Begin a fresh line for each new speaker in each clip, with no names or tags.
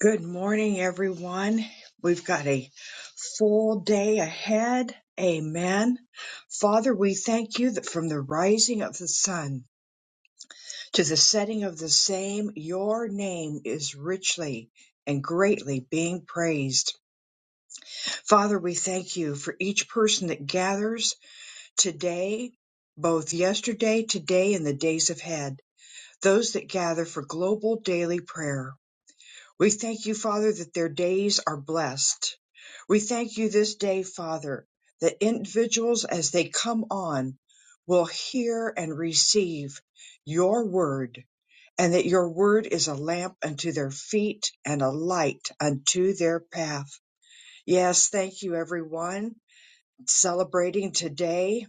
Good morning, everyone. We've got a full day ahead. Amen. Father, we thank you that from the rising of the sun to the setting of the same, your name is richly and greatly being praised. Father, we thank you for each person that gathers today, both yesterday, today, and the days ahead. Those that gather for global daily prayer. We thank you, Father, that their days are blessed. We thank you this day, Father, that individuals as they come on will hear and receive your word and that your word is a lamp unto their feet and a light unto their path. Yes, thank you everyone celebrating today,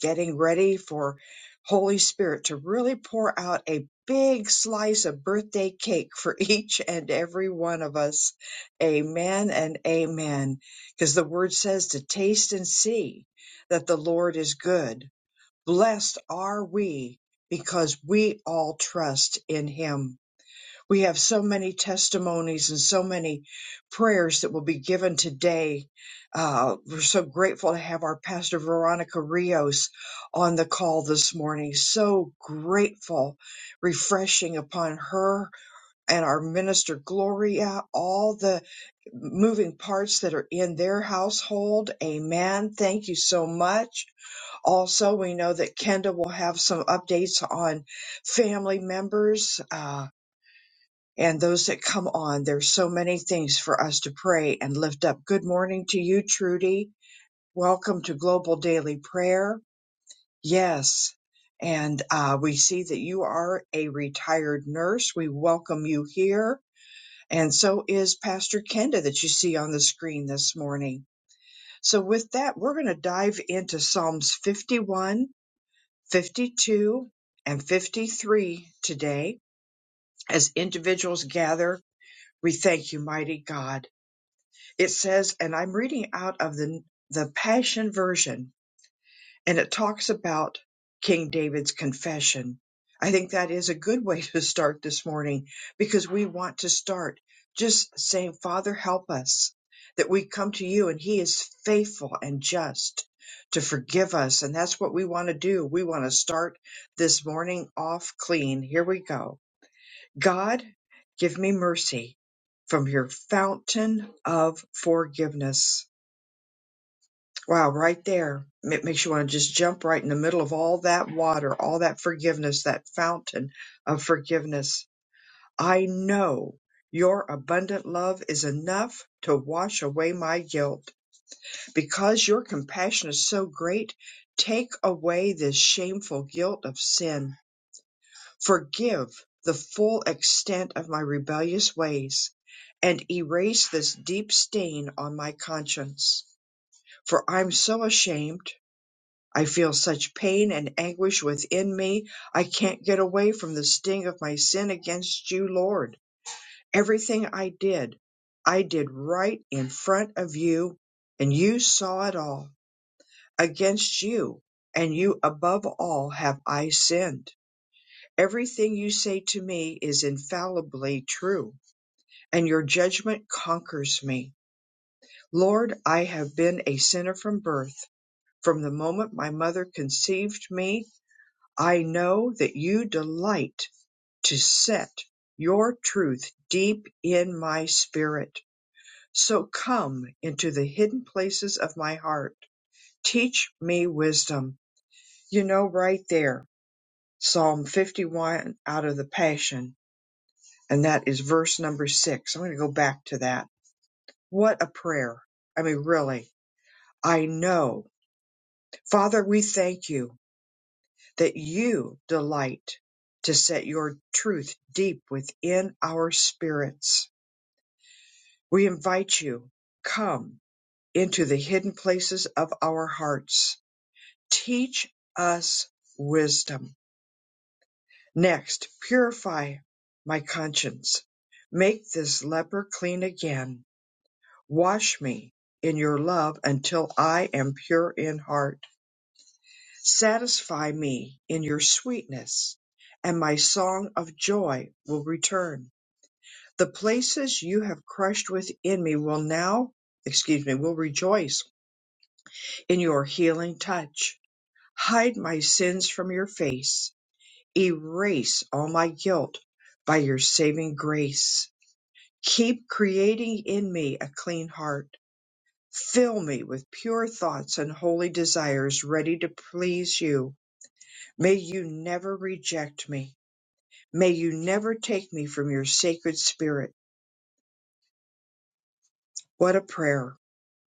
getting ready for Holy Spirit to really pour out a big slice of birthday cake for each and every one of us. Amen and amen. Because the word says to taste and see that the Lord is good. Blessed are we because we all trust in him. We have so many testimonies and so many prayers that will be given today. Uh, we're so grateful to have our pastor Veronica Rios on the call this morning. So grateful, refreshing upon her and our minister Gloria, all the moving parts that are in their household. Amen. Thank you so much. Also, we know that Kenda will have some updates on family members. Uh, and those that come on. There's so many things for us to pray and lift up. Good morning to you, Trudy. Welcome to Global Daily Prayer. Yes. And uh, we see that you are a retired nurse. We welcome you here. And so is Pastor Kenda that you see on the screen this morning. So, with that, we're going to dive into Psalms 51, 52, and 53 today as individuals gather. We thank you, mighty God. it says, and I'm reading out of the the Passion version, and it talks about King David's confession. I think that is a good way to start this morning because we want to start just saying, Father, help us that we come to you and he is faithful and just to forgive us. And that's what we want to do. We want to start this morning off clean. Here we go. God, give me mercy from your fountain of forgiveness Wow, right there. It makes you want to just jump right in the middle of all that water, all that forgiveness, that fountain of forgiveness. I know your abundant love is enough to wash away my guilt. Because your compassion is so great, take away this shameful guilt of sin. Forgive the full extent of my rebellious ways and erase this deep stain on my conscience. For I'm so ashamed I feel such pain and anguish within me. I can't get away from the sting of my sin against you, Lord. Everything I did, I did right in front of you, and you saw it all. Against you, and you above all, have I sinned. Everything you say to me is infallibly true, and your judgment conquers me. Lord, I have been a sinner from birth. From the moment my mother conceived me, I know that you delight to set your truth deep in my spirit. So come into the hidden places of my heart. Teach me wisdom. You know, right there, Psalm 51 out of the Passion, and that is verse number six. I'm going to go back to that. What a prayer. I mean, really, I know. Father, we thank you. that you delight to set your truth deep within our spirits. We invite you, come into the hidden places of our hearts. Teach us wisdom. Next, purify my conscience. Make this leper clean again. Wash me in your love until I am pure in heart Satisfy me in your sweetness, and my song of joy will return. The places you have crushed within me will now, excuse me, will rejoice in your healing touch. Hide my sins from your face. Erase all my guilt by your saving grace. Keep creating in me a clean heart. Fill me with pure thoughts and holy desires ready to please you. May you never reject me. May you never take me from your sacred spirit. What a prayer.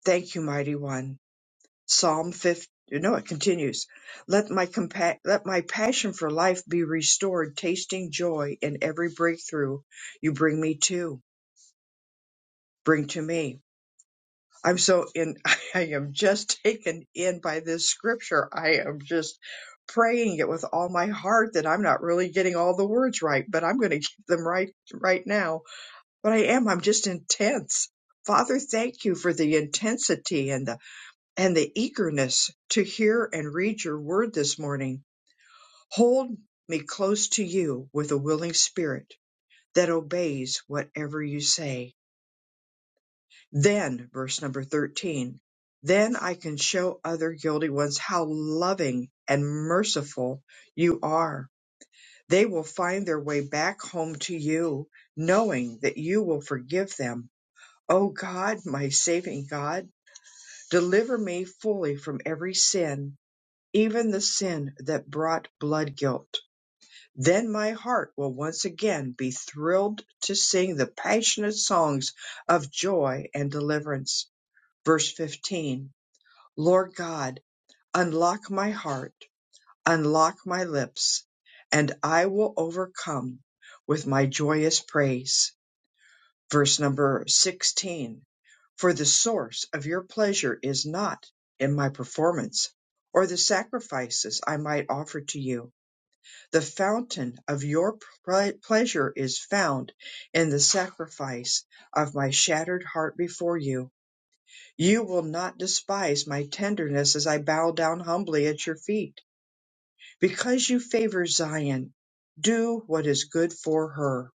Thank you, mighty one. Psalm 50. No, it continues. Let my compa- let my passion for life be restored, tasting joy in every breakthrough you bring me to, bring to me. I'm so in, I am just taken in by this scripture. I am just praying it with all my heart that I'm not really getting all the words right, but I'm going to get them right, right now but I am. I'm just intense. Father, thank you for the intensity and the and the eagerness to hear and read your word this morning. Hold me close to you with a willing spirit that obeys whatever you say. Then, verse number 13, then I can show other guilty ones how loving and merciful you are. They will find their way back home to you, knowing that you will forgive them O God, my saving God, deliver me fully from every sin, even the sin that brought blood guilt. Then my heart will once again be thrilled to sing the passionate songs of joy and deliverance. Verse 15 Lord God, unlock my heart, unlock my lips, and I will overcome with my joyous praise. Verse number 16 For the source of your pleasure is not in my performance or the sacrifices I might offer to you. The fountain of your ple- pleasure is found in the sacrifice of my shattered heart before you. You will not despise my tenderness as I bow down humbly at your feet. Because you favor Zion, do what is good for her.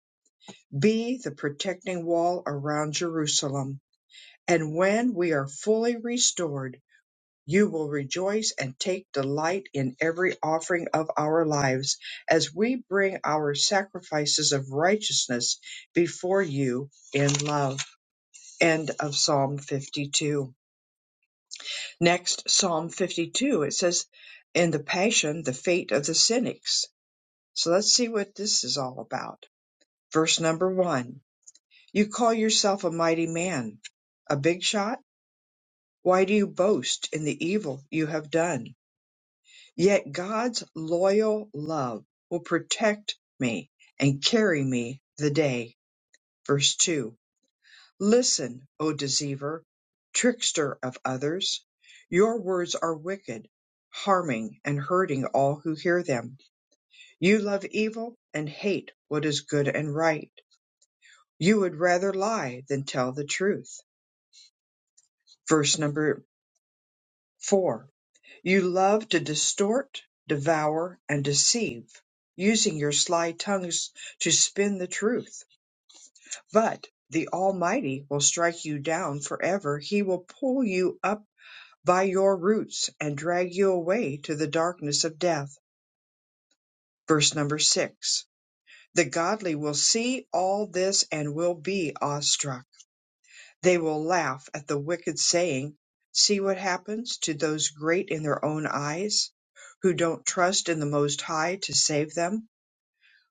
Be the protecting wall around Jerusalem and when we are fully restored, you will rejoice and take delight in every offering of our lives as we bring our sacrifices of righteousness before you in love. End of Psalm 52. Next, Psalm 52, it says, in the Passion, the fate of the cynics. So let's see what this is all about. Verse number one You call yourself a mighty man, a big shot? Why do you boast in the evil you have done? Yet God's loyal love will protect me and carry me the day. Verse 2 Listen, O deceiver, trickster of others. Your words are wicked, harming and hurting all who hear them. You love evil and hate what is good and right. You would rather lie than tell the truth. Verse number 4 You love to distort, devour, and deceive, using your sly tongues to spin the truth. But the Almighty will strike you down forever. He will pull you up by your roots and drag you away to the darkness of death. Verse number six. The godly will see all this and will be awestruck. They will laugh at the wicked, saying, See what happens to those great in their own eyes, who don't trust in the Most High to save them.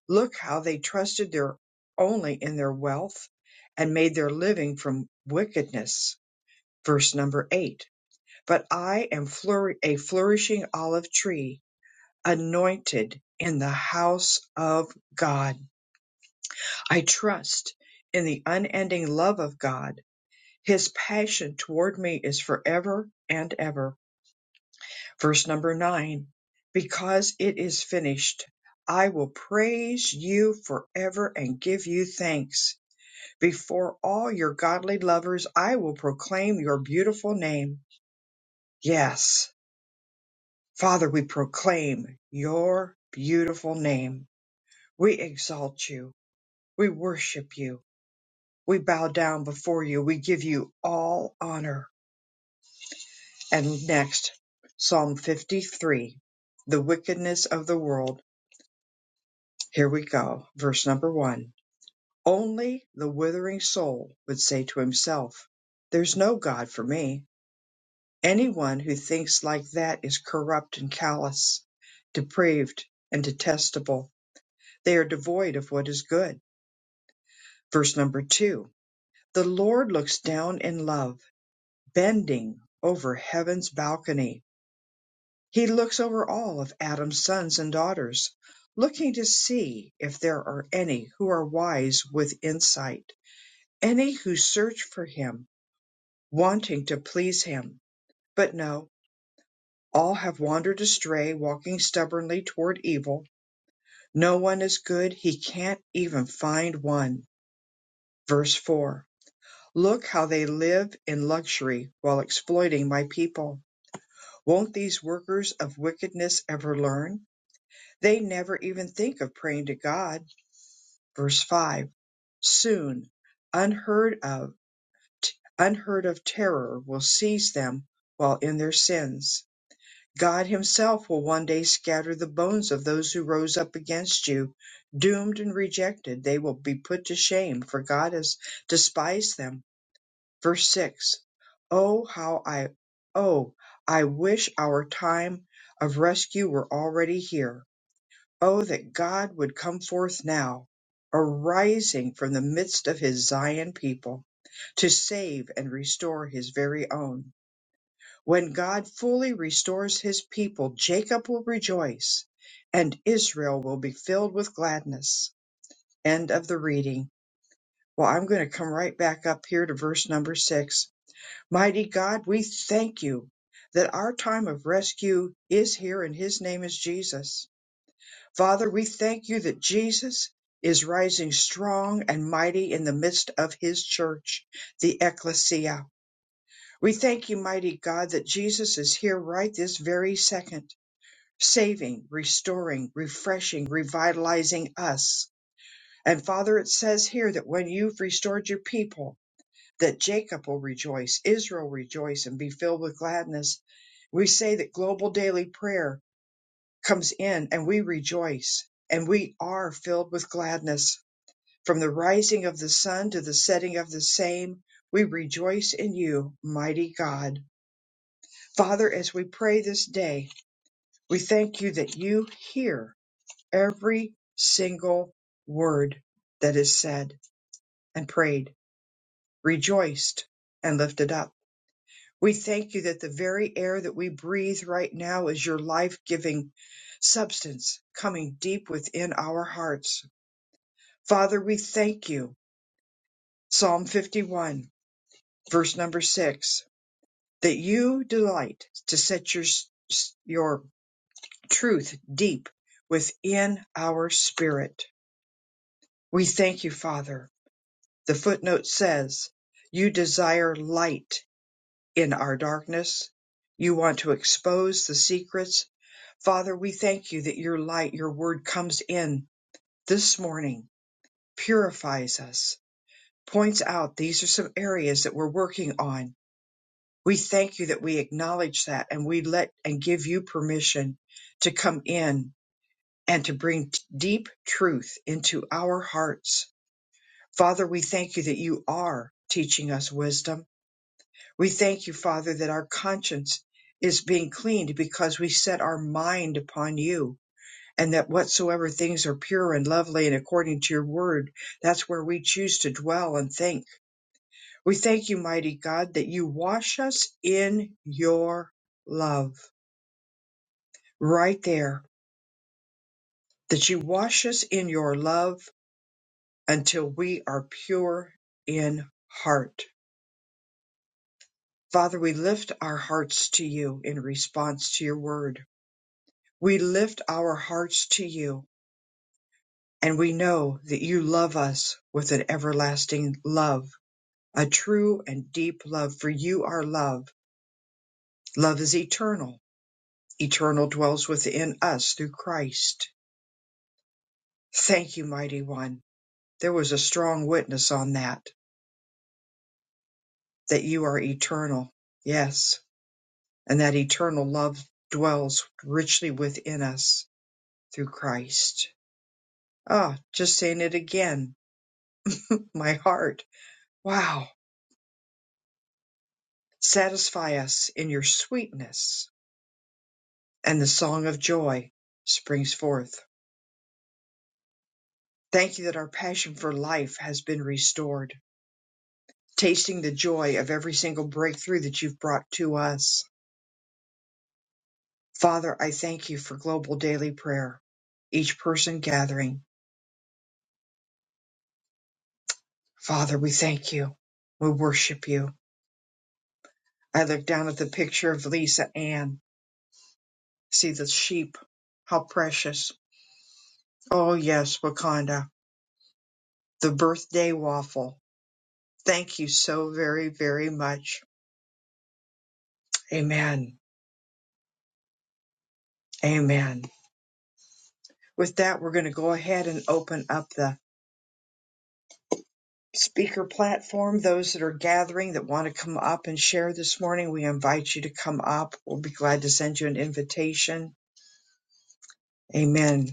Look how they trusted their only in their wealth and made their living from wickedness. Verse number eight. But I am flour- a flourishing olive tree, anointed in the house of God. I trust in the unending love of God His passion toward me is forever and ever. Verse number nine, because it is finished, I will praise you forever and give you thanks. Before all your godly lovers, I will proclaim your beautiful name. Yes, Father, we proclaim your beautiful name. We exalt you. We worship you. We bow down before you. We give you all honor. And next, Psalm 53, the wickedness of the world. Here we go. Verse number one. Only the withering soul would say to himself, There's no God for me. Anyone who thinks like that is corrupt and callous, depraved and detestable. They are devoid of what is good. Verse number two. The Lord looks down in love, bending over heaven's balcony He looks over all of Adam's sons and daughters, looking to see if there are any who are wise with insight, any who search for him, wanting to please him. But no, all have wandered astray, walking stubbornly toward evil. No one is good, he can't even find one. Verse 4 Look how they live in luxury while exploiting my people. Won't these workers of wickedness ever learn? They never even think of praying to God Verse 5 Soon unheard of unheard of terror will seize them while in their sins. God himself will one day scatter the bones of those who rose up against you, doomed and rejected. They will be put to shame, for God has despised them. Verse 6 Oh, how I, oh, I wish our time of rescue were already here. Oh, that God would come forth now, arising from the midst of his Zion people, to save and restore his very own. When God fully restores his people, Jacob will rejoice, and Israel will be filled with gladness. End of the reading. Well, I'm going to come right back up here to verse number six. Mighty God, we thank you that our time of rescue is here, and his name is Jesus. Father, we thank you that Jesus is rising strong and mighty in the midst of his church, the ecclesia. We thank you, mighty God, that Jesus is here right this very second, saving, restoring, refreshing, revitalizing us. And Father, it says here that when you've restored your people, that Jacob will rejoice, Israel rejoice, and be filled with gladness. We say that global daily prayer comes in and we rejoice and we are filled with gladness. From the rising of the sun to the setting of the same, we rejoice in you, mighty God. Father, as we pray this day, we thank you that you hear every single word that is said and prayed, rejoiced and lifted up. We thank you that the very air that we breathe right now is your life giving substance coming deep within our hearts Father, we thank you. Psalm 51, verse number six, that you delight to set your, your truth deep within our spirit. We thank you, Father. The footnote says you desire light in our darkness. You want to expose the secrets. Father, we thank you that your light, your word comes in this morning, purifies us, points out these are some areas that we're working on We thank you that we acknowledge that and we let and give you permission to come in and to bring t- deep truth into our hearts. Father, we thank you that you are teaching us wisdom. We thank you, Father, that our conscience is being cleaned because we set our mind upon you and that whatsoever things are pure and lovely and according to your word, that's where we choose to dwell and think. We thank you, mighty God, that you wash us in your love right there that you wash us in your love until we are pure in heart. Father, we lift our hearts to you in response to your word. We lift our hearts to you and we know that you love us with an everlasting love, a true and deep love for you are love. Love is eternal. Eternal dwells within us through Christ. Thank you, mighty one. There was a strong witness on that that you are eternal. Yes. And that eternal love dwells richly within us through Christ. Ah, just saying it again. My heart. Wow. Satisfy us in your sweetness. And the song of joy springs forth. Thank you that our passion for life has been restored, tasting the joy of every single breakthrough that you've brought to us. Father, I thank you for global daily prayer, each person gathering. Father, we thank you. We worship you. I look down at the picture of Lisa Ann. See the sheep. How precious. Oh, yes, Wakanda. The birthday waffle. Thank you so very, very much. Amen. Amen. With that, we're going to go ahead and open up the speaker platform. Those that are gathering that want to come up and share this morning, we invite you to come up. We'll be glad to send you an invitation. Amen.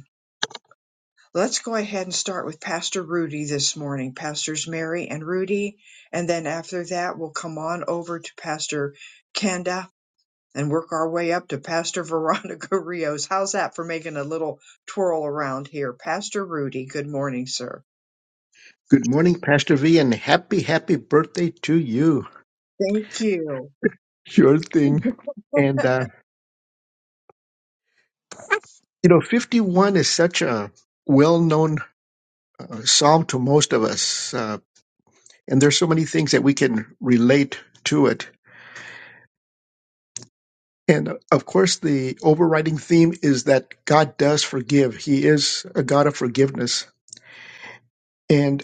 Let's go ahead and start with Pastor Rudy this morning, Pastors Mary and Rudy. And then after that, we'll come on over to Pastor Kenda and work our way up to Pastor Veronica Rios. How's that for making a little twirl around here? Pastor Rudy, good morning, sir.
Good morning, Pastor V, and happy, happy birthday to you.
Thank you.
Sure thing. And, uh, you know, 51 is such a well known uh, psalm to most of us. Uh, and there's so many things that we can relate to it. And uh, of course, the overriding theme is that God does forgive. He is a God of forgiveness. And,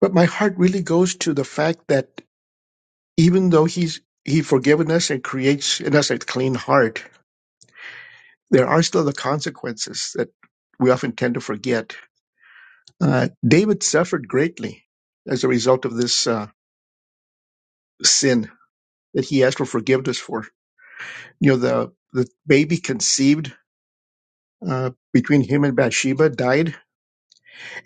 but my heart really goes to the fact that even though He's, He forgiven us and creates in us a clean heart, there are still the consequences that we often tend to forget. Uh, David suffered greatly as a result of this uh, sin that he asked for forgiveness for. You know, the the baby conceived uh, between him and Bathsheba died,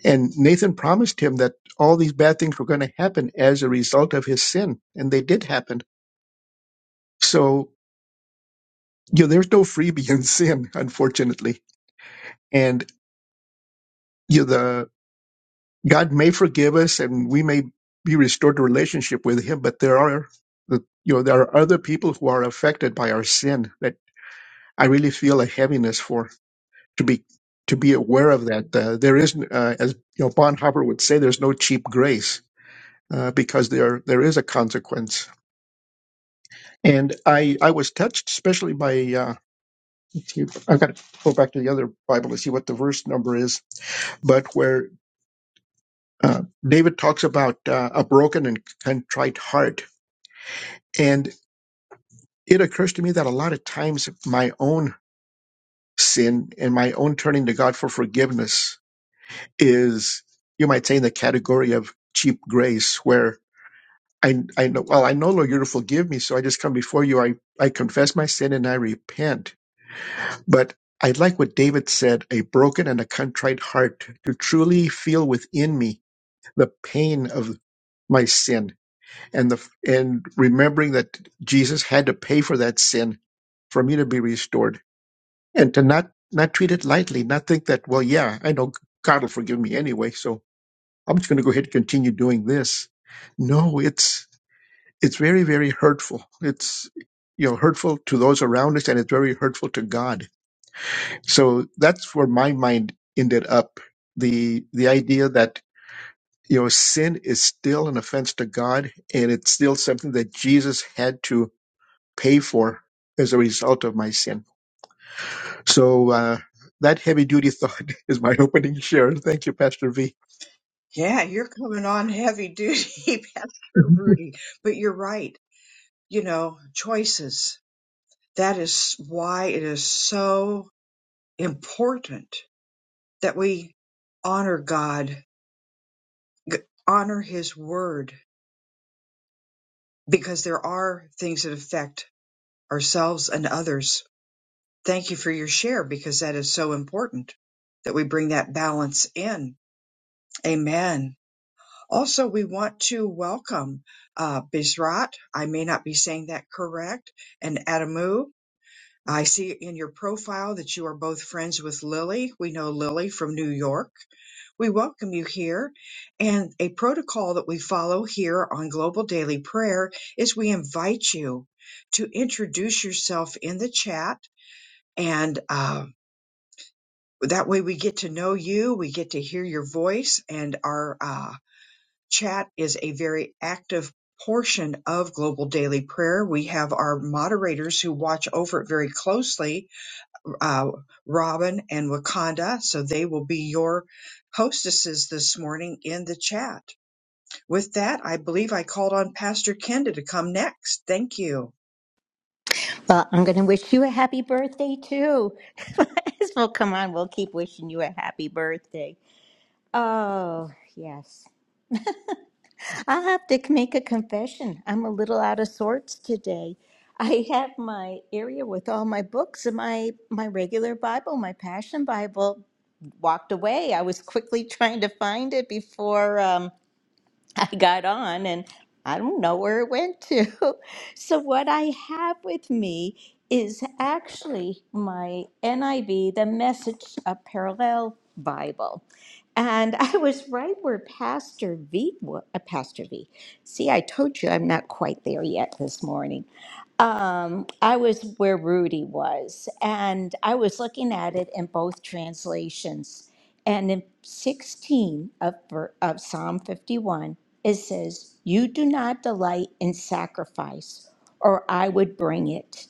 and Nathan promised him that all these bad things were going to happen as a result of his sin, and they did happen. So, you know, there's no freebie in sin, unfortunately, and. You know, the. God may forgive us and we may be restored to relationship with Him, but there are the you know there are other people who are affected by our sin that I really feel a heaviness for to be to be aware of that. Uh, there is, uh, as you know, Bonhoeffer would say, there's no cheap grace uh, because there there is a consequence. And I I was touched especially by uh, I've got to go back to the other Bible to see what the verse number is, but where uh, David talks about uh, a broken and contrite heart. and it occurs to me that a lot of times my own sin and my own turning to God for forgiveness is, you might say, in the category of cheap grace, where I, I know, well, I know, Lord, you're to forgive me. So I just come before you. I, I confess my sin and I repent. But I like what David said a broken and a contrite heart to truly feel within me the pain of my sin and the and remembering that Jesus had to pay for that sin for me to be restored and to not not treat it lightly, not think that, well, yeah, I know God will forgive me anyway, so I'm just going to go ahead and continue doing this. No, it's it's very very hurtful. It's you know hurtful to those around us, and it's very hurtful to God. So that's where my mind ended up. the The idea that you know sin is still an offense to God, and it's still something that Jesus had to pay for as a result of my sin. So uh, that heavy duty thought is my opening share. Thank you, Pastor V.
Yeah, you're coming on heavy duty, Pastor
Mhm.
Rudy. But you're right. You know, choices. That is why it is so important that we honor God, g- honor His word, because there are things that affect ourselves and others. Thank you for your share because that is so important that we bring that balance in. Amen. Also, we want to welcome uh, Bizrat. I may not be saying that correct, and Adamu. I see in your profile that you are both friends with Lily. We know Lily from New York. We welcome you here. And a protocol that we follow here on Global Daily Prayer is we invite you to introduce yourself in the chat. And uh, that way we get to know you, we get to hear your voice, and our uh, chat is a very active portion of Global Daily Prayer. We have our moderators who watch over it very closely uh, Robin and Wakanda. So they will be your hostesses this morning in the chat. With that, I believe I called on Pastor Kenda to come next. Thank you.
Well, I'm going to wish you a happy birthday too. Might as well, come on, we'll keep wishing you a happy birthday. Oh, yes. I'll have to make a confession. I'm a little out of sorts today. I have my area with all my books and my, my regular Bible, my Passion Bible, walked away. I was quickly trying to find it before. Um, I got on and I don't know where it went to. So, what I have with me is actually my NIV, the Message uh, Parallel Bible. And I was right where Pastor V, wa- uh, Pastor V. See, I told you I'm not quite there yet this morning. Um, I was where Rudy was, and I was looking at it in both translations. And in 16 of, ver- of Psalm 51, it says, You do not delight in sacrifice, or I would bring it.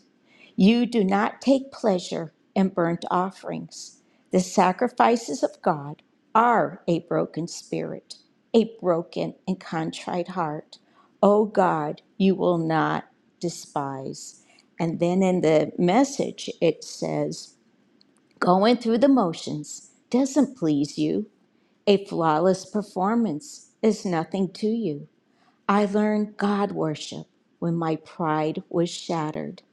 You do not take pleasure in burnt offerings. The sacrifices of God are a broken spirit, a broken and contrite heart. O God, you will not despise. And then in the message, it says, Going through the motions doesn't please you. A flawless performance is nothing to you. I learned God worship when my pride was shattered.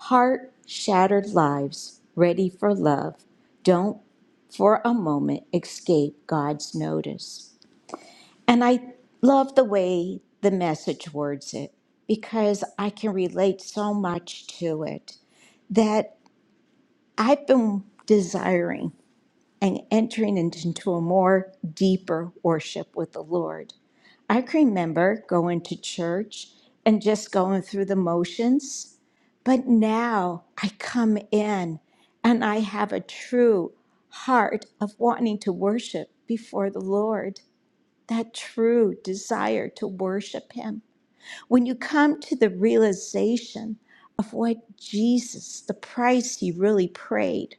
Heart shattered lives ready for love don't for a moment escape God's notice. And I love the way the message words it because I can relate so much to it that I've been desiring and entering into a more deeper worship with the Lord. I can remember going to church and just going through the motions, but now I come in and I have a true heart of wanting to worship before the Lord, that true desire to worship Him. When you come to the realization of what Jesus, the price He really paid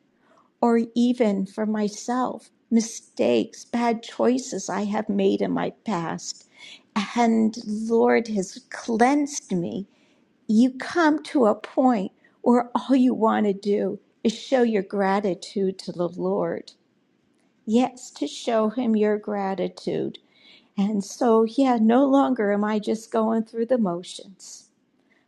or even for myself, mistakes, bad choices I have made in my past. And Lord has cleansed me. You come to a point where all you want to do is show your gratitude to the Lord. Yes, to show him your gratitude. And so, yeah, no longer am I just going through the motions.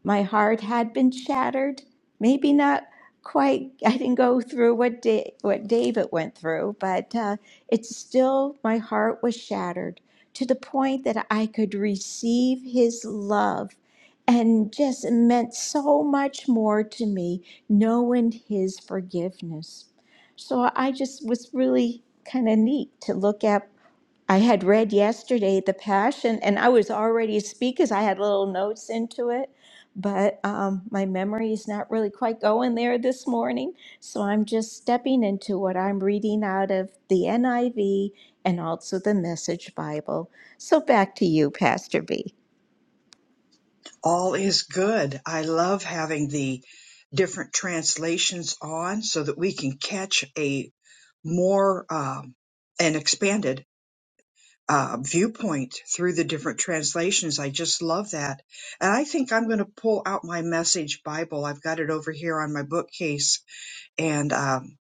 My heart had been shattered. Maybe not quite. I didn't go through what da- what David went through, but uh, it's still my heart was shattered to the point that I could receive His love, and just it meant so much more to me knowing His forgiveness. So I just was really kind of neat to look at I had read yesterday the Passion, and I was already speakers. I had little notes into it, but um, my memory is not really quite going there this morning. So I'm just stepping into what I'm reading out of the NIV and also the Message Bible. So back to you, Pastor B.
All is good. I love having the different translations on so that we can catch a more um, an expanded uh, viewpoint through the different translations. I just love that. And I think I'm going to pull out my message Bible. I've got it over here on my bookcase And um,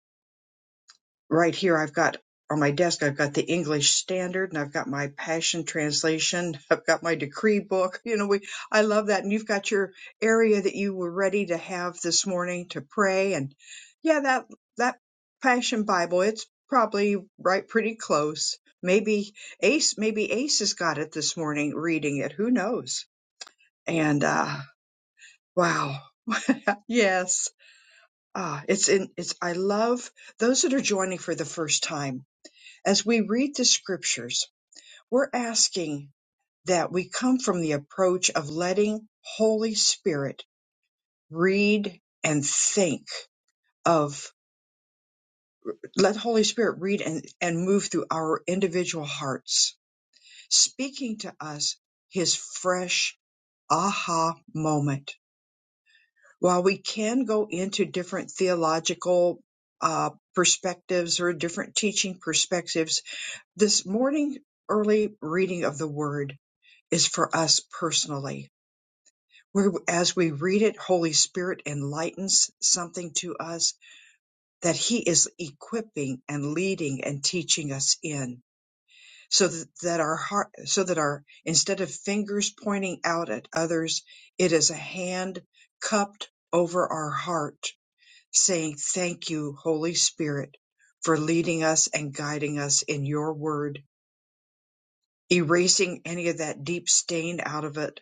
right here, I've got on my desk, I've got the English Standard, and I've got my Passion Translation. I've got my decree book. You know, we I love that. And you've got your area that you were ready to have this morning to pray. And yeah, that that Passion Bible, it's probably right pretty close. Maybe Ace, maybe Ace has got it this morning, reading it. Who knows? And uh, wow, yes, ah, it's in. It's I love those that are joining for the first time As we read the scriptures, we're asking that we come from the approach of letting Holy Spirit read and think of, let Holy Spirit read and, and move through our individual hearts, speaking to us his fresh aha moment. While we can go into different theological uh, perspectives or different teaching perspectives, this morning early reading of the word is for us personally. Where as we read it, Holy Spirit enlightens something to us that He is equipping and leading and teaching us in, so that, that our heart, so that our instead of fingers pointing out at others, it is a hand cupped over our heart, saying, "Thank you, Holy Spirit, for leading us and guiding us in Your Word." Erasing any of that deep stain out of it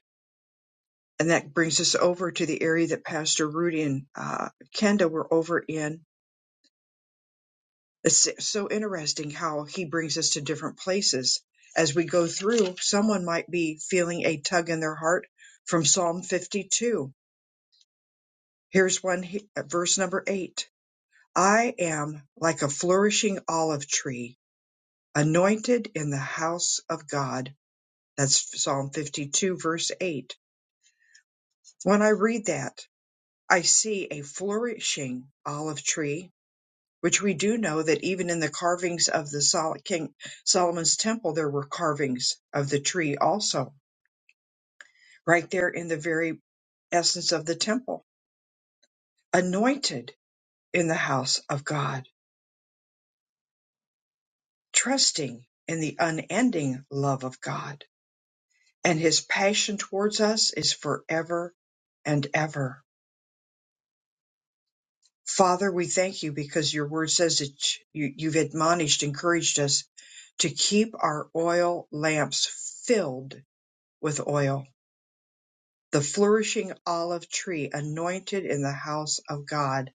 and that brings us over to the area that Pastor Rudy and uh, Kenda were over in. It's so interesting how he brings us to different places as we go through. Someone might be feeling a tug in their heart from Psalm 52. Here's one, he- uh, verse number eight. I am like a flourishing olive tree, anointed in the house of God. That's Psalm 52, verse 8. When I read that, I see a flourishing olive tree which we do know that even in the carvings of the Sol- King Solomon's temple, there were carvings of the tree also, right there in the very essence of the temple, anointed in the house of God, trusting in the unending love of God. And his passion towards us is forever and ever. Father, we thank you because your word says that you, you've admonished, encouraged us to keep our oil lamps filled with oil the flourishing olive tree anointed in the house of God.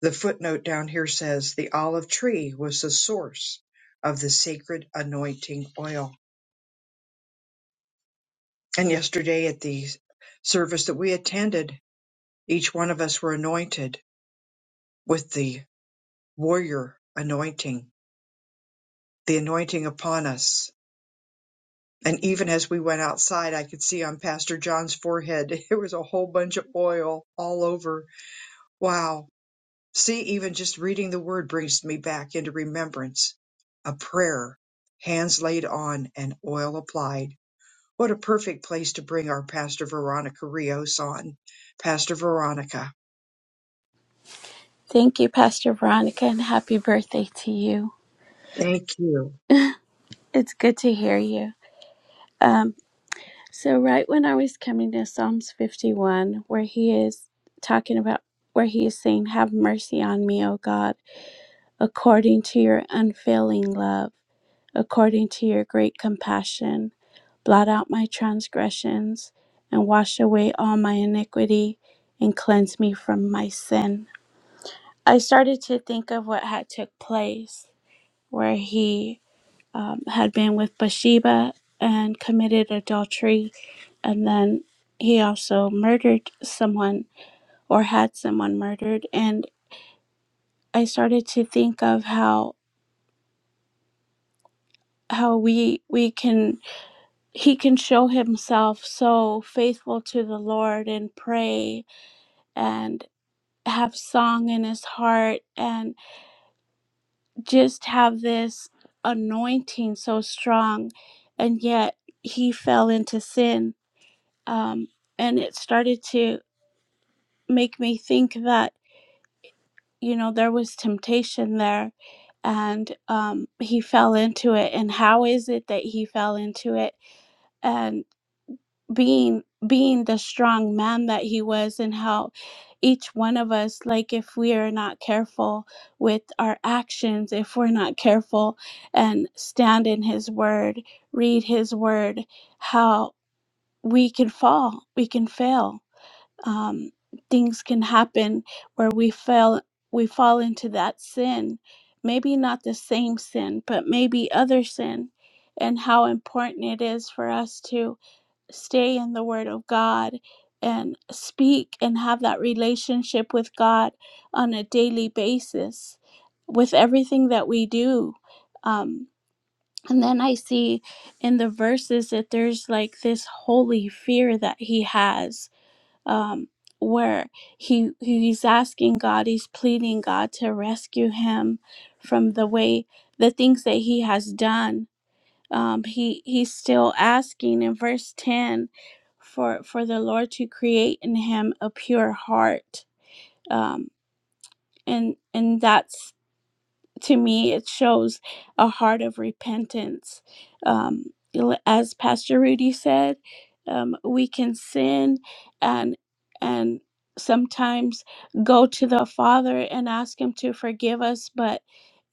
The footnote down here says the olive tree was the source of the sacred anointing oil. And yesterday at the service that we attended, each one of us were anointed with the warrior anointing, the anointing upon us. And even as we went outside, I could see on Pastor John's forehead, there was a whole bunch of oil all over. Wow See, even just reading the word brings me back into remembrance. A prayer, hands laid on and oil applied. What a perfect place to bring our Pastor Veronica Rios on. Pastor Veronica,
Thank you, Pastor Veronica, and happy birthday to you.
thank you.
It's good to hear you. Um, so, right when I was coming to Psalms 51, where he is talking about, where he is saying, Have mercy on me, O God, according to your unfailing love, according to your great compassion. Blot out my transgressions and wash away all my iniquity and cleanse me from my sin. I started to think of what had took place where he um, had been with Bathsheba and committed adultery, and then he also murdered someone or had someone murdered. And I started to think of how how we we can he can show himself so faithful to the Lord and pray and have song in his heart and just have this anointing so strong and yet he fell into sin um, and it started to make me think that you know there was temptation there and um, he fell into it and how is it that he fell into it and being being the strong man that he was and how each one of us like if we are not careful with our actions if we're not careful and stand in his word read his word how we can fall we can fail um, things can happen where we fell we fall into that sin maybe not the same sin but maybe other sin and how important it is for us to stay in the word of god and speak and have that relationship with god on a daily basis with everything that we do um, and then i see in the verses that there's like this holy fear that he has um, where he he's asking God, he's pleading God to rescue him from the way the things that he has done. Um, he he's still asking in verse ten for for the Lord to create in him a pure heart, um, and and that's to me it shows a heart of repentance um, l- as pastor rudy said um, we can sin and and sometimes go to the father and ask him to forgive us but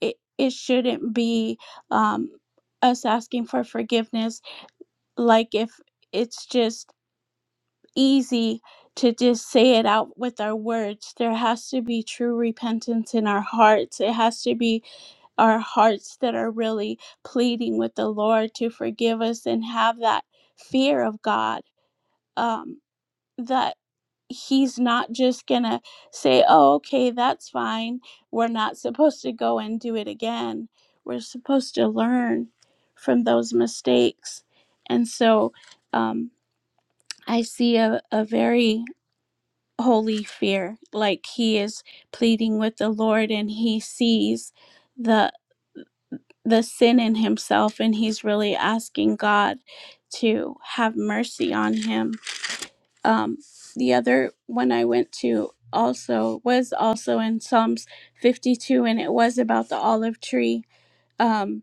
it, it shouldn't be um, us asking for forgiveness like if it's just easy to just say it out with our words there has to be true repentance in our hearts it has to be our hearts that are really pleading with the Lord to forgive us and have that fear of God um, that He's not just going to say, oh, okay, that's fine. We're not supposed to go and do it again. We're supposed to learn from those mistakes. And so um, I see a, a very holy fear, like He is pleading with the Lord and He sees. the. the sin in himself and he's really asking God to have mercy on him. Um, the other one I went to also was also in Psalms 52 and it was about the olive tree. Um,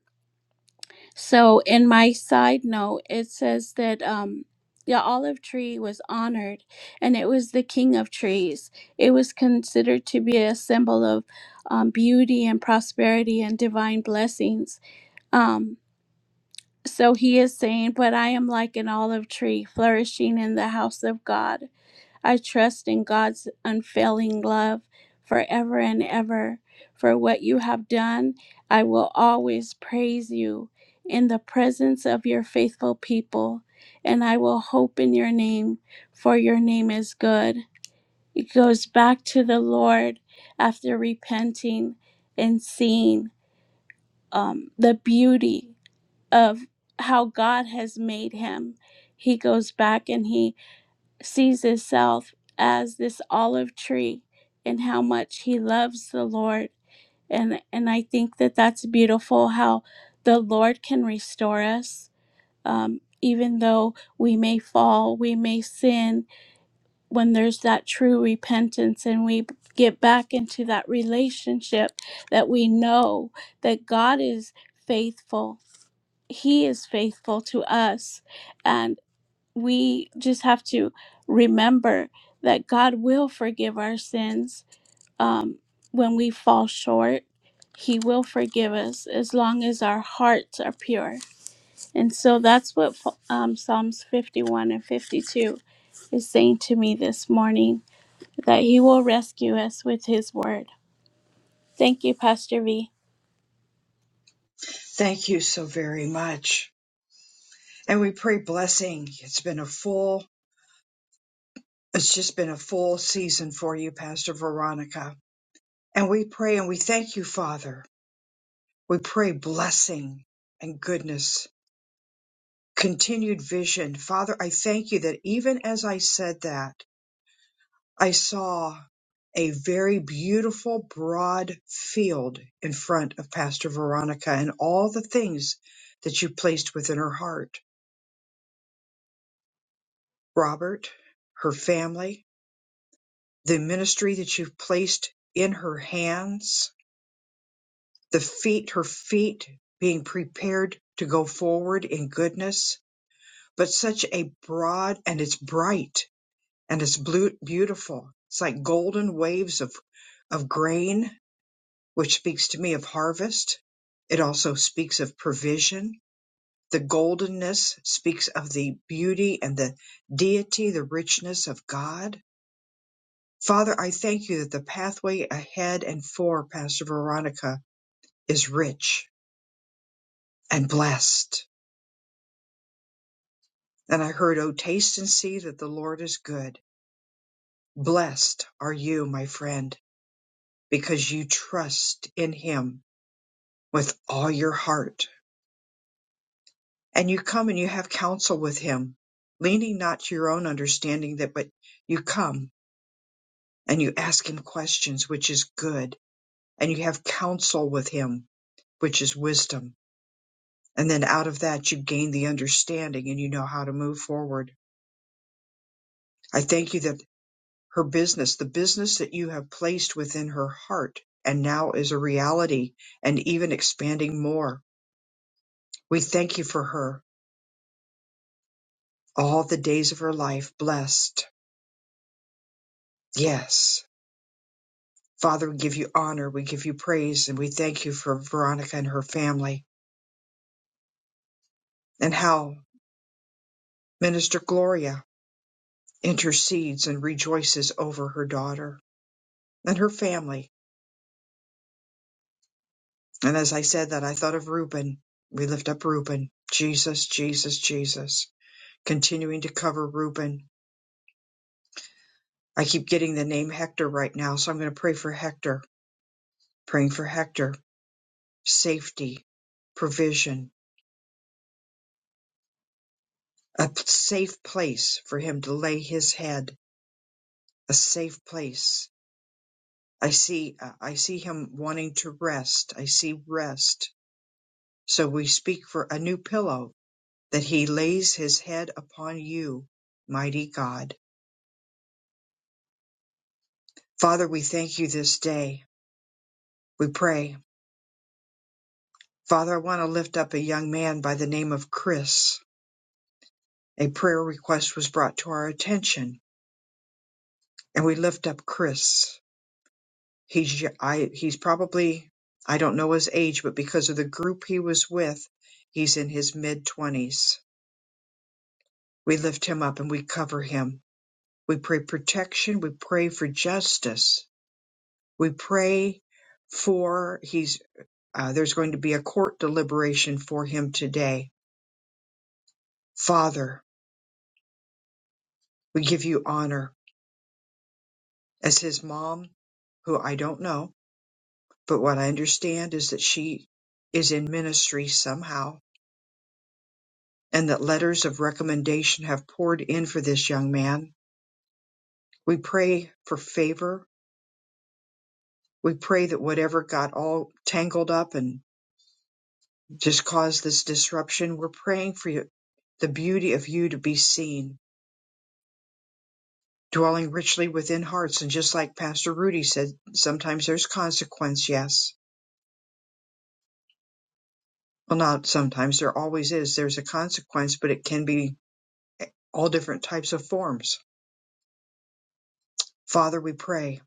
so in my side note, it says that um, the olive tree was honored and it was the king of trees. It was considered to be a symbol of um, beauty and prosperity and divine blessings. Um, so he is saying, But I am like an olive tree flourishing in the house of God. I trust in God's unfailing love forever and ever. For what you have done, I will always praise you in the presence of your faithful people, and I will hope in your name, for your name is good. It goes back to the Lord after repenting and seeing um, the beauty of how God has made him. He goes back and he sees himself as this olive tree and how much he loves the Lord. And, and I think that that's beautiful how the Lord can restore us. Um, even though we may fall, we may sin, when there's that true repentance and we get back into that relationship that we know that God is faithful. He is faithful to us. And we just have to remember that God will forgive our sins um, when we fall short. He will forgive us as long as our hearts are pure. And so that's what um, Psalms 51 and 52 is saying to me this morning that He will rescue us with His word. Thank you, Pastor V.
Thank you so very much. And we pray blessing. It's been a full, it's just been a full season for you, Pastor Veronica. And we pray and we thank you, Father. We pray blessing and goodness continued vision. Father, I thank you that even as I said that, I saw a very beautiful broad field in front of Pastor Veronica and all the things that you placed within her heart. Robert, her family, the ministry that you've placed in her hands, the feet, her feet being prepared to go forward in goodness, but such a broad and it's bright and it's blue, beautiful. It's like golden waves of, of grain, which speaks to me of harvest. It also speaks of provision. The goldenness speaks of the beauty and the deity, the richness of God. Father, I thank you that the pathway ahead and for Pastor Veronica is rich and blessed. And I heard, Oh, taste and see that the Lord is good. Blessed are you, my friend, because you trust in him with all your heart. And you come and you have counsel with him, leaning not to your own understanding that, but you come and you ask him questions, which is good. And you have counsel with him, which is wisdom. And then out of that, you gain the understanding and you know how to move forward. I thank you that her business, the business that you have placed within her heart and now is a reality and even expanding more. We thank you for her all the days of her life blessed Yes. Father, we give you honor, we give you praise, and we thank you for Veronica and her family and how Minister Gloria intercedes and rejoices over her daughter and her family. And as I said that, I thought of Reuben. We lift up Reuben. Jesus, Jesus, Jesus. Continuing to cover Reuben. I keep getting the name Hector right now, so I'm going to pray for Hector. Praying for Hector. Safety, provision, a safe place for him to lay his head a safe place. I see, uh, I see him wanting to rest. I see rest. So we speak for a new pillow that he lays his head upon you, mighty God. Father, we thank you this day. We pray. Father, I want to lift up a young man by the name of Chris. A prayer request was brought to our attention and we lift up Chris. He's, I. he's probably, I don't know his age, but because of the group he was with, he's in his mid twenties We lift him up and we cover him. We pray protection. We pray for justice. We pray for he's uh, there's going to be a court deliberation for him today. Father, we give you honor as his mom, who I don't know, but what I understand is that she is in ministry somehow and that letters of recommendation have poured in for this young man. We pray for favor. We pray that whatever got all tangled up and just cause this disruption. We're praying for you, the beauty of you to be seen, dwelling richly within hearts. And just like Pastor Rudy said, sometimes there's consequence, yes. Well, not sometimes, there always is. There's a consequence, but it can be all different types of forms. Father, we pray.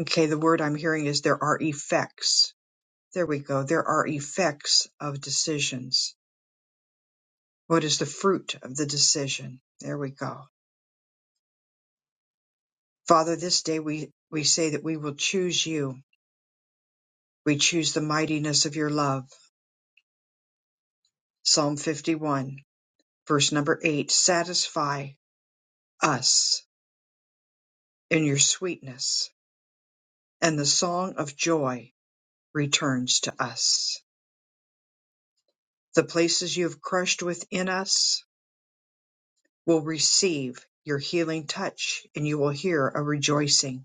Okay, the word I'm hearing is there are effects. There we go. There are effects of decisions. What is the fruit of the decision? There we go. Father, this day we, we say that we will choose you We choose the mightiness of your love. Psalm 51, verse number 8 Satisfy us in your sweetness, and the song of joy returns to us. The places you have crushed within us will receive your healing touch, and you will hear a rejoicing.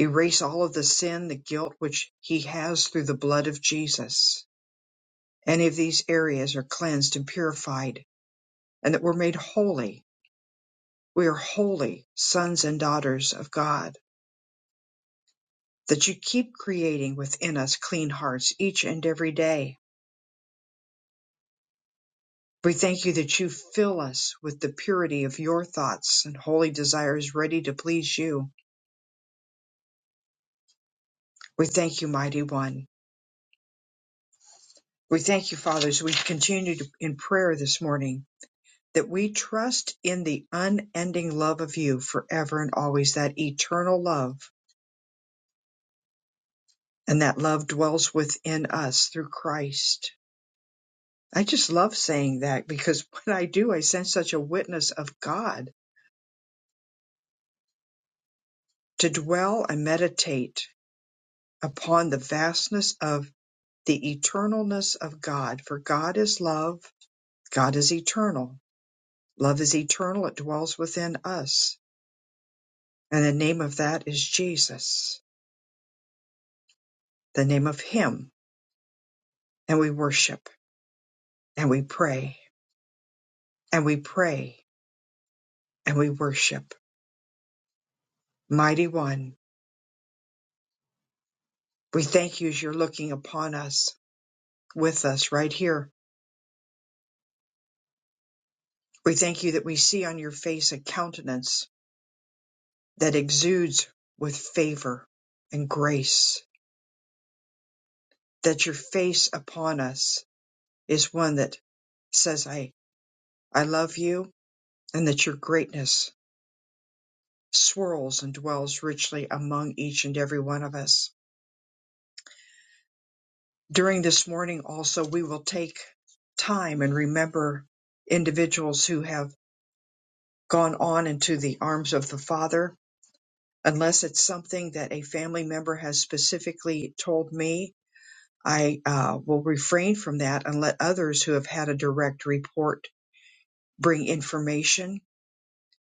Erase all of the sin, the guilt which He has through the blood of Jesus. Any of these areas are cleansed and purified, and that we're made holy We are holy sons and daughters of God, that you keep creating within us clean hearts each and every day. We thank you that you fill us with the purity of your thoughts and holy desires ready to please you. We thank you, mighty one. We thank you, fathers. We continue to- in prayer this morning that we trust in the unending love of you forever and always, that eternal love, and that love dwells within us through Christ. I just love saying that because when I do, I sense such a witness of God to dwell and meditate upon the vastness of the eternalness of God. For God is love, God is eternal. Love is eternal, it dwells within us. And the name of that is Jesus, the name of Him. And we worship and we pray and we pray and we worship. Mighty One, we thank you as you're looking upon us, with us right here We thank you that we see on your face a countenance that exudes with favor and grace, that your face upon us is one that says, I, I love you, and that your greatness swirls and dwells richly among each and every one of us. During this morning also, we will take time and remember individuals who have gone on into the arms of the Father, unless it's something that a family member has specifically told me I uh, will refrain from that and let others who have had a direct report bring information,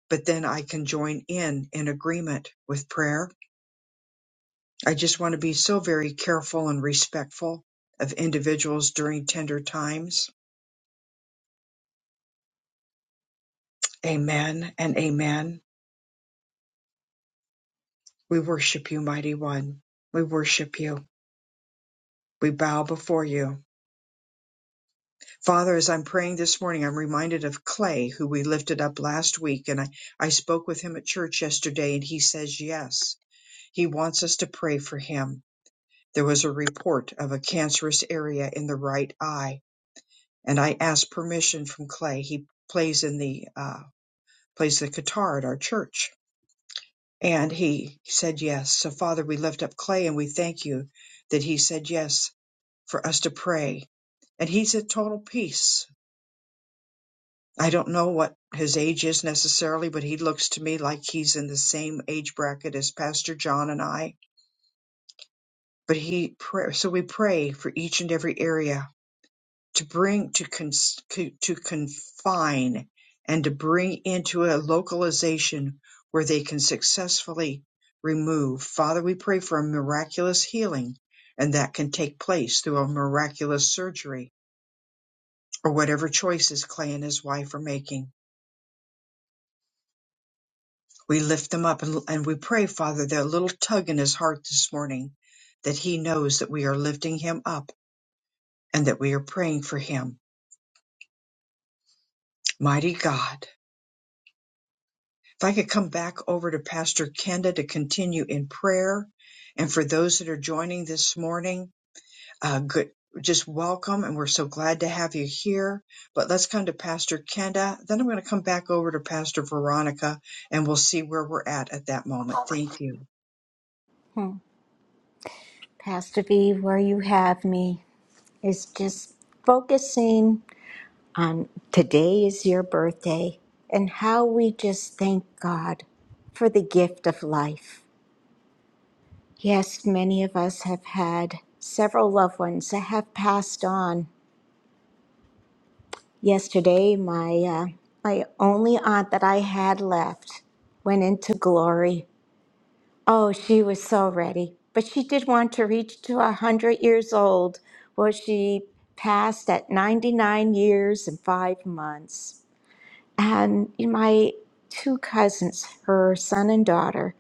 but then I can join in in agreement with prayer. I just want to be so very careful and respectful of individuals during tender times. Amen and amen. We worship you, mighty one. We worship you. We bow before you. Father, as I'm praying this morning, I'm reminded of Clay, who we lifted up last week, and I, I spoke with him at church yesterday, and he says yes He wants us to pray for him. There was a report of a cancerous area in the right eye, and I asked permission from Clay. He plays in the uh, plays the guitar at our church, and he said yes. So Father, we lift up Clay and we thank you that he said yes for us to pray, and he's at total peace. I don't know what his age is necessarily, but he looks to me like he's in the same age bracket as Pastor John and I. But he pray, so we pray for each and every area to bring to cons- co- to confine and to bring into a localization where they can successfully remove. Father, we pray for a miraculous healing and that can take place through a miraculous surgery or whatever choices Clay and his wife are making. We lift them up and, and we pray, Father, that little tug in his heart this morning that he knows that we are lifting him up and that we are praying for him. Mighty God. If I could come back over to Pastor Kenda to continue in prayer. And for those that are joining this morning, uh, good, just welcome. And we're so glad to have you here. But let's come to Pastor Kenda. Then I'm going to come back over to Pastor Veronica and we'll see where we're at at that moment. Thank you.
Pastor B, where you have me is just focusing on today is your birthday and how we just thank God for the gift of life. Yes, many of us have had several loved ones that have passed on. Yesterday, my uh, my only aunt that I had left went into glory. Oh, she was so ready, but she did want to reach to a hundred years old. Well, she passed at ninety nine years and five months. And my two cousins, her son and daughter,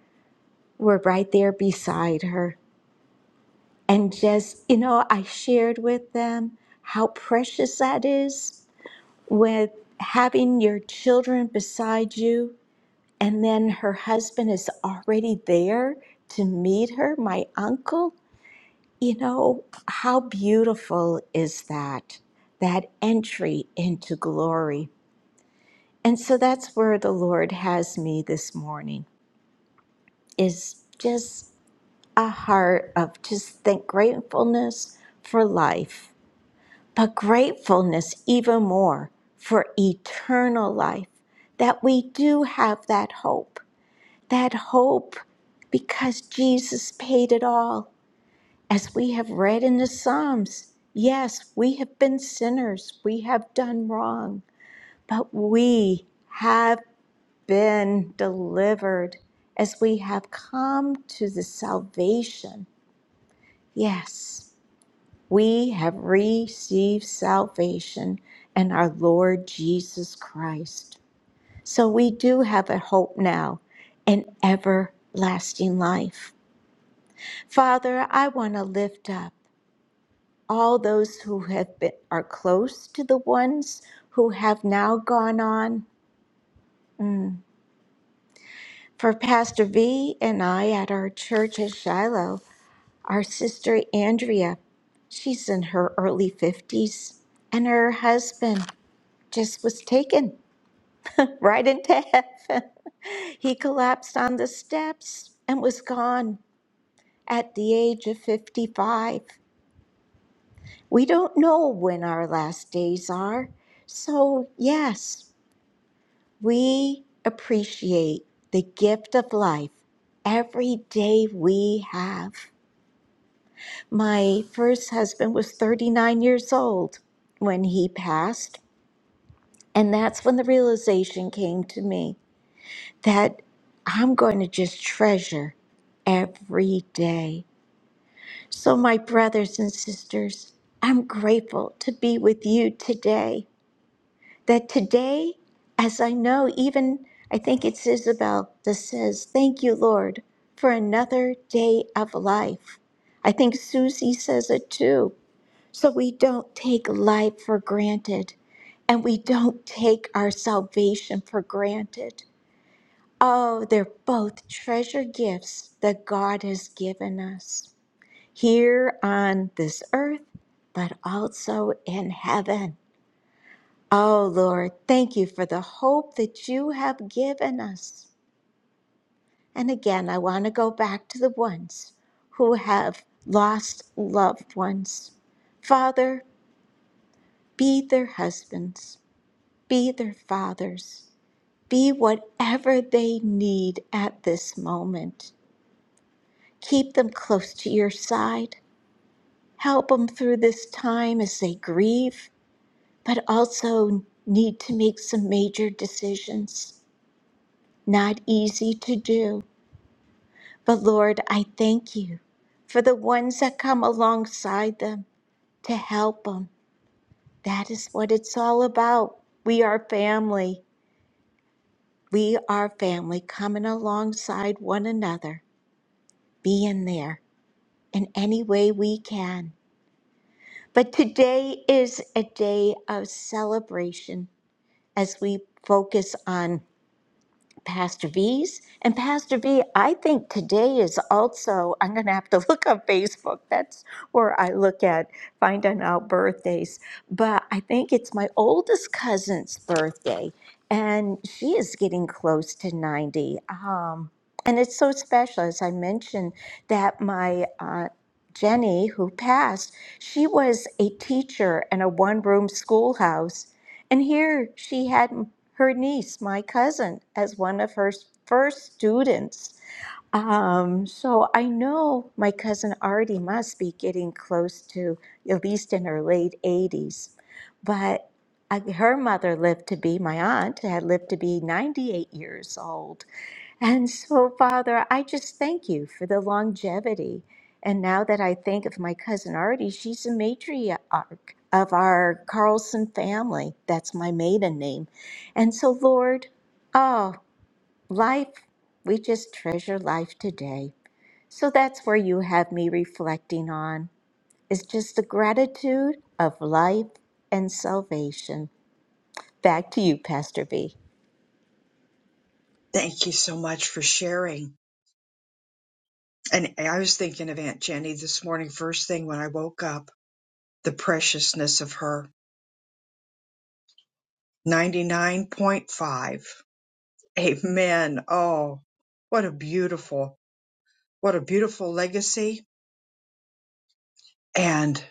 were right there beside her. and just you know i shared with them how precious that is with having your children beside you and then her husband is already there to meet her my uncle you know how beautiful is that that entry into glory and so that's where the lord has me this morning is just a heart of just thank gratefulness for life but gratefulness even more for eternal life, that we do have that hope, that hope because Jesus paid it all. As we have read in the Psalms, yes, we have been sinners, we have done wrong, but we have been delivered as we have come to the salvation, yes, we have received salvation in our Lord Jesus Christ. So we do have a hope now an everlasting life. Father, I want to lift up all those who have been are close to the ones who have now gone on. Mm. For Pastor V and I at our church at Shiloh, our sister Andrea, she's in her early 50s, and her husband. just was taken right into heaven. He collapsed on the steps and was gone at the age of 55. We don't know when our last days are. So, yes, we appreciate the gift of life every day we have. My first husband was 39 years old when he passed, and that's when the realization came to me that I'm going to just treasure every day. So, my brothers and sisters, I'm grateful to be with you today. That today, as I know, even I think it's Isabel that says, Thank you, Lord, for another day of life. I think Susie says it too. So, we don't take life for granted and we don't take our salvation for granted. Oh, they're both treasure gifts that God has given us here on this earth, but also in heaven. Oh, Lord, thank you for the hope that you have given us. And again, I want to go back to the ones who have lost loved ones. Father, be their husbands, be their fathers, be whatever they need at this moment. Keep them close to your side. Help them through this time as they grieve, but also need to make some major decisions. Not easy to do, but Lord, I thank you for the ones that come alongside them to help them. That is what it's all about. We are family. We are family coming alongside one another, being there in any way we can. But today is a day of celebration as we focus on Pastor V's. And Pastor V, I think today is also, I'm going to have to look on Facebook. That's where I look at finding out birthdays. But I think it's my oldest cousin's birthday, and she is getting close to 90. Um, and it's so special, as I mentioned, that my aunt Jenny, who passed, she was a teacher in a one room schoolhouse and here she had m- her niece, my cousin, as one of her s- first students. Um, so I know my cousin already must be getting close to at least in her late 80s. But I, her mother lived to be, my aunt had lived to be 98 years old. And so, Father, I just thank you for the longevity. And now that I think of my cousin Artie, she's a matriarch of our Carlson family. That's my maiden name. And so, Lord, oh, life, we just treasure life today. So that's where you have me reflecting on is just the gratitude of life and salvation. Back to you, Pastor B.
Thank you so much for sharing. And I was thinking of Aunt Jenny this morning, first thing when I woke up, the preciousness of her 99.5 Amen. Oh, what a beautiful, what a beautiful legacy. And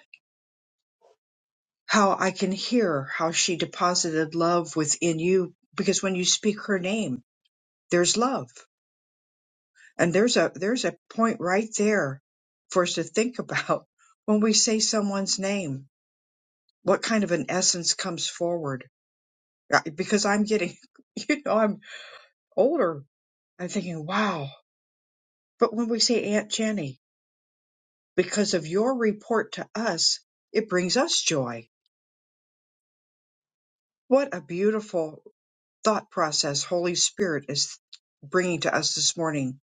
how I can hear how she deposited love within you because when you speak her name, there's love. And there's a there's a point right there for us to think about when we say someone's name, what kind of an essence comes forward? Uh, Because I'm getting, you know, I'm older. I'm thinking, wow. But when we say Aunt Jenny, because of your report to us, it brings us joy. What a beautiful thought process Holy Spirit is bringing to us this morning.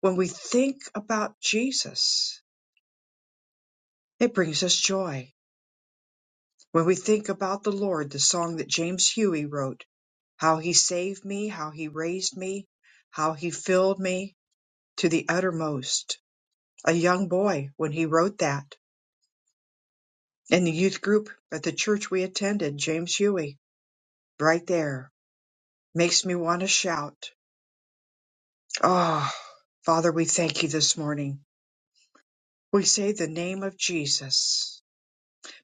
When we think about Jesus, it brings us joy. When we think about the Lord, the song that James Huey wrote, how he saved me, how he raised me, how he filled me to the uttermost. A young boy when he wrote that in the youth group at the church we attended, James Huey, right there makes me want to shout. Oh, Father, we thank you this morning. We say the name of Jesus.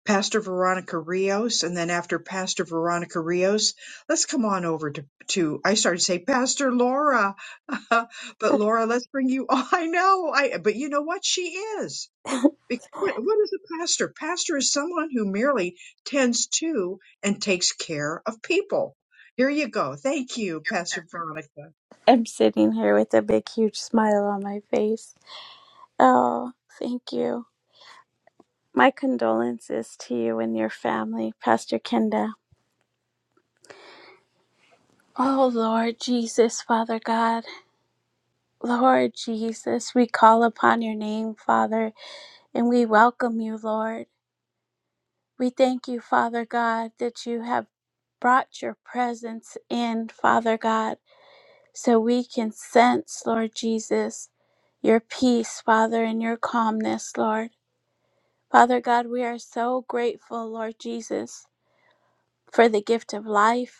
Pastor Veronica Rios, and then after Pastor Veronica Rios, let's come on over to, to I started to say Pastor Laura, but Laura, let's bring you. Oh, I know, I but you know what she is. Be- What, what is a pastor? Pastor is someone who merely tends to and takes care of people. Here you go. Thank you, Pastor Veronica.
I'm sitting here with a big, huge smile on my face. Oh, thank you. My condolences to you and your family, Pastor Kenda. Oh, Lord Jesus, Father God. Lord Jesus, we call upon your name, Father, and we welcome you, Lord. We thank you, Father God, that you have brought your presence in, Father God. So we can sense, Lord Jesus, your peace, Father, and your calmness, Lord. Father God, we are so grateful, Lord Jesus, for the gift of life.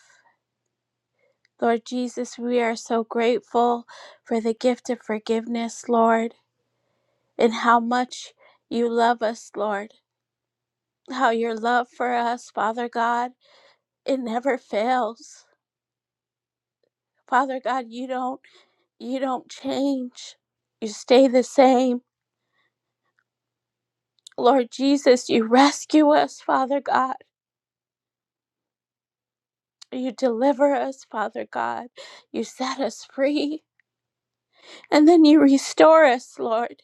Lord Jesus, we are so grateful for the gift of forgiveness, Lord, and how much you love us, Lord. How your love for us, Father God, it never fails. Father God, you don't you don't change. You stay the same. Lord Jesus, you rescue us, Father God. You deliver us, Father God. You set us free. And then you restore us, Lord,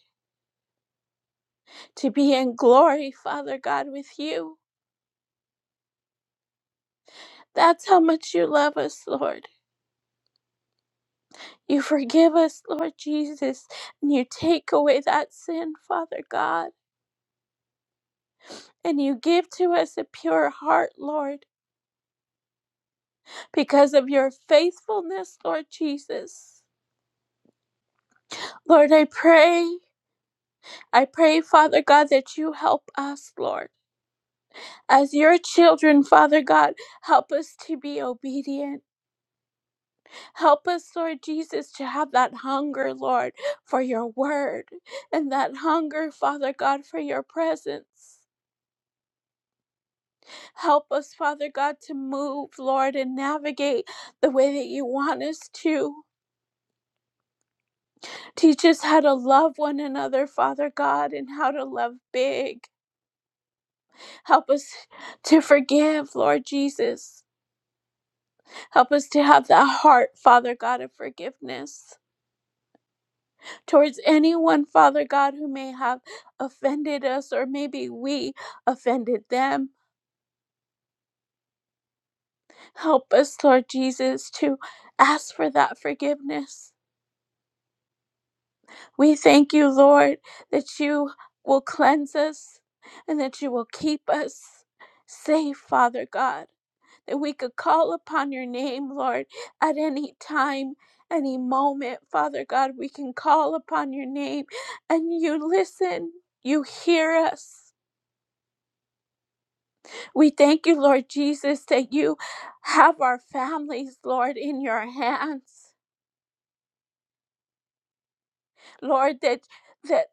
to be in glory, Father God, with you. That's how much you love us, Lord. You forgive us, Lord Jesus, and you take away that sin, Father God. And you give to us a pure heart, Lord, because of your faithfulness, Lord Jesus. Lord, I pray. I pray, Father God, that you help us, Lord. As your children, Father God, help us to be obedient. Help us, Lord Jesus, to have that hunger, Lord, for your word and that hunger, Father God, for your presence. Help us, Father God, to move, Lord, and navigate the way that you want us to. Teach us how to love one another, Father God, and how to love big. Help us to forgive, Lord Jesus. Help us to have that heart, Father God, of forgiveness towards anyone, Father God, who may have offended us or maybe we offended them. Help us, Lord Jesus, to ask for that forgiveness. We thank you, Lord, that you will cleanse us and that you will keep us safe, Father God. that we could call upon your name, Lord, at any time, any moment. Father God, we can call upon your name and you listen, you hear us. We thank you, Lord Jesus, that you have our families, Lord, in your hands. Lord, that that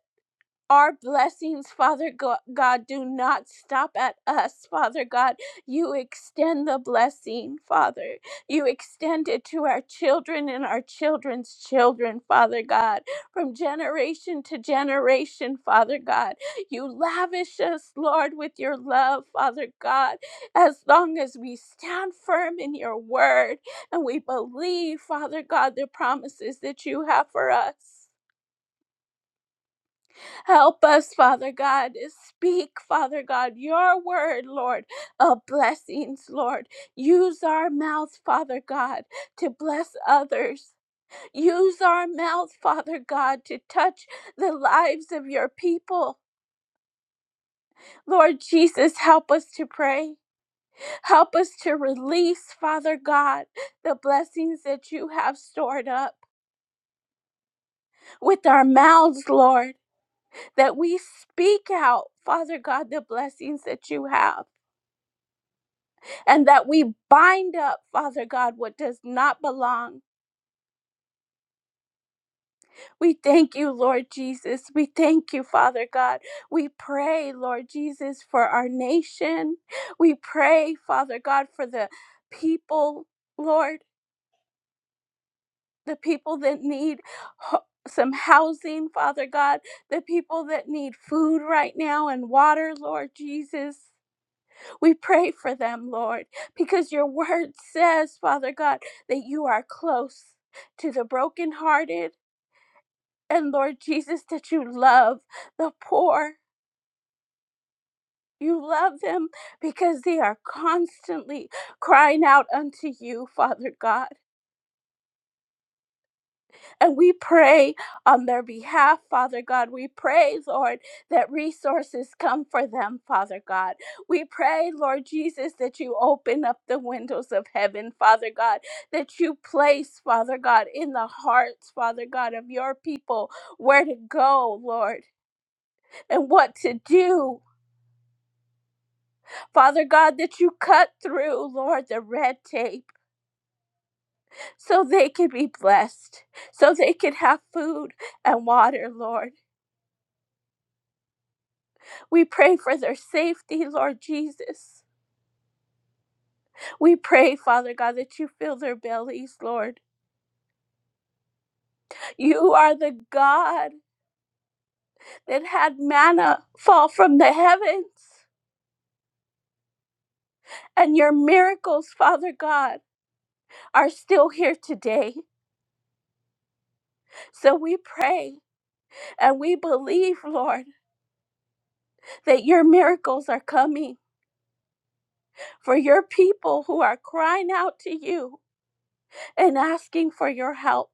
our blessings, Father God, do not stop at us, Father God. You extend the blessing, Father. You extend it to our children and our children's children, Father God, from generation to generation, Father God. You lavish us, Lord, with your love, Father God, as long as we stand firm in your word and we believe, Father God, the promises that you have for us. Help us, Father God, speak, Father God, your word, Lord, of blessings, Lord. Use our mouth, Father God, to bless others. Use our mouth, Father God, to touch the lives of your people. Lord Jesus, help us to pray. Help us to release, Father God, the blessings that you have stored up with our mouths, Lord, that we speak out, Father God, the blessings that you have. and that we bind up, Father God, what does not belong. We thank you, Lord Jesus. We thank you, Father God. We pray, Lord Jesus, for our nation. We pray, Father God, for the people, Lord, the people that need. ho- Some housing, Father God, the people that need food right now and water, Lord Jesus. We pray for them, Lord, because your word says, Father God, that you are close to the brokenhearted. And Lord Jesus, that you love the poor. You love them because they are constantly crying out unto you, Father God. And we pray on their behalf, Father God. We pray, Lord, that resources come for them, Father God. We pray, Lord Jesus, that you open up the windows of heaven, Father God, that you place, Father God, in the hearts, Father God, of your people where to go, Lord, and what to do. Father God, that you cut through, Lord, the red tape so they could be blessed, so they could have food and water, Lord. We pray for their safety, Lord Jesus. We pray, Father God, that you fill their bellies, Lord. You are the God that had manna fall from the heavens. And your miracles, Father God, are still here today. So we pray and we believe, Lord, that your miracles are coming for your people who are crying out to you and asking for your help.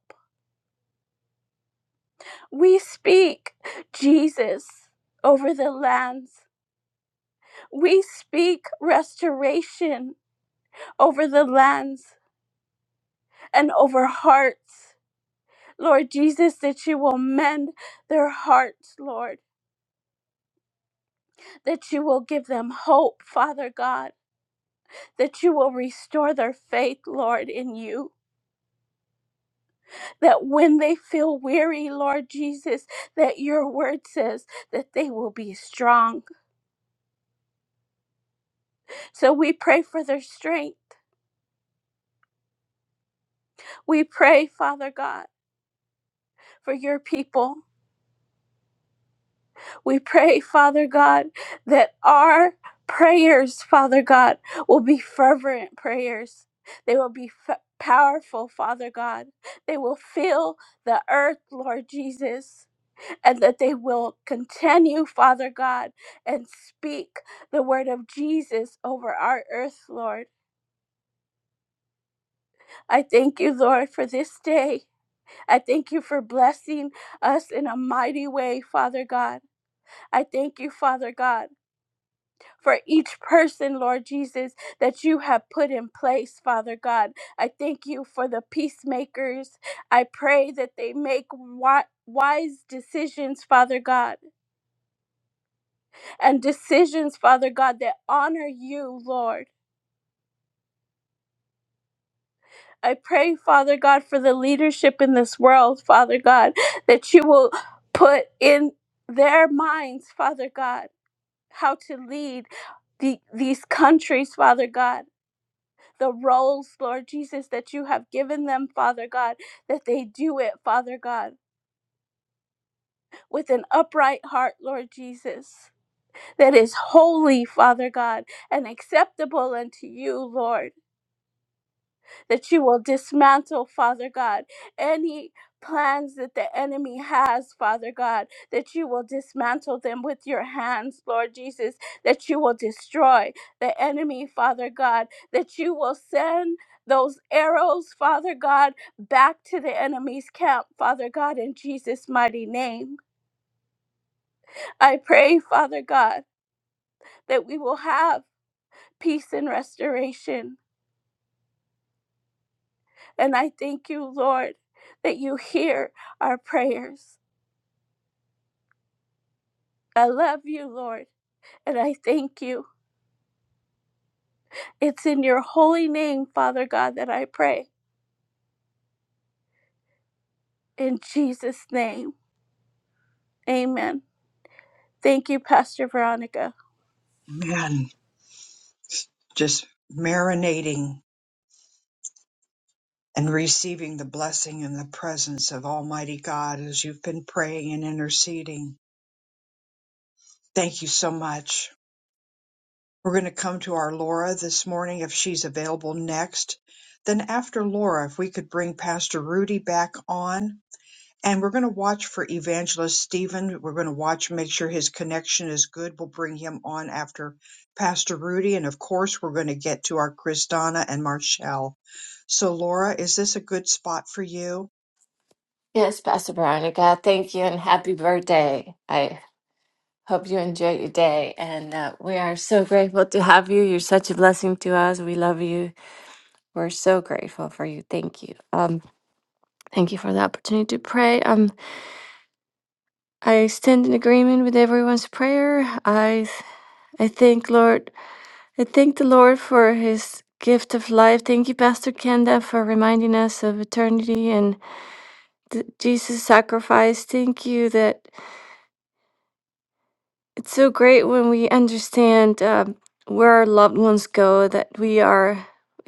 We speak, Jesus, over the lands. We speak restoration over the lands and over hearts. Lord Jesus, that you will mend their hearts, Lord, that you will give them hope, Father God, that you will restore their faith, Lord, in you. That when they feel weary, Lord Jesus, that your word says that they will be strong. So we pray for their strength. We pray, Father God, for your people. We pray, Father God, that our prayers, Father God, will be fervent prayers. They will be f- powerful, Father God. They will fill the earth, Lord Jesus, and that they will continue, Father God, and speak the word of Jesus over our earth, Lord. I thank you, Lord, for this day. I thank you for blessing us in a mighty way, Father God. I thank you, Father God for each person, Lord Jesus, that you have put in place, Father God. I thank you for the peacemakers. I pray that they make wi- wise decisions, Father God, and decisions, Father God, that honor you, Lord. I pray, Father God, for the leadership in this world, Father God, that you will put in their minds, Father God, how to lead the, these countries, Father God. the roles, Lord Jesus, that you have given them, Father God, that they do it, Father God, with an upright heart, Lord Jesus, that is holy, Father God, and acceptable unto you, Lord. that you will dismantle, Father God, any plans that the enemy has, Father God, that you will dismantle them with your hands, Lord Jesus, that you will destroy the enemy, Father God, that you will send those arrows, Father God, back to the enemy's camp, Father God, in Jesus' mighty name. I pray, Father God, that we will have peace and restoration. And I thank you, Lord, that you hear our prayers. I love you, Lord, and I thank you. It's in your holy name, Father God, that I pray. In Jesus' name, amen. Thank you, Pastor Veronica.
Man. just marinating and receiving the blessing and the presence of Almighty God as you've been praying and interceding. Thank you so much. We're going to come to our Laura this morning if she's available next. Then, after Laura, if we could bring Pastor Rudy back on, and we're going to watch for evangelist stephen we're going to watch make sure his connection is good we'll bring him on after pastor rudy and of course we're going to get to our christana and marshall so laura is this a good spot for you
Yes, Pastor Veronica, thank you and happy birthday. I hope you enjoy your day. And uh, we are so grateful to have you. You're such a blessing to us. We love you. We're so grateful for you. Thank you. Um, thank you for the opportunity to pray. Um, I stand in agreement with everyone's prayer. I, I thank Lord. I thank the Lord for His gift of life. Thank you, Pastor Kenda, for reminding us of eternity and th- Jesus' sacrifice. Thank you that. It's so great when we understand um where our loved ones go, that we are,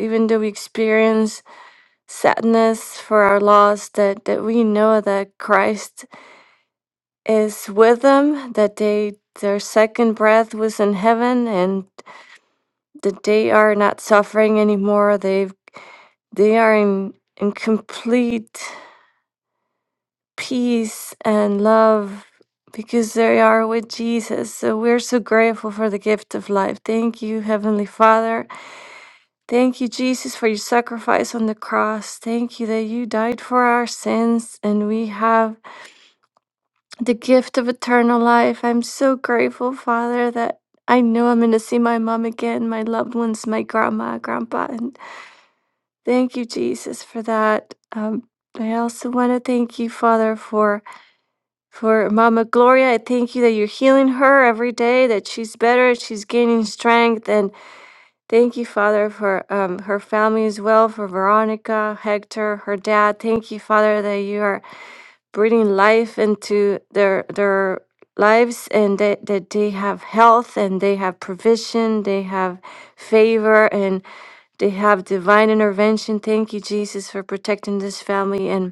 even though we experience sadness for our loss, that, that we know that Christ is with them, that they their second breath was in heaven and that they are not suffering anymore. They've they are in in complete peace and love because they are with Jesus. So we're so grateful for the gift of life. Thank you, Heavenly Father. Thank you, Jesus, for your sacrifice on the cross. Thank you that you died for our sins and we have the gift of eternal life. I'm so grateful, Father, that I know I'm going to see my mom again, my loved ones, my grandma, grandpa. And thank you, Jesus, for that. Um, I also want to thank you, Father, for For Mama Gloria, I thank you that you're healing her every day, that she's better, she's gaining strength. And thank you, Father, for um, her family as well, for Veronica, Hector, her dad. Thank you, Father, that you are breathing life into their their lives and that, that they have health and they have provision, they have favor, and they have divine intervention. Thank you, Jesus, for protecting this family. and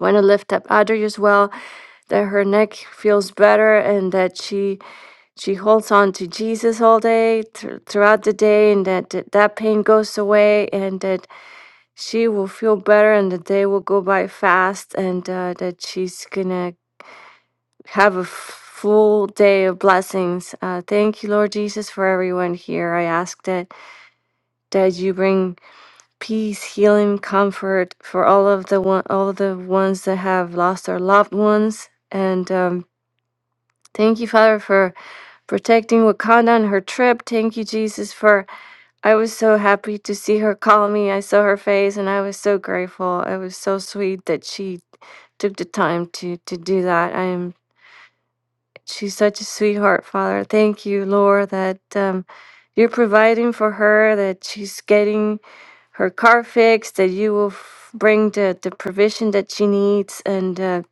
want to lift up Audrey as well, that her neck feels better and that she she holds on to Jesus all day thr- throughout the day, and that th- that pain goes away, and that she will feel better, and the day will go by fast, and uh, that she's gonna have a full day of blessings. Uh, thank you, Lord Jesus, for everyone here. I ask that that you bring peace, healing, comfort for all of the one, all the ones that have lost their loved ones. And um, thank you, Father, for protecting Wakanda on her trip. Thank you, Jesus, for I was so happy to see her call me. I saw her face, and I was so grateful. It was so sweet that she took the time to to do that. I am She's such a sweetheart, Father. Thank you, Lord, that um, you're providing for her, that she's getting her car fixed, that you will f- bring the, the provision that she needs, and uh,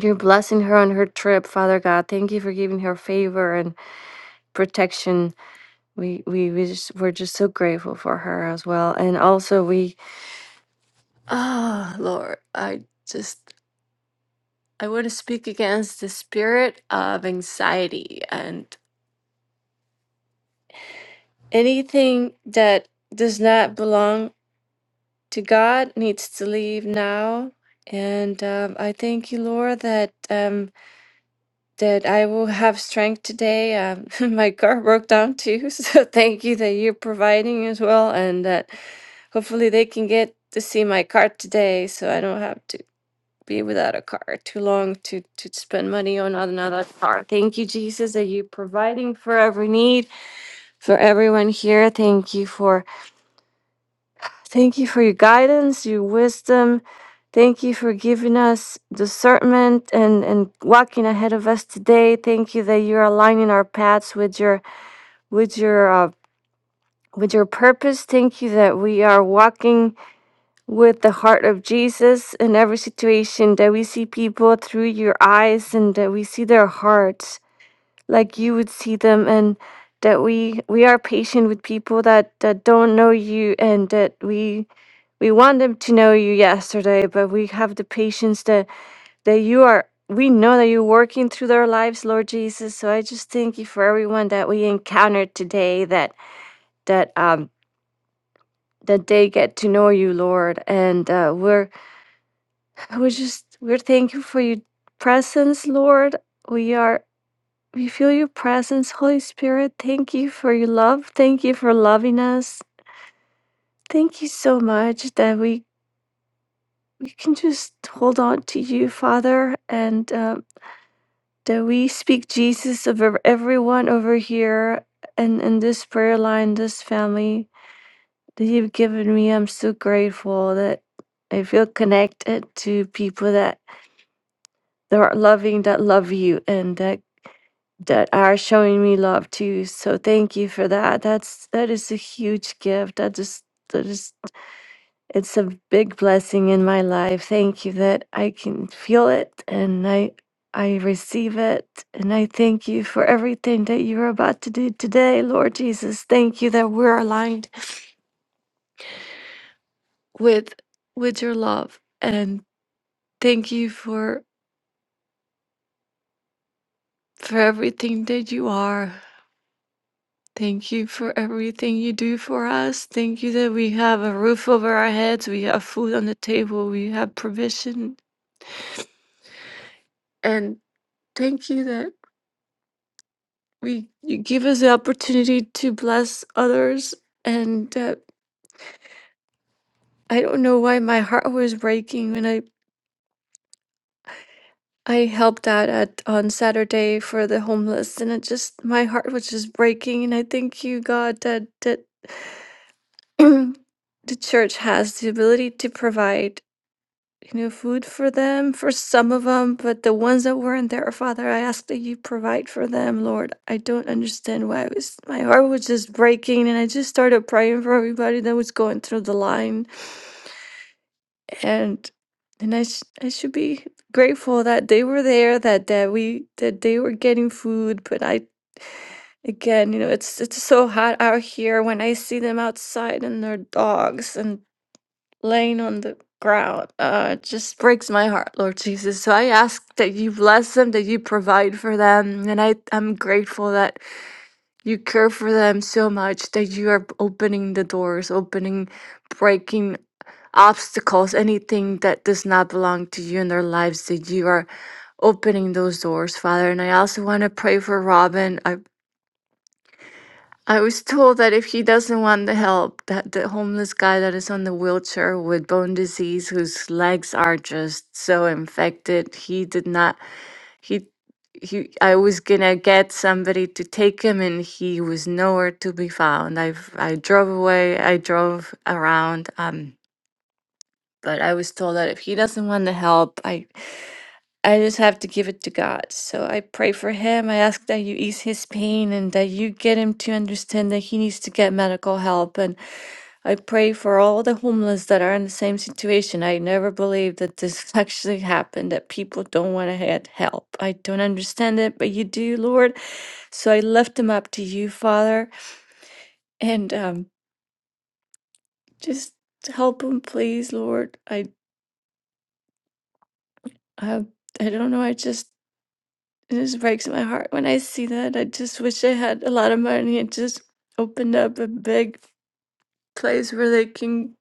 you're blessing her on her trip, Father God. Thank you for giving her favor and protection. We, we, we just, we're just so grateful for her as well. And also, we, oh, Lord, I just, I want to speak against the spirit of anxiety. and. Anything that does not belong to God needs to leave now. And um, I thank you, Lord, that um, that I will have strength today. Um, my car broke down too, so thank you that you're providing as well, and that hopefully they can get to see my car today, so I don't have to be without a car too long to to spend money on another car. Thank you, Jesus, that you're providing for every need for everyone here. Thank you for Thank you for your guidance, your wisdom. Thank you for giving us discernment and, and walking ahead of us today. Thank you that you're aligning our paths with your with your uh, with your purpose. Thank you that we are walking with the heart of Jesus in every situation. That we see people through your eyes and that we see their hearts like you would see them and that we we are patient with people that that don't know you and that we we want them to know you yesterday but we have the patience that that you are we know that you're working through their lives lord jesus so i just thank you for everyone that we encountered today that that um that they get to know you lord and uh, we're we're just we're thankful for your presence lord we are We feel your presence, Holy Spirit. Thank you for your love. Thank you for loving us. Thank you so much that we, we can just hold on to you, Father, and uh, that we speak Jesus over everyone over here and in this prayer line, this family that you've given me. I'm so grateful that I feel connected to people that, that are loving, that love you, and that that are showing me love too. So thank you for that. That's that is a huge gift. That just that is it's a big blessing in my life. Thank you that I can feel it and I I receive it and I thank you for everything that you're about to do today, Lord Jesus. Thank you that we're aligned with with your love and thank you for for everything that you are. Thank you for everything you do for us. Thank you that we have a roof over our heads, we have food on the table, we have provision. And thank you that we you give us the opportunity to bless others. And uh, I don't know why my heart was breaking when I I helped out at on Saturday for the homeless, and it just my heart was just breaking. And I thank you, God, that that the church has the ability to provide you know, food for them, for some of them, but the ones that weren't there, Father, I ask that you provide for them, Lord. I don't understand why I was, my heart was just breaking, and I just started praying for everybody that was going through the line, and and I sh- I should be grateful that they were there, that that we that they were getting food, but I. Again, you know, it's it's so hot out here when I see them outside and their dogs and laying on the ground uh it just breaks my heart lord jesus so i ask that you bless them that you provide for them and i i'm grateful that you care for them so much that you are opening the doors opening breaking obstacles anything that does not belong to you in their lives that you are opening those doors father and i also want to pray for robin I I was told that if he doesn't want the help, that the homeless guy that is on the wheelchair with bone disease, whose legs are just so infected, he did not. He, he. I was gonna get somebody to take him, and he was nowhere to be found. I, I drove away. I drove around. Um, but I was told that if he doesn't want to help, I I just have to give it to God. So I pray for him. I ask that you ease his pain and that you get him to understand that he needs to get medical help. And I pray for all the homeless that are in the same situation. I never believed that this actually happened, that people don't want to get help. I don't understand it, but you do, Lord. So I lift him up to you, Father, and um, just help him, please, Lord. I, I, I don't know. I just. It just breaks my heart when I see that. I just wish I had a lot of money and just opened up a big place where they can.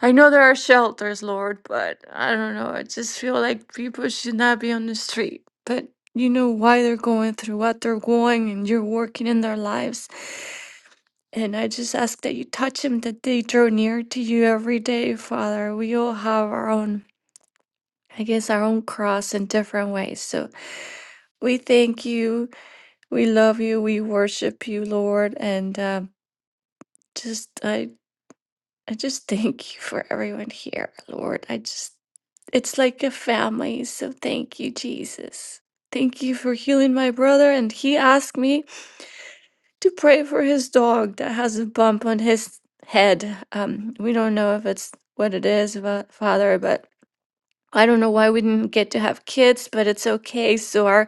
I know there are shelters, Lord, but I don't know. I just feel like people should not be on the street. But you know why they're going through what they're going, and you're working in their lives. And I just ask that you touch them, that they draw near to you every day, Father. We all have our own, I guess, our own cross in different ways. So we thank you We love you. We worship you, Lord. And um just, I, I just thank you for everyone here, Lord. I just, it's like a family. So thank you, Jesus. Thank you for healing my brother. And he asked me to pray for his dog that has a bump on his head. Um, we don't know if it's what it is, but Father, but I don't know why we didn't get to have kids, but it's okay. So our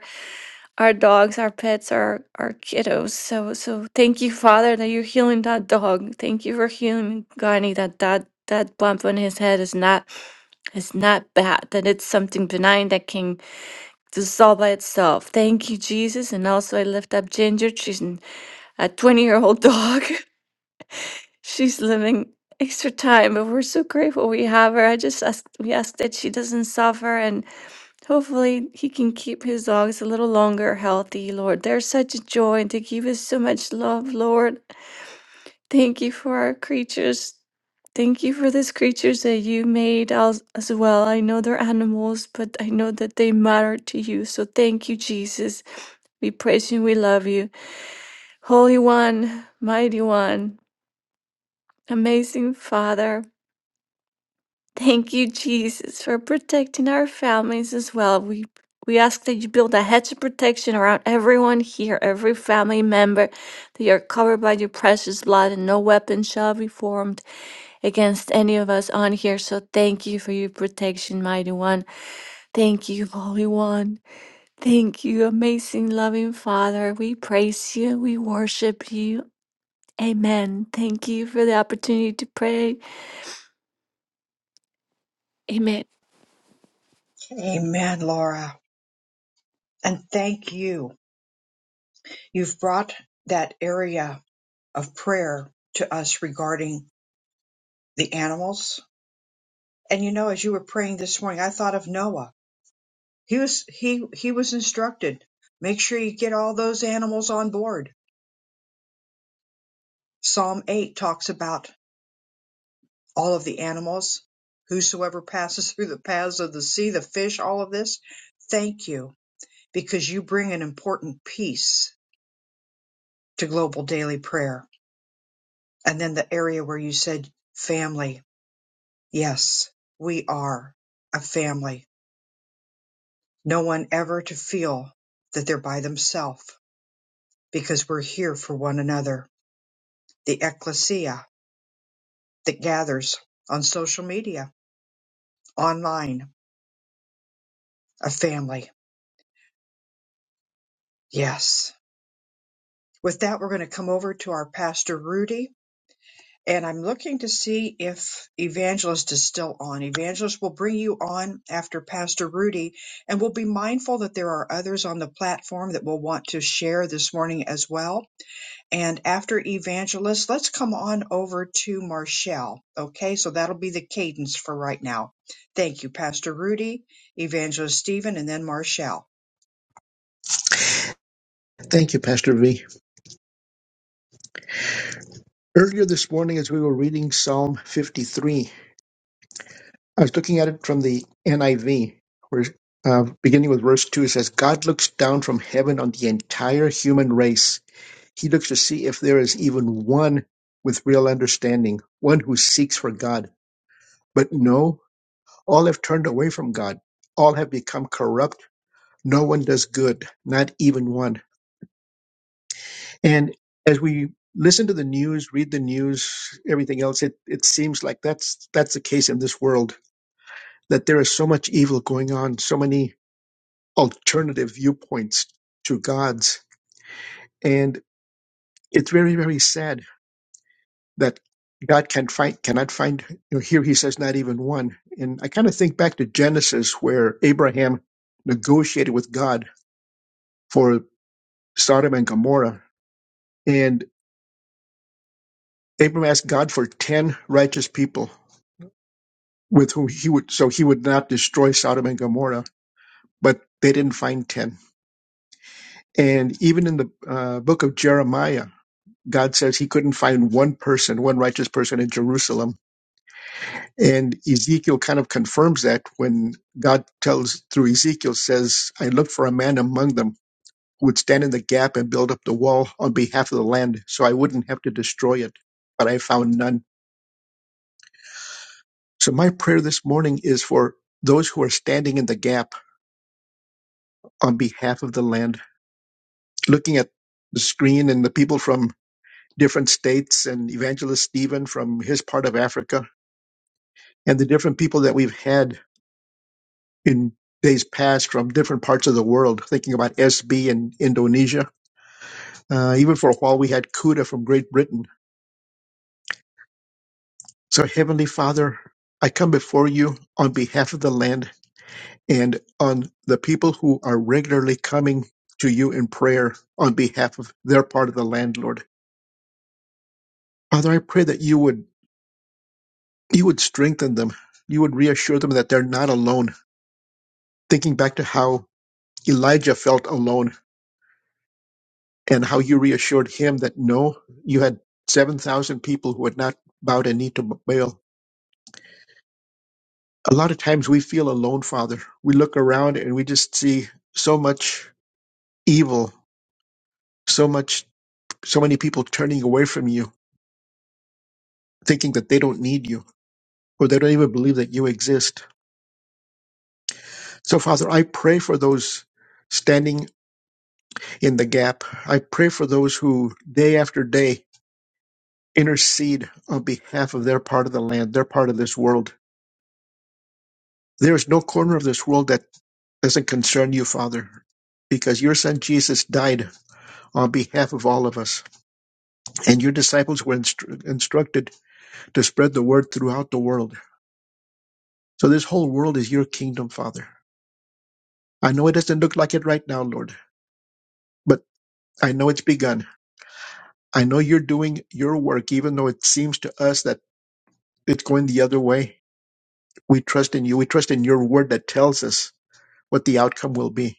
our dogs, our pets, our our kiddos. So so thank you, Father, that you're healing that dog. Thank you for healing Gani that that that bump on his head is not is not bad, that it's something benign that can dissolve by itself. Thank you, Jesus. And also I lift up Ginger. She's an, a 20 year old dog. She's living extra time, but we're so grateful we have her. I just ask we ask that she doesn't suffer and. Hopefully, he can keep his dogs a little longer healthy, Lord. They're such a joy and they give us so much love, Lord. Thank you for our creatures. Thank you for these creatures that you made as, as well. I know they're animals, but I know that they matter to you. So thank you, Jesus. We praise you. We love you. Holy One, Mighty One, Amazing Father. Thank you, Jesus, for protecting our families as well. We we ask that you build a hedge of protection around everyone here, every family member, that you're covered by your precious blood, and no weapon shall be formed against any of us on here. So thank you for your protection, mighty one. Thank you, Holy One. Thank you, amazing loving Father. We praise you. We worship you. Amen. Thank you for the opportunity to pray. Amen.
Amen, Laura. And thank you. You've brought that area of prayer to us regarding the animals. And you know, as you were praying this morning, I thought of Noah. He was he he was instructed, make sure you get all those animals on board Psalm 8 talks about all of the animals, whosoever passes through the paths of the sea, the fish, all of this. Thank you because you bring an important piece to global daily prayer. And then the area where you said family. Yes, we are a family. No one ever to feel that they're by themselves because we're here for one another. The ecclesia that gathers on social media, online, a family. Yes With that, we're going to come over to our pastor Rudy, and I'm looking to see if Evangelist is still on. Evangelist will bring you on after Pastor Rudy, and we'll be mindful that there are others on the platform that will want to share this morning as well. And after Evangelist, let's come on over to Marshall. Okay, so that'll be the cadence for right now. Thank you, Pastor Rudy, Evangelist Stephen, and then Marshall.
Thank you, Pastor V. Earlier this morning, as we were reading Psalm 53, I was looking at it from the NIV, where uh, beginning with verse 2, it says, God looks down from heaven on the entire human race. He looks to see if there is even one with real understanding, one who seeks for God. But no, all have turned away from God. All have become corrupt. No one does good, not even one. And as we listen to the news, read the news, everything else, it, it seems like that's that's the case in this world, that there is so much evil going on, so many alternative viewpoints to God's. And it's very, very sad that God can find cannot find you know, here he says not even one. And I kind of think back to Genesis where Abraham negotiated with God for Sodom and Gomorrah. And Abraham asked God for ten righteous people with whom he would so he would not destroy Sodom and Gomorrah, but they didn't find ten. And even in the uh, book of Jeremiah, God says he couldn't find one person, one righteous person in Jerusalem. And Ezekiel kind of confirms that when God tells through Ezekiel says, "I looked for a man among them who would stand in the gap and build up the wall on behalf of the land, so I wouldn't have to destroy it, but I found none." So my prayer this morning is for those who are standing in the gap on behalf of the land looking at the screen and the people from different states and evangelist stephen from his part of africa and the different people that we've had in days past from different parts of the world thinking about sb in indonesia uh, even for a while we had kuda from great britain so heavenly father i come before you on behalf of the land and on the people who are regularly coming to you in prayer on behalf of their part of the land lord father i pray that you would You would strengthen them. You would reassure them that they're not alone. Thinking back to how Elijah felt alone and how you reassured him that no, you had 7,000 people who had not bowed a knee to Baal. A lot of times we feel alone, Father. We look around and we just see so much evil, so much, so many people turning away from you, thinking that they don't need you or they don't even believe that you exist. So, Father, I pray for those standing in the gap. I pray for those who day after day intercede on behalf of their part of the land, their part of this world. There is no corner of this world that doesn't concern you, Father, because your son Jesus died on behalf of all of us, and your disciples were instru- instructed to spread the word throughout the world. So this whole world is your kingdom, Father. I know it doesn't look like it right now, Lord, but I know it's begun. I know you're doing your work, even though it seems to us that it's going the other way We trust in you. We trust in your word that tells us what the outcome will be.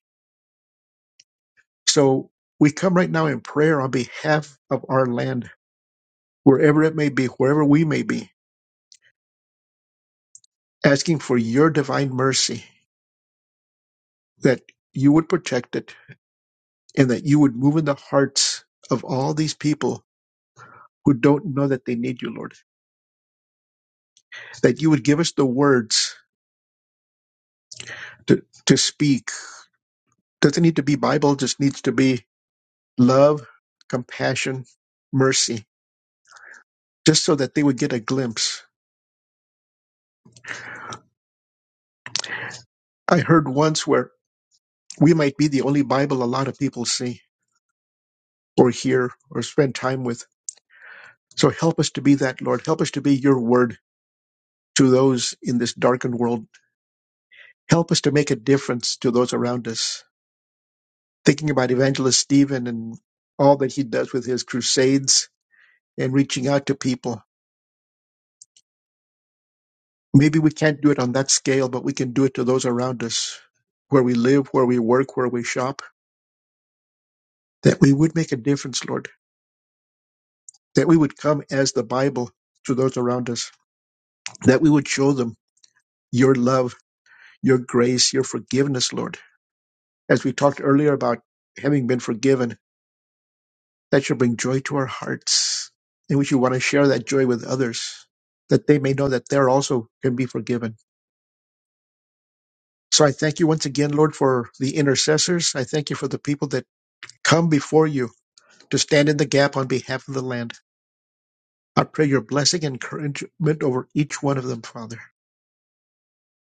So we come right now in prayer on behalf of our land, wherever it may be, wherever we may be, asking for your divine mercy that you would protect it and that you would move in the hearts of all these people who don't know that they need you, Lord, that you would give us the words to, to speak. Doesn't need to be Bible, just needs to be love, compassion, mercy, just so that they would get a glimpse I heard once where we might be the only Bible a lot of people see or hear or spend time with. So help us to be that, Lord. Help us to be your word to those in this darkened world. Help us to make a difference to those around us. Thinking about Evangelist Stephen and all that he does with his crusades and reaching out to people. Maybe we can't do it on that scale, but we can do it to those around us, where we live, where we work, where we shop, that we would make a difference, Lord, that we would come as the Bible to those around us. that we would show them your love, your grace, your forgiveness, Lord. As we talked earlier about having been forgiven, that should bring joy to our hearts. And we should want to share that joy with others, that they may know that they also can be forgiven. So I thank you once again, Lord, for the intercessors. I thank you for the people that come before you to stand in the gap on behalf of the land. I pray your blessing and encouragement over each one of them, Father.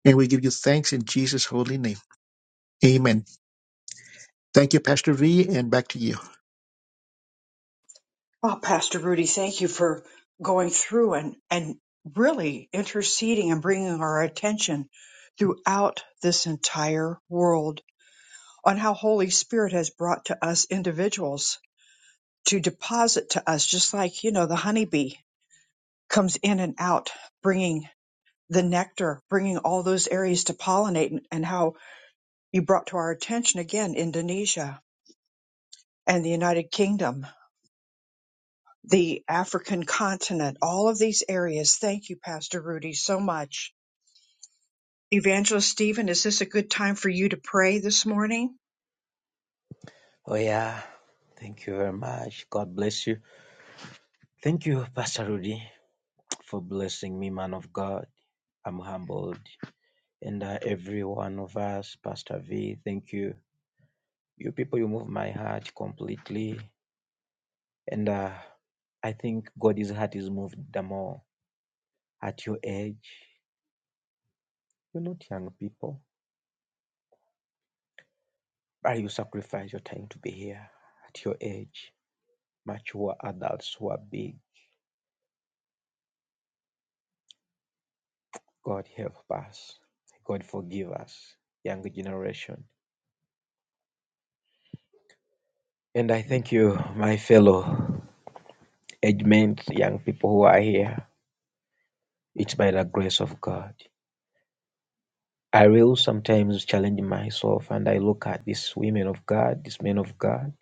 And we give you thanks in Jesus' holy name. Amen. Thank you, Pastor V, and back to you.
Oh, Pastor Rudy, thank you for going through and, and really interceding and bringing our attention throughout this entire world on how Holy Spirit has brought to us individuals to deposit to us, just like, you know, the honeybee comes in and out, bringing the nectar, bringing all those areas to pollinate, and and how you brought to our attention again Indonesia and the United Kingdom the African continent, all of these areas. Thank you, Pastor Rudy, so much. Evangelist Stephen, is this a good time for you to pray this morning?
Oh, yeah. Thank you very much. God bless you. Thank you, Pastor Rudy, for blessing me, man of God. I'm humbled. And uh, every one of us, Pastor V, thank you. You people, you move my heart completely. And uh, I think God's heart is moved the more at your age. You're not young people, but you sacrifice your time to be here at your age. Mature adults who are big. God help us. God forgive us, young generation. And I thank you, my fellow age mates, young people who are here. It's by the grace of God. I will sometimes challenge myself and I look at these women of God, these men of God.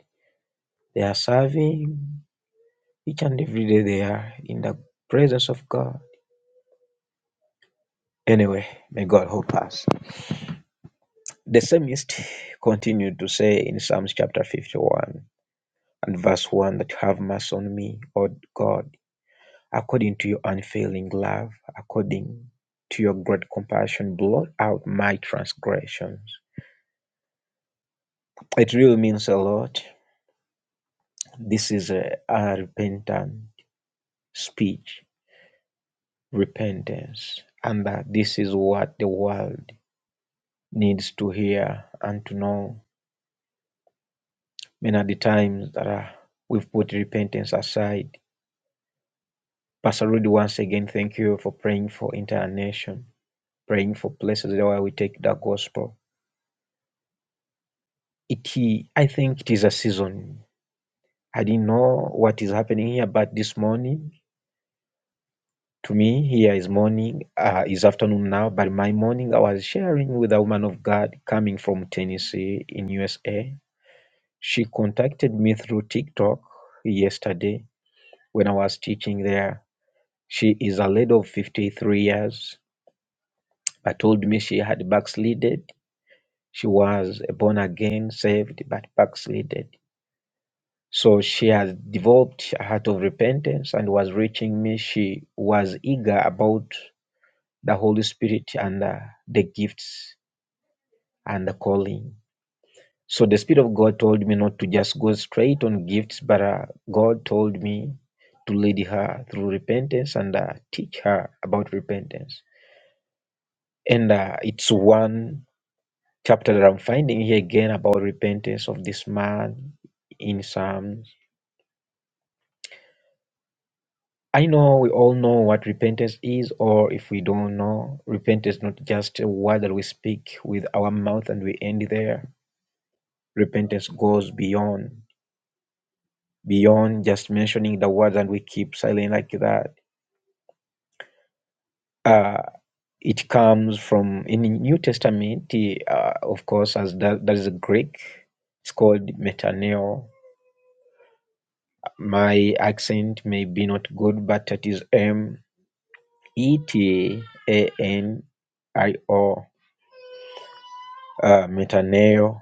They are serving each and every day they are in the presence of God. Anyway, may God help us. The psalmist continued to say in Psalms chapter 51 and verse 1 that have mercy on me, O God, According to your unfailing love, according to your great compassion, blot out my transgressions. It really means a lot. This is a, a repentant speech, repentance, and that this is what the world needs to hear and to know. Many of the times that uh, we've put repentance aside. Pastor Rudy, once again, thank you for praying for entire nation, praying for places where we take the gospel. It, I think it is a season I didn't know what is happening here, but this morning, to me, here is morning, uh, is afternoon now, but my morning I was sharing with a woman of God coming from Tennessee in USA. She contacted me through TikTok yesterday when I was teaching there. She is a lady of 53 years, but told me she had backslided. She was born again, saved, but backslided So she has developed a heart of repentance and was reaching me. She was eager about the Holy Spirit and uh, the gifts and the calling. So the Spirit of God told me not to just go straight on gifts, but uh, God told me to lead her through repentance and uh, teach her about repentance. And uh, it's one chapter that I'm finding here again about repentance of this man in Psalm I know we all know what repentance is, or if we don't know, repentance is not just a word that we speak with our mouth and we end there. Repentance goes beyond beyond just mentioning the words and we keep silent like that. Uh, it comes from in the New Testament, eh, uh, of course, as that, that is a Greek. It's called metaneo. My accent may be not good, but it is M E T A N I O uh, metaneo,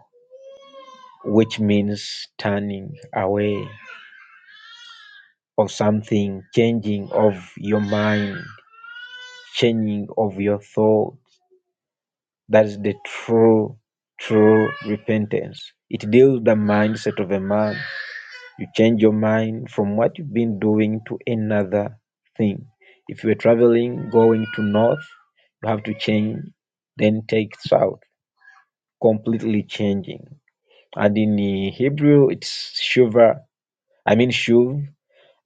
which means turning away of something, changing of your mind, changing of your thoughts. That is the true, true repentance. It deals with the mindset of a man. You change your mind from what you've been doing to another thing. If you're traveling, going to north, you have to change, then take south, completely changing. And in Hebrew, it's shuva, I mean shuv,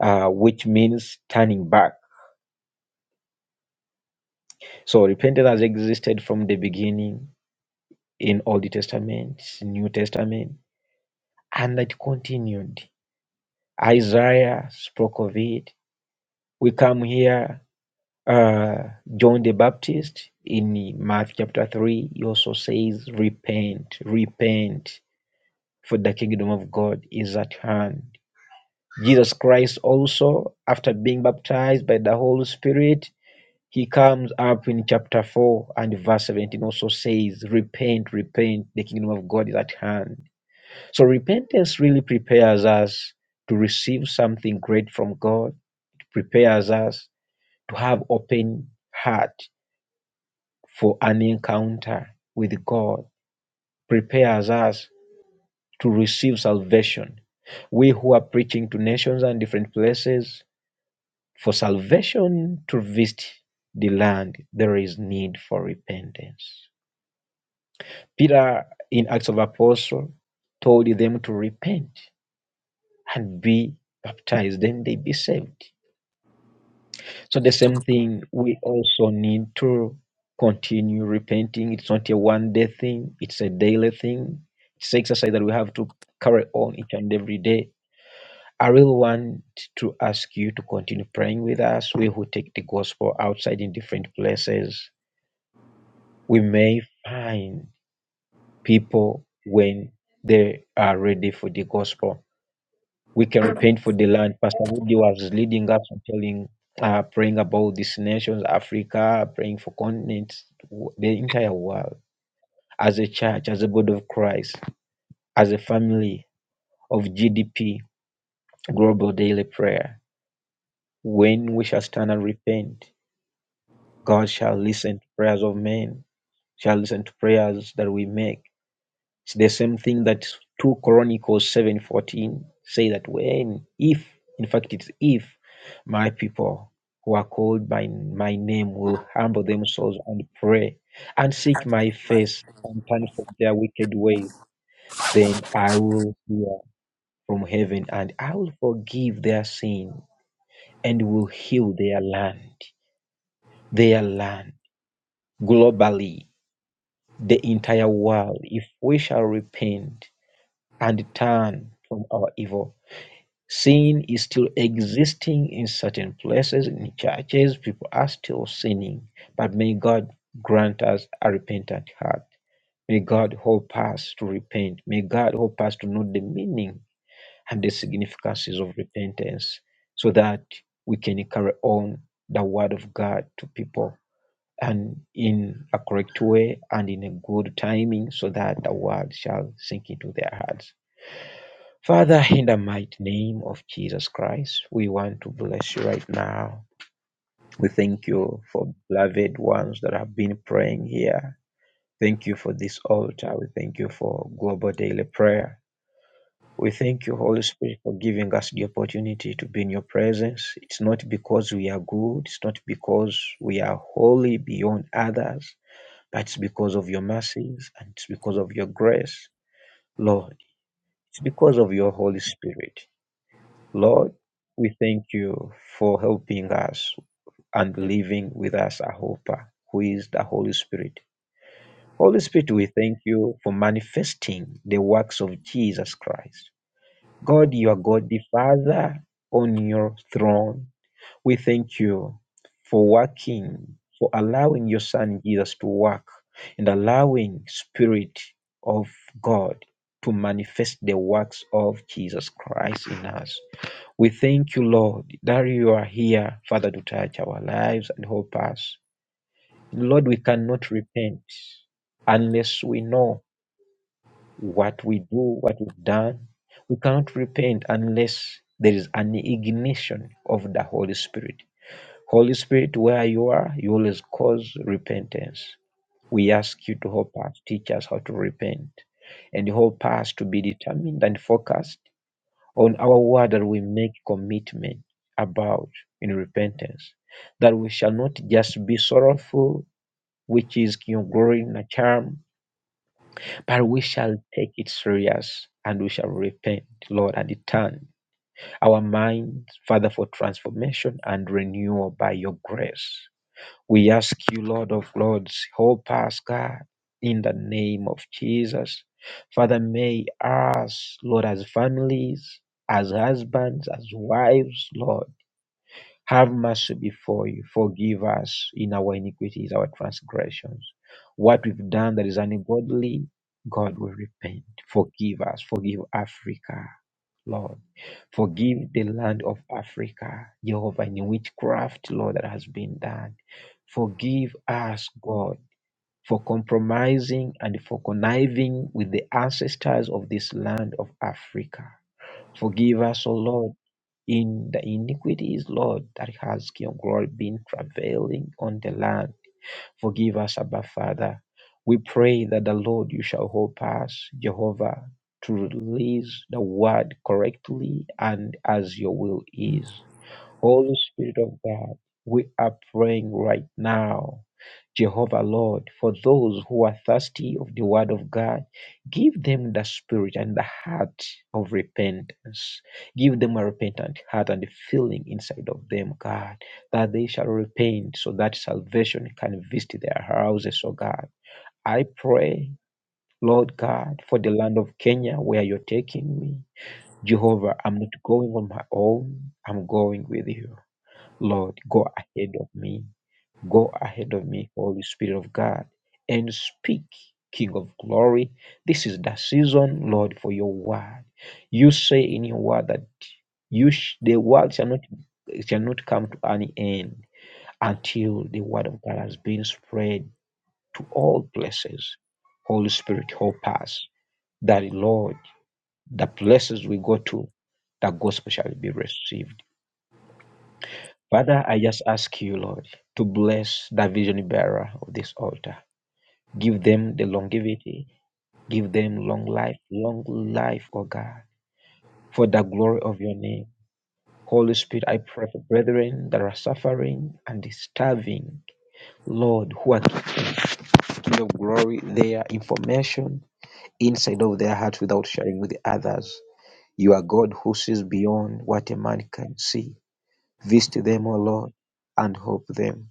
uh, which means turning back. So repentance has existed from the beginning in Old Testament, New Testament, and it continued. Isaiah spoke of it. We come here, uh, John the Baptist in Matthew chapter 3, he also says, Repent, repent, for the kingdom of God is at hand. Jesus Christ also, after being baptized by the Holy Spirit, He comes up in chapter 4 and verse 17 also says, Repent, repent, the kingdom of God is at hand. So repentance really prepares us to receive something great from God, prepares us to have open heart for an encounter with God, prepares us to receive salvation we who are preaching to nations and different places for salvation to visit the land, there is need for repentance. Peter, in Acts of Apostle, told them to repent and be baptized, then they be saved. So the same thing we also need to continue repenting. It's not a one day thing, it's a daily thing. It's exercise that we have to carry on each and every day. I really want to ask you to continue praying with us. We who take the gospel outside in different places, we may find people when they are ready for the gospel we can repent for the land. Pastor Woody was leading us and telling, uh, praying about these nations, Africa, praying for continents, w- the entire world, as a church, as a body of Christ, as a family of GDP, global daily prayer. When we shall stand and repent, God shall listen to prayers of men, shall listen to prayers that we make. It's the same thing that 2 Chronicles 7:14 say that when if in fact it's if my people who are called by my name
All
will humble themselves and pray and seek my face and turn from their wicked ways then I will hear from heaven and I will forgive their sin and will heal their land their land globally the entire world if we shall repent and turn from our evil Sin is still existing in certain places, in churches, people are still sinning. But may God grant us a repentant heart. May God help us to repent. May God help us to know the meaning and the significances of repentance so that we can carry on the word of God to people and in a correct way and in a good timing so that the word shall sink into their hearts. Father, in the mighty name of Jesus Christ, we want to bless you right now. We thank you for beloved ones that have been praying here. Thank you for this altar. We thank you for global daily prayer. We thank you, Holy Spirit, for giving us the opportunity to be in your presence. It's not because we are good, it's not because we are holy beyond others, but it's because of your mercies and it's because of your grace, Lord. It's because of your Holy Spirit. Lord, we thank you for helping us and living with us a helper, who is the Holy Spirit. Holy Spirit, we thank you for manifesting the works of Jesus Christ. God, your God the Father, on your throne, we thank you for working, for allowing your Son Jesus to work and allowing Spirit of God to manifest the works of Jesus Christ in us. We thank you, Lord, that you are here, Father, to touch our lives and help us. Lord, we cannot repent unless we know what we do, what we've done. We cannot repent unless there is an ignition of the Holy Spirit. Holy Spirit, where you are, you always cause repentance. We ask you to help us, teach us how to repent, and help us to be determined and focused on our word that we make commitment about in repentance, that we shall not just be sorrowful, which is your glory and a charm, but we shall take it serious and we shall repent, Lord, and turn our minds, Father, for transformation and renewal by your grace. We ask you, Lord of Lords, help us, God, in the name of Jesus. Father, may us, Lord, as families, as husbands, as wives, Lord, have mercy before you. Forgive us in our iniquities, our transgressions. What we've done that is ungodly, God will repent. Forgive us. Forgive Africa. Lord. Forgive the land of Africa, Jehovah, in witchcraft, Lord, that has been done. Forgive us, God, for compromising and for conniving with the ancestors of this land of Africa. Forgive us, O Lord, in the iniquities, Lord, that has, King of Glory, been travailing on the land. Forgive us, Abba Father. We pray that the Lord, you shall help us, Jehovah, to release the word correctly and as your will is. Holy Spirit of God, we are praying right now Jehovah Lord, for those who are thirsty of the word of God, give them the spirit and the heart of repentance. Give them a repentant heart and a feeling inside of them, God, that they shall repent so that salvation can visit their houses, oh God. I pray, Lord God, for the land of Kenya where you're taking me. Jehovah, I'm not going on my own. I'm going with you. Lord, go ahead of me. Go ahead of me, Holy Spirit of God, and speak, King of glory. This is the season, Lord, for your word. You say in your word that you sh- the word shall not shall not come to any end until the word of God has been spread to all places. Holy Spirit, help us that Lord, the places we go to, the gospel shall be received. Father, I just ask you, Lord, to bless the vision bearer of this altar. Give them the longevity. Give them long life, long life, oh God, for the glory of your name. Holy Spirit, I pray for brethren that are suffering and starving. Lord, who are keeping your glory, their information inside of their hearts without sharing with others. You are God who sees beyond what a man can see. Visit them, O Lord, and help them.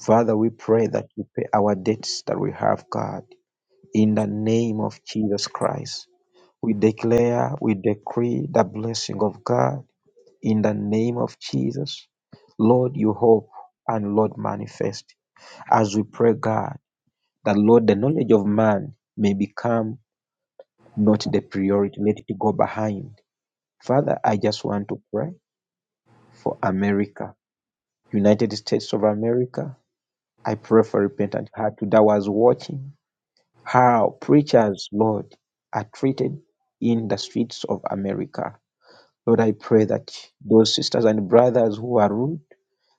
Father, we pray that you pay our debts that we have, God. In the name of Jesus Christ, we declare, we decree the blessing of God in the name of Jesus. Lord, you hope and Lord, manifest. As we pray, God, that Lord, the knowledge of man may become not the priority, let it go behind. Father, I just want to pray for America, United States of America. I pray for repentant heart that was watching. how preachers, Lord, are treated in the streets of America. Lord, I pray that those sisters and brothers who are rude,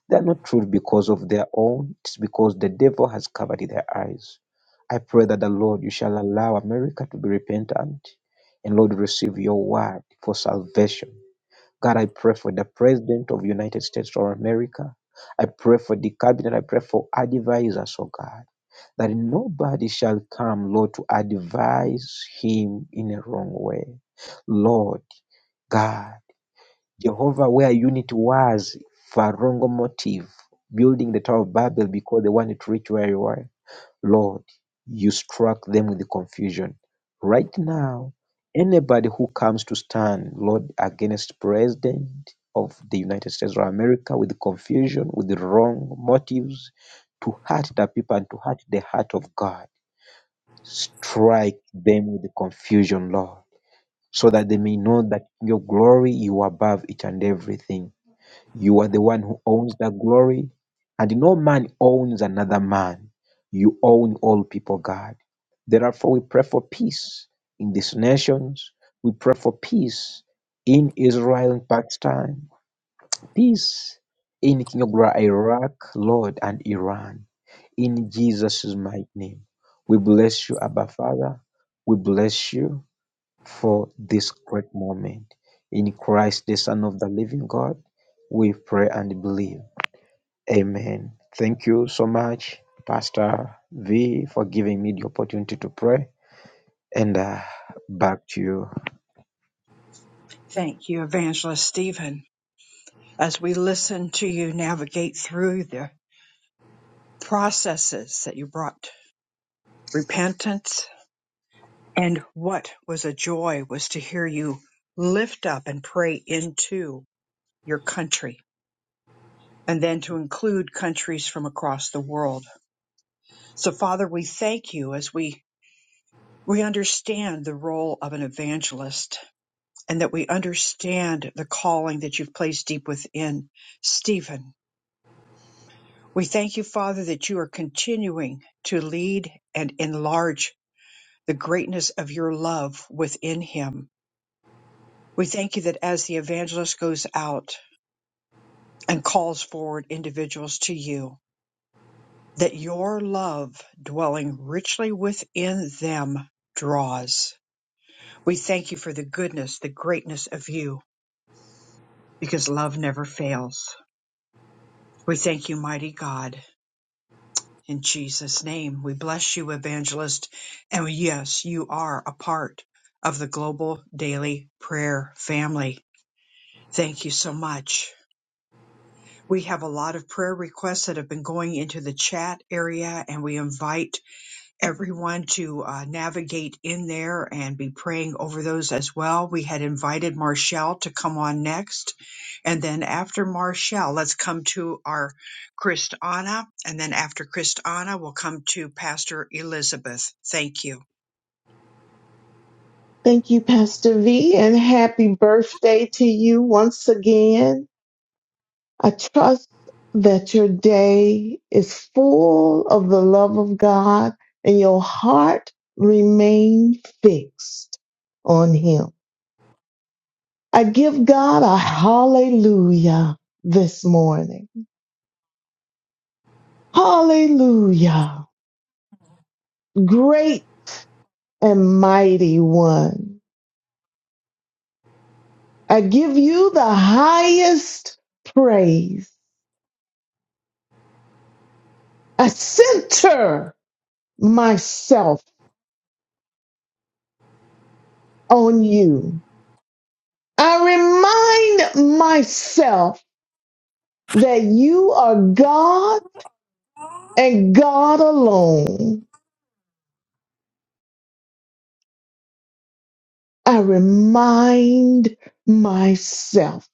they're not rude because of their own, it's because the devil has covered their eyes. I pray that the Lord, you shall allow America to be repentant and Lord, receive your word for salvation. God, I pray for the President of United States of America. I pray for the cabinet. I pray for advisors, oh God, that nobody shall come, Lord, to advise him in a wrong way. Lord, God, Jehovah, where unit was for a wrong motive, building the Tower of Babel because they wanted to reach where you were. Lord, you struck them with confusion. Right now, anybody who comes to stand, Lord, against President of the United States of America with confusion, with the wrong motives, to hurt the people and to hurt the heart of God, strike them with confusion, Lord, so that they may know that your glory, you are above each and everything. You are the one who owns that glory, and no man owns another man. You own all people, God. Therefore, we pray for peace in these nations. We pray for peace in Israel and Pakistan, peace in Kingdom of Iraq, Lord, and Iran. In Jesus' mighty name, we bless you, Abba Father. We bless you for this great moment. In Christ, the Son of the living God, we pray and believe. Amen. Thank you so much, Pastor V, for giving me the opportunity to pray. And uh, back to you.
Thank you, Evangelist Stephen, as we listen to you navigate through the processes that you brought repentance and what was a joy was to hear you lift up and pray into your country and then to include countries from across the world. So Father, we thank you as we we understand the role of an evangelist and that we understand the calling that you've placed deep within Stephen. We thank you, Father, that you are continuing to lead and enlarge the greatness of your love within him. We thank you that as the evangelist goes out and calls forward individuals to you, that your love dwelling richly within them draws. We thank you for the goodness, the greatness of you. because love never fails. We thank you, mighty God. In Jesus' name, we bless you, evangelist. And yes, you are a part of the global daily prayer family. Thank you so much. We have a lot of prayer requests that have been going into the chat area, and we invite everyone to uh, navigate in there and be praying over those as well. We had invited Marshall to come on next. And then after Marshall, let's come to our Christana. And then after Christana, we'll come to Pastor Elizabeth. Thank you.
Thank you, Pastor V, and happy birthday to you once again. I trust that your day is full of the love of God and your heart remain fixed on Him. I give God a hallelujah this morning. Hallelujah. Great and mighty one. I give you the highest praise. A center myself on you. I remind myself that you are God and God alone. I remind myself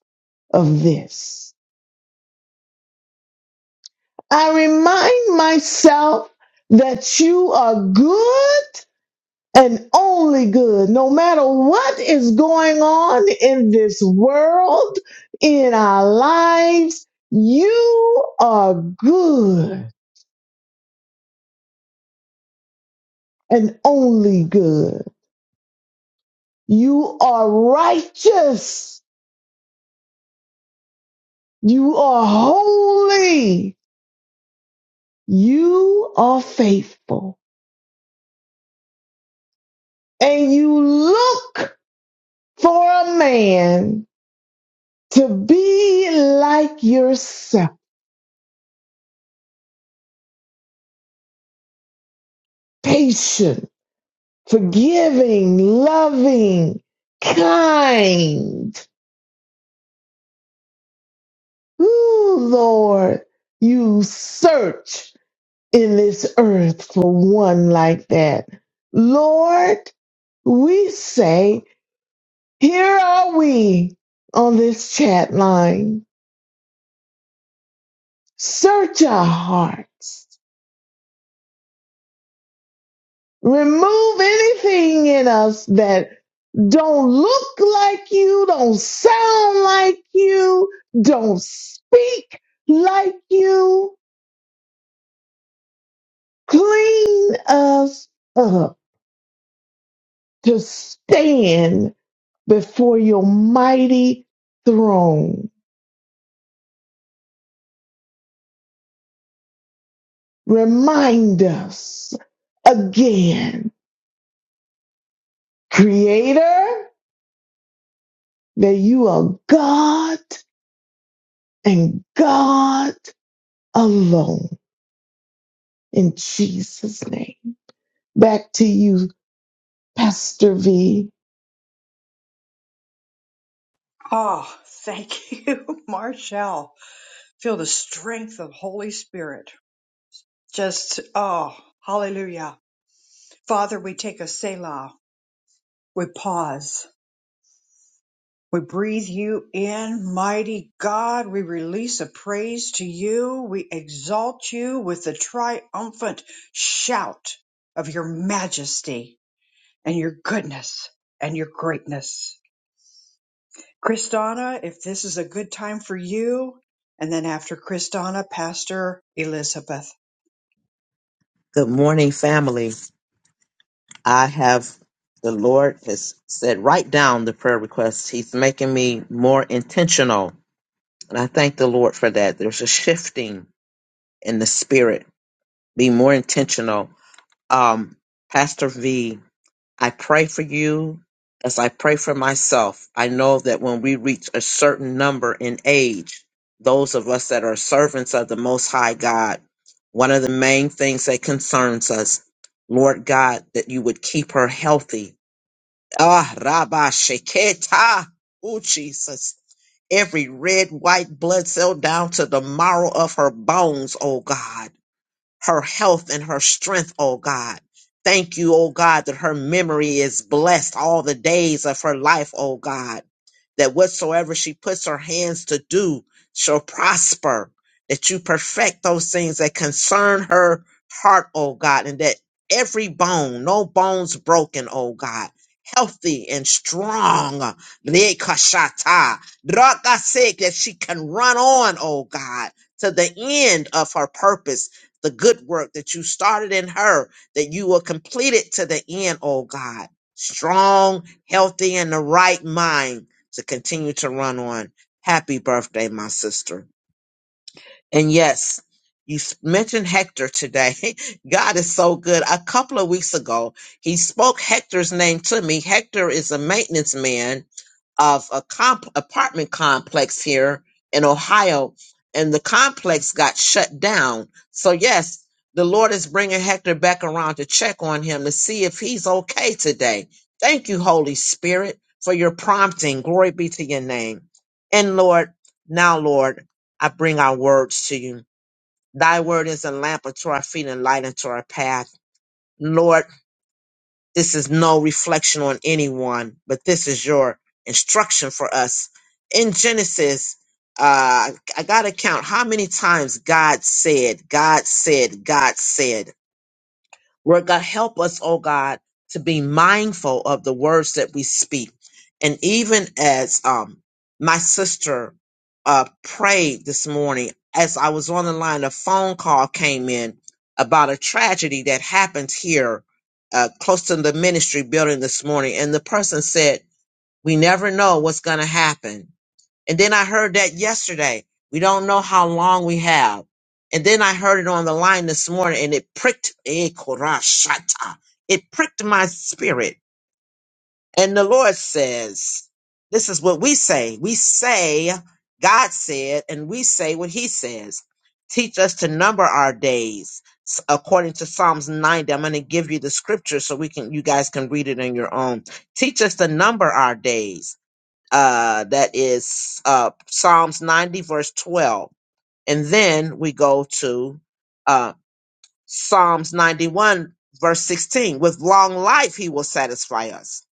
of this. I remind myself that you are good and only good, no matter what is going on in this world, in our lives. You are good and only good. You are righteous. You are holy. You are faithful. And you look for a man to be like yourself, patient, forgiving, loving, kind. Ooh, Lord, you search in this earth for one like that. Lord, We say, Here are we on this chat line. Search our hearts. Remove anything in us that don't look like you, don't sound like you, don't speak like you. Clean us up to stand before your mighty throne. Remind us again creator, that you are God and God alone. In Jesus' name. Back to you, Pastor V.
Oh, thank you, Marshall. Feel the strength of Holy Spirit. Just, oh, hallelujah. Father, we take a Selah. We pause We breathe you in, mighty God. We release a praise to you. We exalt you with the triumphant shout of your majesty and your goodness and your greatness. Kristana, if this is a good time for you, and then after Kristana, Pastor Elizabeth.
Good morning, family. I have the Lord has said, write down the prayer requests. He's making me more intentional. And I thank the Lord for that. There's a shifting in the spirit. Be more intentional. Um, Pastor V I pray for you as I pray for myself. I know that when we reach a certain number in age, those of us that are servants of the Most High God, one of the main things that concerns us, Lord God, that you would keep her healthy. Ah, Rabba Sheketa. Oh, Jesus. Every red, white blood cell down to the marrow of her bones, oh God her health and her strength, oh God. Thank you, oh God, that her memory is blessed all the days of her life, oh God. That whatsoever she puts her hands to do shall prosper. That you perfect those things that concern her heart, oh God, and that every bone, no bones broken, oh God. Healthy and strong, Lekashata. Drakasek, that she can run on, oh God, to the end of her purpose the good work that you started in her, that you will complete it to the end, oh God. Strong, healthy, and the right mind to continue to run on. Happy birthday, my sister. And yes, you s- mentioned Hector today. God is so good. A couple of weeks ago, he spoke Hector's name to me. Hector is a maintenance man of a comp- apartment complex here in Ohio, and the complex got shut down. So yes, the Lord is bringing Hector back around to check on him to see if he's okay today. Thank you, Holy Spirit, for your prompting. Glory be to your name. And Lord, now Lord, I bring our words to you. Thy word is a lamp unto our feet and light unto our path. Lord, this is no reflection on anyone, but this is your instruction for us. In Genesis, uh, I got to count how many times God said, God said, God said. Lord God, help us, oh God, to be mindful of the words that we speak. And even as um, my sister uh, prayed this morning, as I was on the line, a phone call came in about a tragedy that happened here uh, close to the ministry building this morning. And the person said, We never know what's going to happen and then I heard that yesterday. We don't know how long we have. And then I heard it on the line this morning and it pricked, eh, korashata. it pricked my spirit. And the Lord says, this is what we say. We say God said, and we say what he says. Teach us to number our days s- according to Psalms 90. I'm going to give you the scripture so we can, you guys can read it on your own. Teach us to number our days uh, that is uh, Psalms 90, verse 12. And then we go to uh, Psalms 91, verse 16. With long life, he will satisfy us.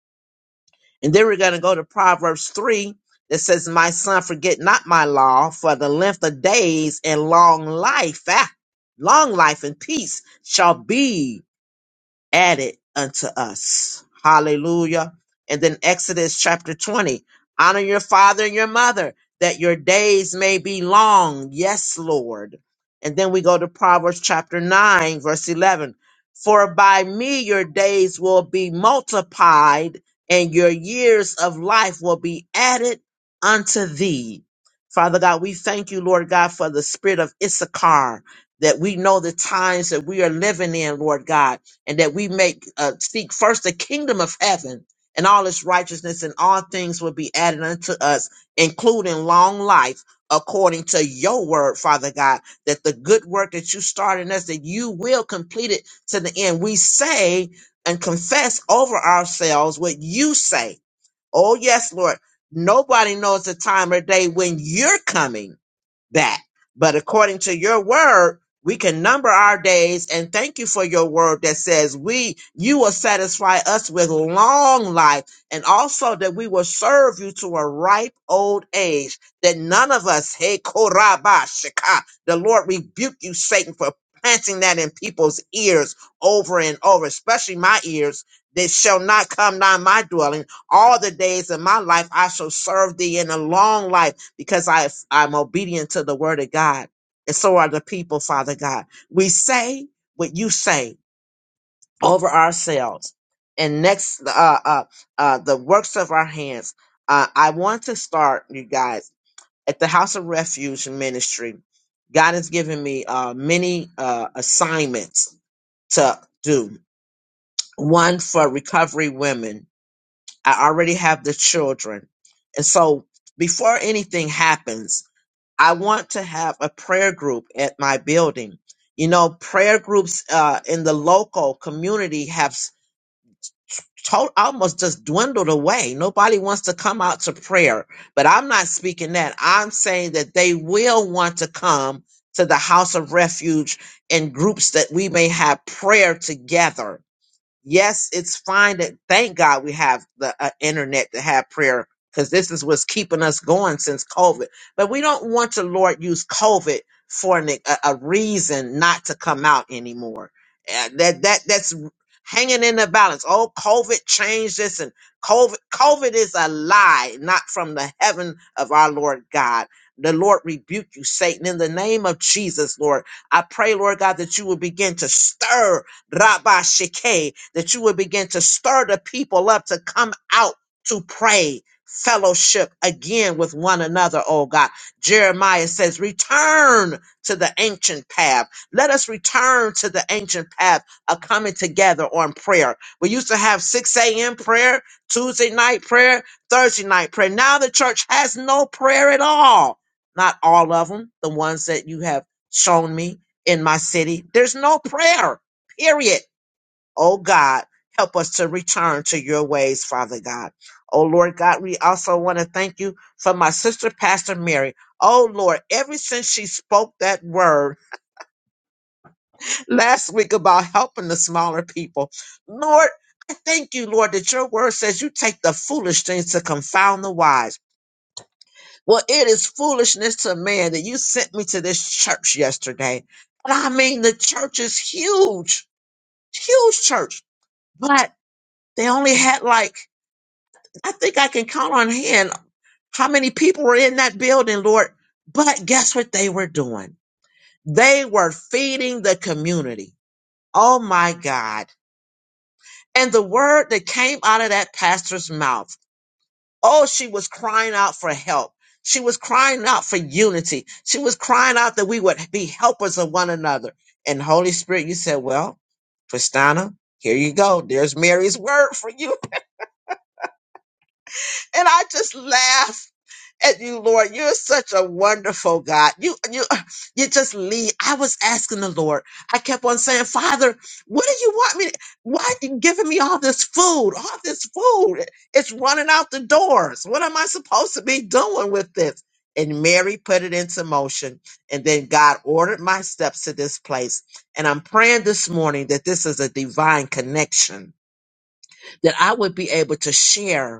And then we're going to go to Proverbs 3 that says, My son, forget not my law, for the length of days and long life, ah, long life and peace shall be added unto us. Hallelujah. And then Exodus chapter 20 honor your father and your mother that your days may be long. Yes, Lord. And then we go to Proverbs chapter 9, verse 11. For by me your days will be multiplied and your years of life will be added unto thee. Father God, we thank you, Lord God, for the spirit of Issachar that we know the times that we are living in, Lord God and that we make uh, seek first the kingdom of heaven and all its righteousness and all things will be added unto us including long life according to your word father god that the good work that you started in us that you will complete it to the end we say and confess over ourselves what you say oh yes lord nobody knows the time or day when you're coming that. But according to your word, we can number our days and thank you for your word that says we you will satisfy us with long life and also that we will serve you to a ripe old age that none of us hey koraba shika the lord rebuke you satan for planting that in people's ears over and over especially my ears that shall not come nigh my dwelling all the days of my life i shall serve thee in a long life because I, I'm obedient to the word of God. And so are the people, Father God. We say what you say over ourselves and next, uh, uh, uh, the works of our hands. Uh, I want to start, you guys, at the House of Refuge Ministry. God has given me uh, many uh, assignments to do. One for recovery women. I already have the children. And so before anything happens, I want to have a prayer group at my building. You know, prayer groups uh, in the local community have s- to- almost just dwindled away. Nobody wants to come out to prayer. But I'm not speaking that. I'm saying that they will want to come to the house of refuge in groups that we may have prayer together yes, it's fine that thank God we have the uh, internet to have prayer because this is what's keeping us going since COVID. But we don't want to, Lord, use COVID for an, a, a reason not to come out anymore. Uh, that that that's hanging in the balance. Oh, COVID changed this, and COVID COVID is a lie, not from the heaven of our Lord God. The Lord rebuke you, Satan, in the name of Jesus, Lord. I pray, Lord God, that you will begin to stir Rabba Sheke, that you would begin to stir the people up to come out to pray, fellowship again with one another, oh God. Jeremiah says, return to the ancient path. Let us return to the ancient path of coming together on prayer. We used to have 6 a.m. prayer, Tuesday night prayer, Thursday night prayer. Now the church has no prayer at all. Not all of them, the ones that you have shown me in my city. There's no prayer period. Oh God, help us to return to your ways, Father God. Oh Lord God, we also want to thank you for my sister, Pastor Mary. Oh Lord, ever since she spoke that word last week about helping the smaller people, Lord, I thank you, Lord, that your word says you take the foolish things to confound the wise. Well, it is foolishness to man that you sent me to this church yesterday. And I mean, the church is huge, huge church. but. They only had like, I think I can count on hand how many people were in that building, Lord. But guess what they were doing? They were feeding the community. Oh my God. And the word that came out of that pastor's mouth. Oh, she was crying out for help. She was crying out for unity. She was crying out that we would be helpers of one another. And Holy Spirit, you said, well, Christina, here you go. There's Mary's word for you. And I just laughed at you, Lord. You're such a wonderful God. You, you, you just lead. I was asking the Lord. I kept on saying, Father, what do you want me? To, why are you giving me all this food? All this food. It's running out the doors. What am I supposed to be doing with this? And Mary put it into motion. And then God ordered my steps to this place. And I'm praying this morning that this is a divine connection, that I would be able to share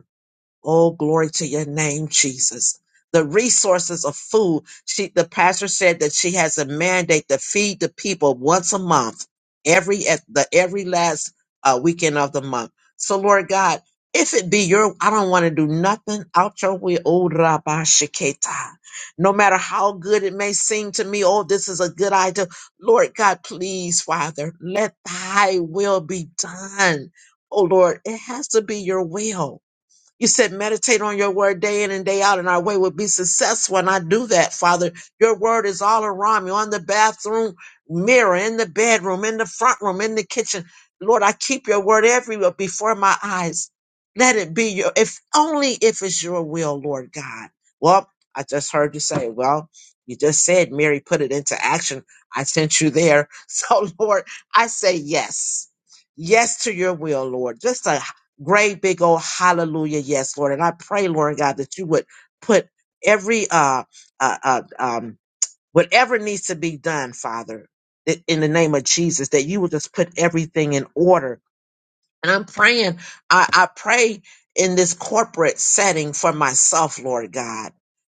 Oh, glory to your name, Jesus. The resources of food. She, the pastor said that she has a mandate to feed the people once a month, every at the every last uh, weekend of the month. So, Lord God, if it be your, I don't want to do nothing out your way. Oh, Rabbi Sheketa. No matter how good it may seem to me, oh, this is a good idea. Lord God, please, Father, let thy will be done. Oh, Lord, it has to be your will you said, meditate on your word day in and day out, and our way will be successful. And I do that, Father. Your word is all around me on the bathroom mirror, in the bedroom, in the front room, in the kitchen. Lord, I keep your word everywhere before my eyes. Let it be your, if only if it's your will, Lord God. Well, I just heard you say, well, you just said Mary put it into action. I sent you there. So, Lord, I say yes. Yes to your will, Lord. Just a great big old hallelujah yes lord and i pray lord god that you would put every uh uh, uh um whatever needs to be done father i- in the name of jesus that you would just put everything in order and i'm praying i i pray in this corporate setting for myself lord god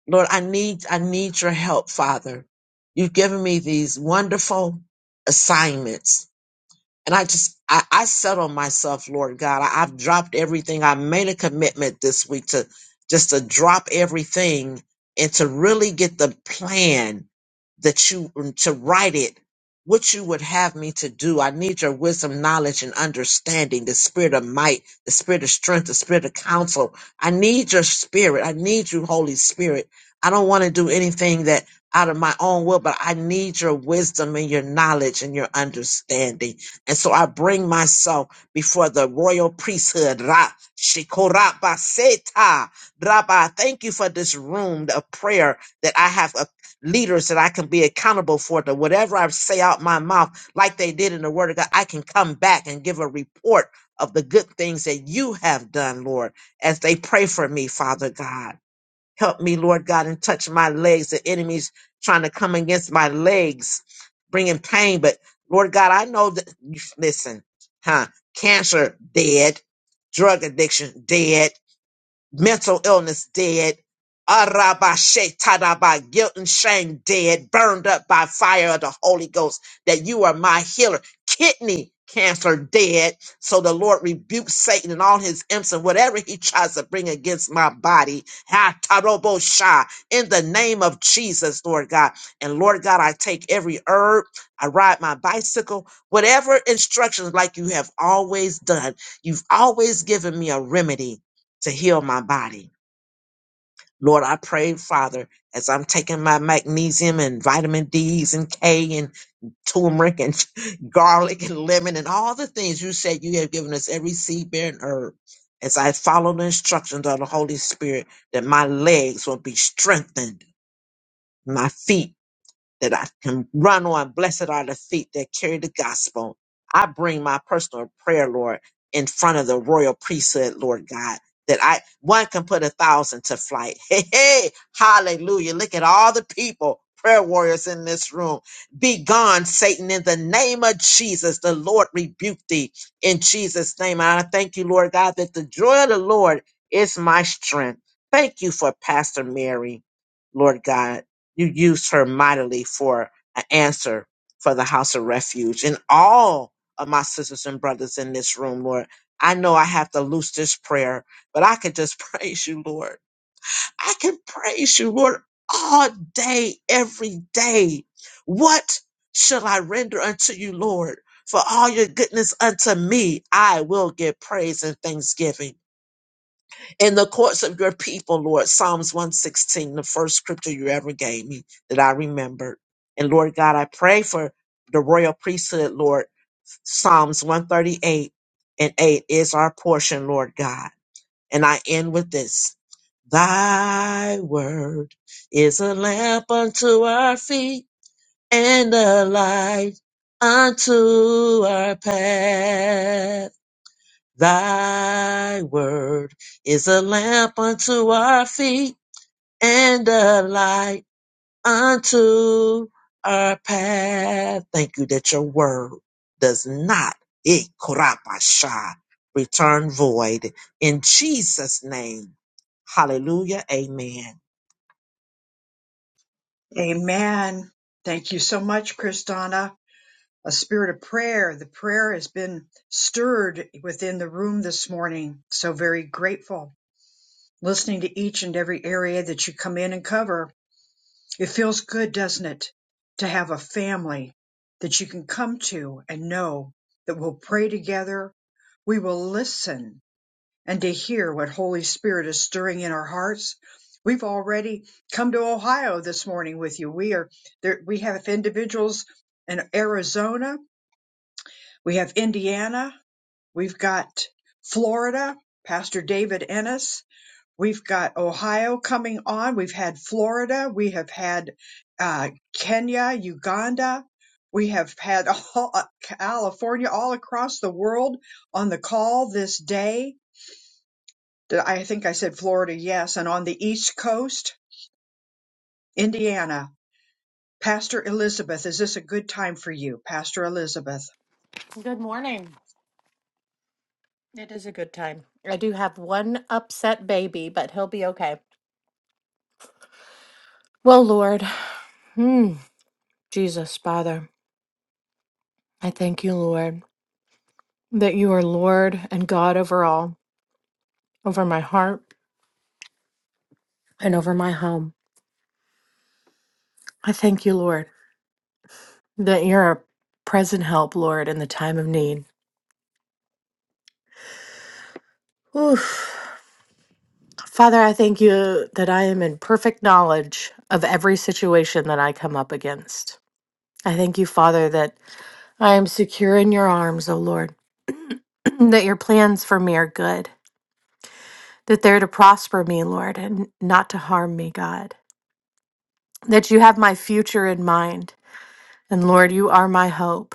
lord i need i need your help father you've given me these wonderful assignments and I just, I, I settle myself, Lord God. I, I've dropped everything. I made a commitment this week to just to drop everything and to really get the plan that you to write it what you would have me to do i need your wisdom knowledge and understanding the spirit of might the spirit of strength the spirit of counsel i need your spirit i need you holy spirit i don't want to do anything that out of my own will but i need your wisdom and your knowledge and your understanding and so i bring myself before the royal priesthood Ra Shikorabaseta. Rabba, thank you for this room of prayer that I have leaders that I can be accountable for, that whatever I say out my mouth, like they did in the Word of God, I can come back and give a report of the good things that you have done, Lord, as they pray for me, Father God. Help me, Lord God, and touch my legs. The enemy's trying to come against my legs, bringing pain. But Lord God, I know that, listen, huh? Cancer, dead. Drug addiction, dead mental illness dead, Arabashetadaba, guilt and shame dead, burned up by fire of the Holy Ghost, that you are my healer, kidney cancer dead. So the Lord rebukes Satan and all his imps and whatever he tries to bring against my body. Ha tarobo sha, in the name of Jesus, Lord God. And Lord God, I take every herb, I ride my bicycle, whatever instructions like you have always done. You've always given me a remedy to heal my body. Lord, I pray, Father, as I'm taking my magnesium and vitamin D's and K and turmeric and garlic and lemon and all the things you said you have given us every seed bearing herb. As I follow the instructions of the Holy Spirit, that my legs will be strengthened, my feet that I can run on. Blessed are the feet that carry the gospel. I bring my personal prayer, Lord, in front of the royal priesthood, Lord God, that I one can put a thousand to flight. Hey, hey, hallelujah. Look at all the people, prayer warriors in this room. Be gone, Satan, in the name of Jesus. The Lord rebuke thee in Jesus' name. And I thank you, Lord God, that the joy of the Lord is my strength. Thank you for Pastor Mary, Lord God. You used her mightily for an answer for the house of refuge. And all of my sisters and brothers in this room, Lord, I know I have to loose this prayer, but I can just praise you, Lord. I can praise you, Lord, all day, every day. What shall I render unto you, Lord? For all your goodness unto me, I will give praise and thanksgiving in the courts of your people, Lord. Psalms 116, the first scripture you ever gave me that I remembered. And Lord God, I pray for the royal priesthood, Lord. Psalms 138 and 8 is our portion, Lord God. And I end with this. Thy word is a lamp unto our feet and a light unto our path. Thy word is a lamp unto our feet and a light unto our path. Thank you that your word does not eh, korabasha, return void. In Jesus' name, hallelujah, amen.
Amen. Thank you so much, Kristana. A spirit of prayer. The prayer has been stirred within the room this morning. So very grateful. listening to each and every area that you come in and cover. It feels good, doesn't it, to have a family that you can come to and know that we'll pray together, we will listen, and to hear what Holy Spirit is stirring in our hearts. We've already come to Ohio this morning with you. We are there. We have individuals in Arizona. We have Indiana. We've got Florida. Pastor David Ennis. We've got Ohio coming on. We've had Florida. We have had uh, Kenya, Uganda. We have had all, uh, California, all across the world on the call this day. Did- I think I said Florida, yes. And on the East Coast, Indiana. Pastor Elizabeth, is this a good time for you, Pastor Elizabeth?
Good morning. It is a good time. I do have one upset baby, but he'll be okay. Well, Lord, hmm, Jesus, Father, I thank you, Lord, that you are Lord and God over all, over my heart and over my home. I thank you, Lord, that you're a present help, Lord, in the time of need. Oof. Father, I thank you that I am in perfect knowledge of every situation that I come up against. I thank you, Father, that I am secure in your arms, O Lord. that your plans for me are good, that they're to prosper me, Lord, and not to harm me, God, that you have my future in mind. And Lord, you are my hope.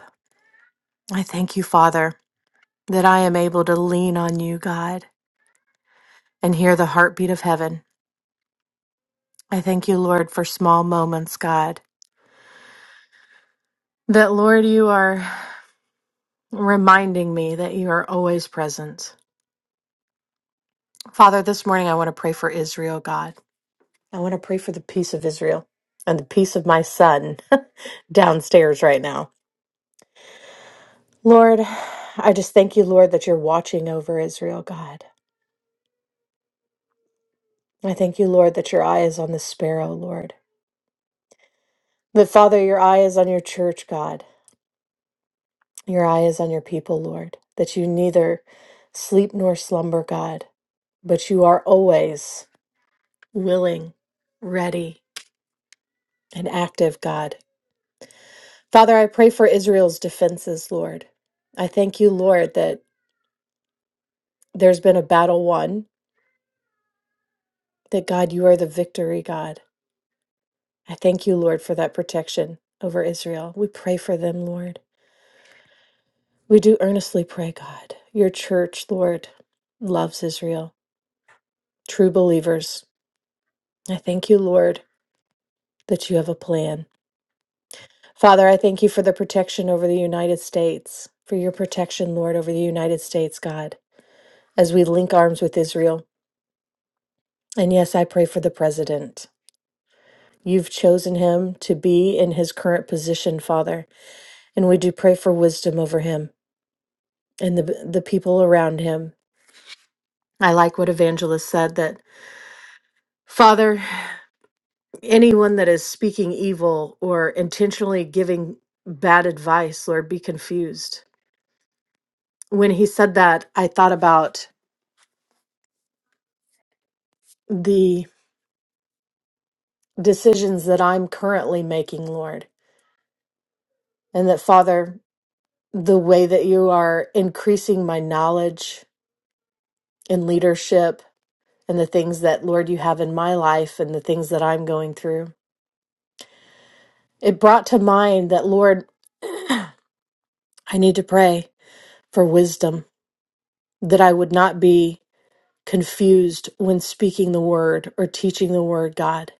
I thank you, Father, that I am able to lean on you, God, and hear the heartbeat of heaven. I thank you, Lord, for small moments, God, that, Lord, you are reminding me that you are always present. Father, this morning I want to pray for Israel, God. I want to pray for the peace of Israel and the peace of my son downstairs right now. Lord, I just thank you, Lord, that you're watching over Israel, God. I thank you, Lord, that your eye is on the sparrow, Lord. That, Father, your eye is on your church, God. Your eye is on your people, Lord. That you neither sleep nor slumber, God, but you are always willing, ready, and active, God. Father, I pray for Israel's defenses, Lord. I thank you, Lord, that there's been a battle won, that God, you are the victory God. I thank you, Lord, for that protection over Israel. We pray for them, Lord. We do earnestly pray, God. Your church, Lord, loves Israel, true believers. I thank you, Lord, that you have a plan. Father, I thank you for the protection over the United States, for your protection, Lord, over the United States, God, as we link arms with Israel. And yes, I pray for the president. You've chosen him to be in his current position, Father. And we do pray for wisdom over him and the, the people around him. I like what Evangelist said that, Father, anyone that is speaking evil or intentionally giving bad advice, Lord, be confused. When he said that, I thought about the decisions that I'm currently making, Lord, and that, Father, the way that you are increasing my knowledge and leadership and the things that, Lord, you have in my life and the things that I'm going through. It brought to mind that, Lord, I need to pray for wisdom, that I would not be confused when speaking the word or teaching the word, God.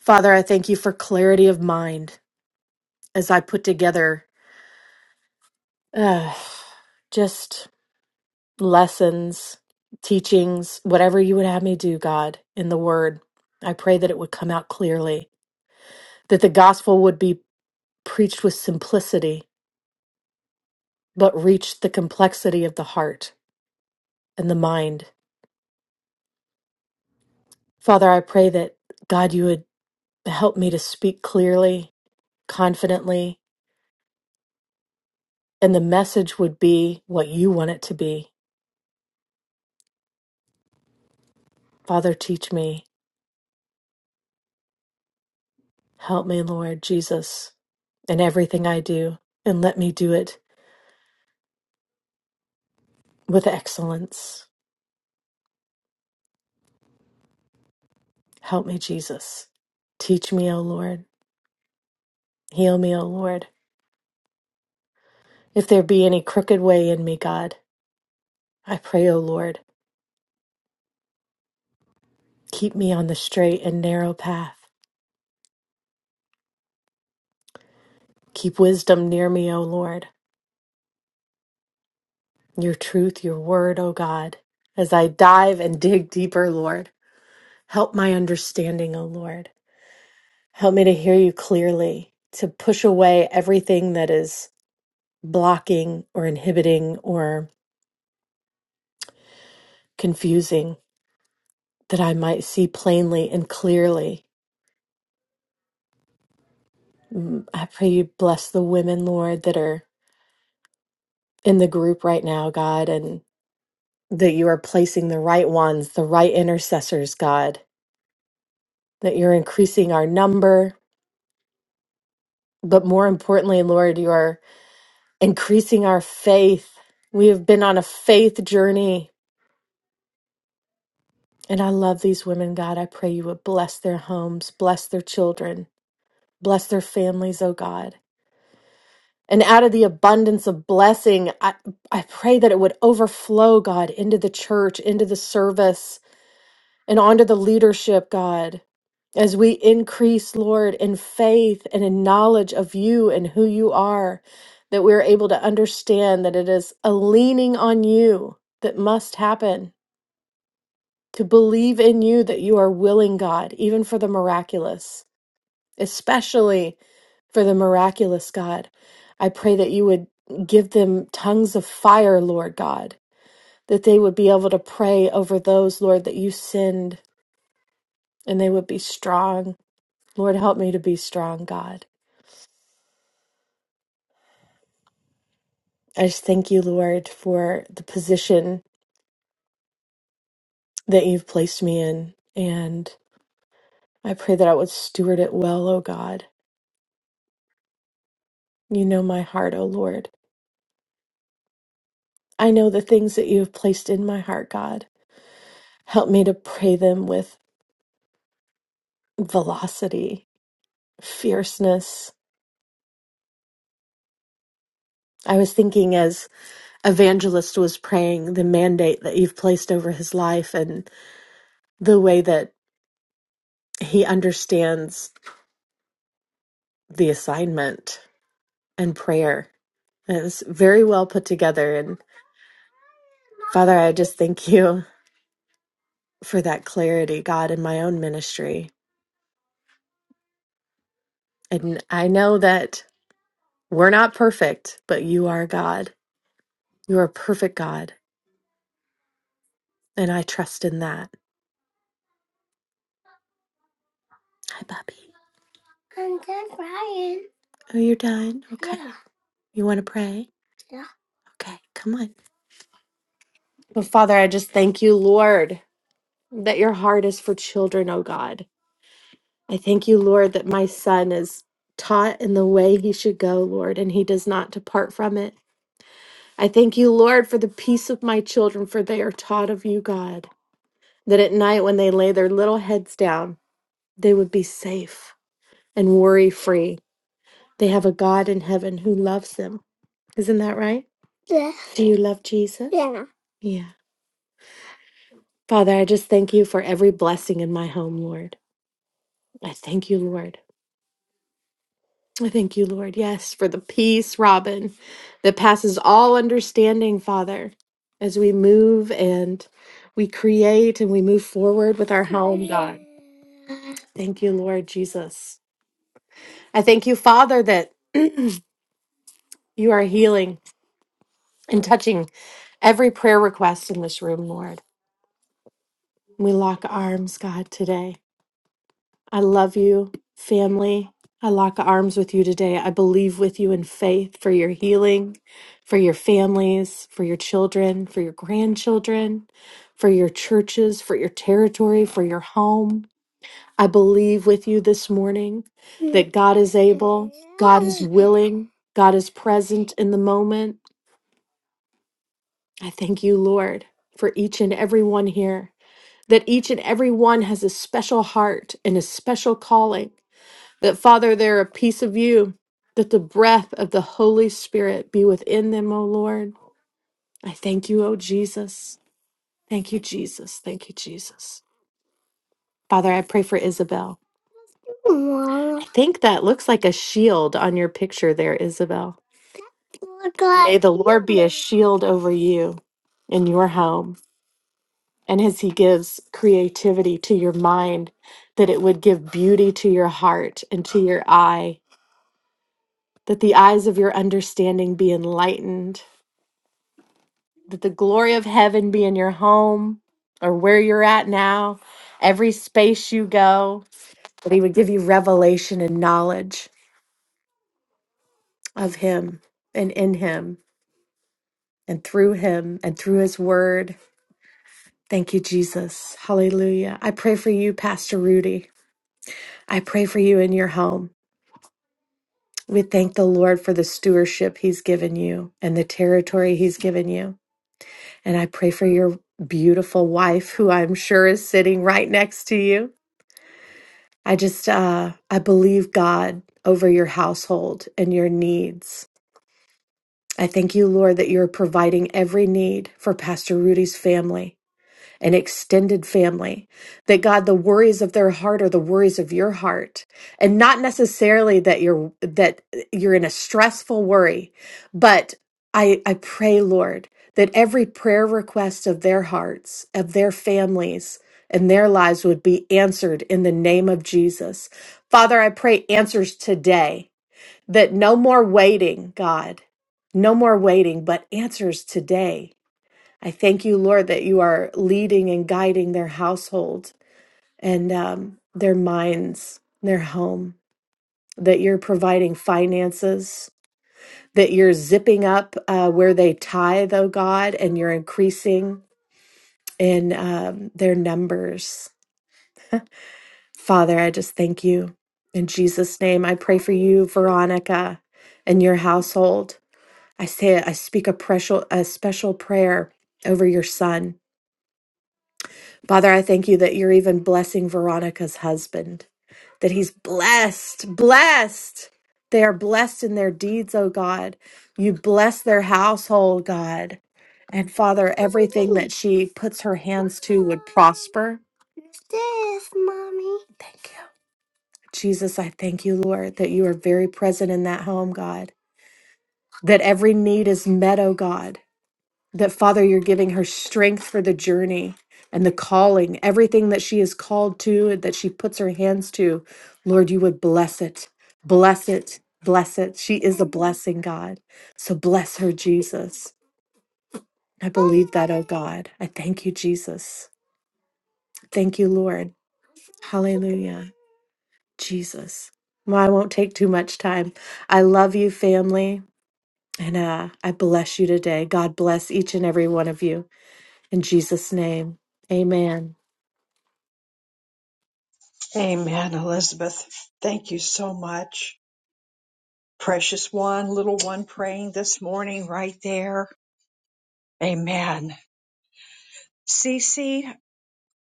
Father, I thank you for clarity of mind as I put together uh, just lessons, teachings, whatever you would have me do, God, in the word. I pray that it would come out clearly, that the gospel would be preached with simplicity, but reach the complexity of the heart and the mind Father, I pray that God, you would help me to speak clearly, confidently, and the message would be what you want it to be. Father, teach me. Help me, Lord Jesus, in everything I do, and let me do it with excellence. Help me, Jesus. Teach me, O Lord. Heal me, O Lord. If there be any crooked way in me, God, I pray, O Lord, keep me on the straight and narrow path. Keep wisdom near me, O Lord. your truth, your word, O God. As I dive and dig deeper, Lord, help my understanding, O Lord. Help me to hear you clearly, to push away everything that is blocking or inhibiting or confusing, that I might see plainly and clearly. Mm, I pray you bless the women, Lord, that are in the group right now, God, and that you are placing the right ones, the right intercessors, God, that you're increasing our number, But more importantly, Lord, you are increasing our faith. We have been on a faith journey. And I love these women, God. I pray you would bless their homes, bless their children, bless their families, oh God. And out of the abundance of blessing, I, I pray that it would overflow, God, into the church, into the service, and onto the leadership, God, as we increase, Lord, in faith and in knowledge of you and who you are, that we're able to understand that it is a leaning on you that must happen, to believe in you that you are willing, God, even for the miraculous, especially for the miraculous, God. I pray that you would give them tongues of fire, Lord God, that they would be able to pray over those, Lord, that you send, and they would be strong Lord, help me to be strong, God. I just thank you, Lord, for the position that you've placed me in. And I pray that I would steward it well, O God. You know my heart, O Lord. I know the things that you have placed in my heart, God. Help me to pray them with velocity, fierceness. I was thinking as Evangelist was praying the mandate that you've placed over his life and the way that he understands the assignment and prayer It was very well put together. And Father, I just thank you for that clarity, God, in my own ministry. And I know that we're not perfect, but you are God. You are a perfect God. And I trust in that. Hi, Bobby. I'm done crying. Oh, you're done? Okay. Yeah. You want to pray? Yeah. Okay, come on. Well, Father, I just thank you, Lord, that your heart is for children, oh God. I thank you, Lord, that my son is taught in the way he should go, Lord, and he does not depart from it. I thank you, Lord, for the peace of my children, for they are taught of you, God, that at night when they lay their little heads down, they would be safe and worry free. They have a God in heaven who loves them. Isn't that right? Yeah. Do you love Jesus? Yeah. Yeah. Father, I just thank you for every blessing in my home, Lord. I thank you, Lord. I thank you, Lord, yes, for the peace, Robin, that passes all understanding, Father, as we move and we create and we move forward with our home, God. Thank you, Lord Jesus. I thank you, Father, that you are healing and touching every prayer request in this room, Lord. We lock arms, God, today. I love you, family. I lock arms with you today. I believe with you in faith for your healing, for your families, for your children, for your grandchildren, for your churches, for your territory, for your home. I believe with you this morning that God is able, God is willing, God is present in the moment. I thank you, Lord, for each and every one here, that each and every one has a special heart and a special calling that, Father, they're a piece of you, that the breath of the Holy Spirit be within them, O Lord. I thank you, O Jesus. Thank you, Jesus. Thank you, Jesus. Father, I pray for Isabel. I think that looks like a shield on your picture there, Isabel. May the Lord be a shield over you in your home. And as He gives creativity to your mind, that it would give beauty to your heart and to your eye that the eyes of your understanding be enlightened, that the glory of heaven be in your home or where you're at now, every space you go, that He would give you revelation and knowledge of Him and in Him and through Him and through His Word. Thank you, Jesus. Hallelujah. I pray for you, Pastor Rudy. I pray for you in your home. We thank the Lord for the stewardship He's given you and the territory He's given you. And I pray for your beautiful wife, who I'm sure is sitting right next to you. I just, uh, I believe God over your household and your needs. I thank you, Lord, that you're providing every need for Pastor Rudy's family an extended family. That God, the worries of their heart are the worries of your heart. And not necessarily that you're that you're in a stressful worry, but I, I pray, Lord, that every prayer request of their hearts, of their families, and their lives would be answered in the name of Jesus. Father, I pray answers today, that no more waiting, God, no more waiting, but answers today I thank you, Lord, that you are leading and guiding their household and um, their minds, their home, that you're providing finances, that you're zipping up uh, where they tithe, oh God, and you're increasing in um, their numbers. Father, I just thank you. In Jesus' name, I pray for you, Veronica, and your household. I say, I speak a, precious, a special prayer over your son Father, I thank you that you're even blessing Veronica's husband, that he's blessed, blessed. They are blessed in their deeds, oh God. You bless their household, God. And Father, everything that she puts her hands to would prosper. this, mommy? Thank you. Jesus, I thank you, Lord, that you are very present in that home, God, that every need is met, oh God that Father, you're giving her strength for the journey and the calling, everything that she is called to, that she puts her hands to. Lord, you would bless it, bless it, bless it. She is a blessing, God. So bless her, Jesus. I believe that, oh God. I thank you, Jesus. Thank you, Lord. Hallelujah, Jesus. Well, I won't take too much time. I love you, family, and uh, I bless you today. God bless each and every one of you. In Jesus' name, amen.
Amen, Elizabeth. Thank you so much. Precious one, little one praying this morning right there. Amen. Cece,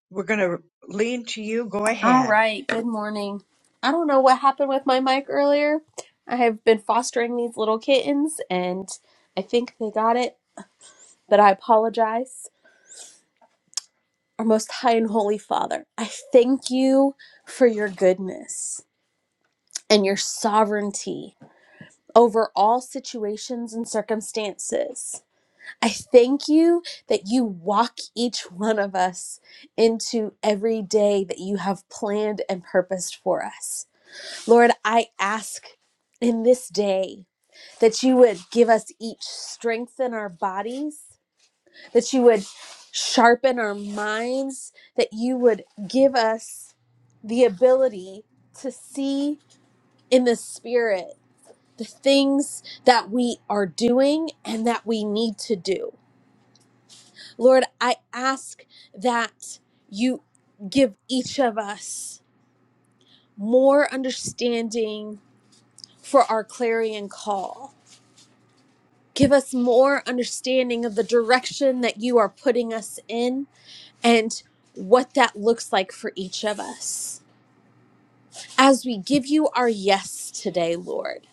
we're going to lean to you. Go ahead.
right, good morning. I don't know what happened with my mic earlier. I have been fostering these little kittens and I think they got it, but I apologize. Our most high and holy Father, I thank you for your goodness and your sovereignty over all situations and circumstances. I thank you that you walk each one of us into every day that you have planned and purposed for us. Lord, I ask in this day that you would give us each strength in our bodies, that you would sharpen our minds, that you would give us the ability to see in the spirit the things that we are doing and that we need to do. Lord, I ask that you give each of us more understanding for our clarion call Give us more understanding of the direction that you are putting us in and what that looks like for each of us. As we give you our yes today, Lord,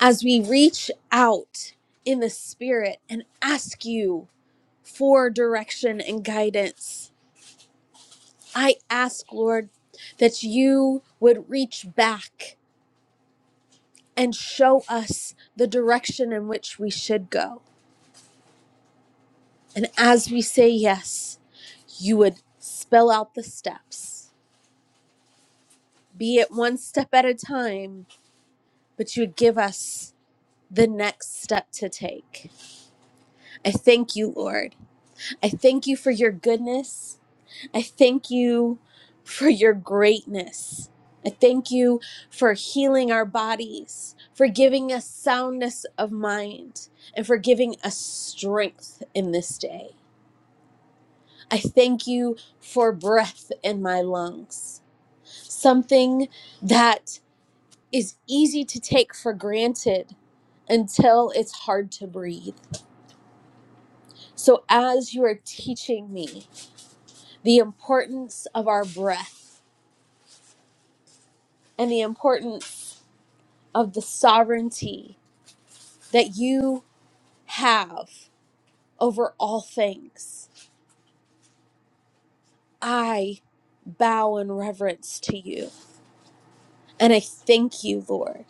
as we reach out in the Spirit and ask you for direction and guidance, I ask, Lord, that you would reach back and show us the direction in which we should go. And as we say yes, you would spell out the steps, be it one step at a time, but you would give us the next step to take. I thank you, Lord. I thank you for your goodness. I thank you for your greatness. I thank you for healing our bodies, for giving us soundness of mind, and for giving us strength in this day. I thank you for breath in my lungs, something that is easy to take for granted until it's hard to breathe. So, as you are teaching me the importance of our breath and the importance of the sovereignty that you have over all things, I bow in reverence to you. And I thank you, Lord.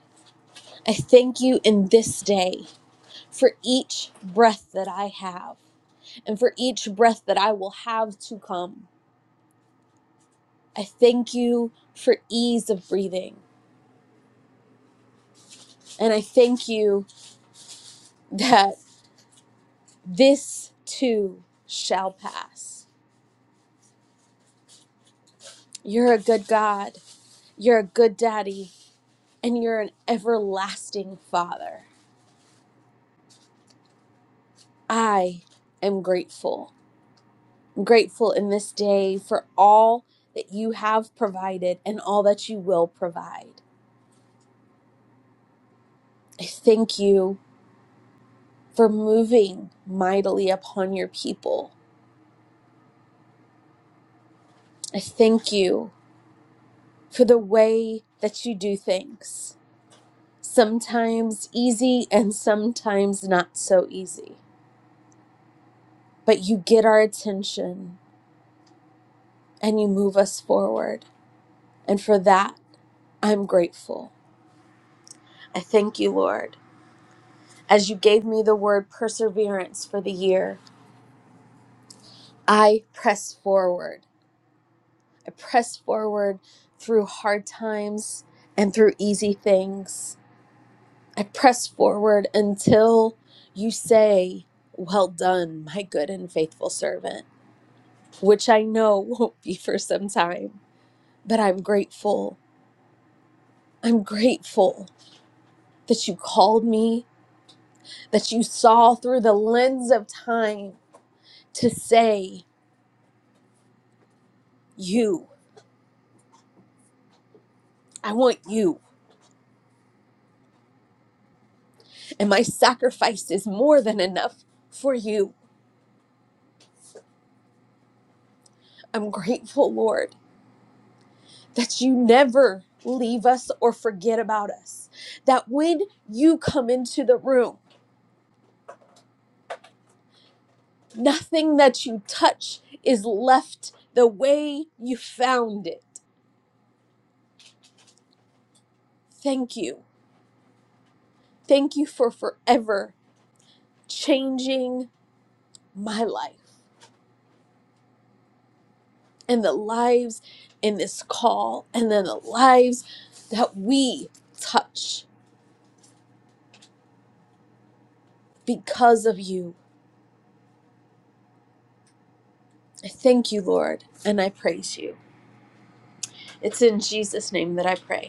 I thank you in this day for each breath that I have and for each breath that I will have to come. I thank you for ease of breathing. And I thank you that this too shall pass. You're a good God. You're a good daddy. And you're an everlasting father. I am grateful. I'm grateful in this day for all that you have provided and all that you will provide. I thank you for moving mightily upon your people. I thank you for the way that you do things. Sometimes easy and sometimes not so easy. But you get our attention and you move us forward. And for that, I'm grateful. I thank you, Lord. As you gave me the word perseverance for the year, I press forward. I press forward through hard times and through easy things. I press forward until you say, Well done, my good and faithful servant, which I know won't be for some time. But I'm grateful. I'm grateful that you called me, that you saw through the lens of time to say, You, I want you, and my sacrifice is more than enough for you. I'm grateful, Lord. that you never leave us or forget about us. That when you come into the room, nothing that you touch is left the way you found it. Thank you. Thank you for forever changing my life and the lives in this call, and then the lives that we touch because of you. I thank you, Lord, and I praise you. It's in Jesus' name that I pray.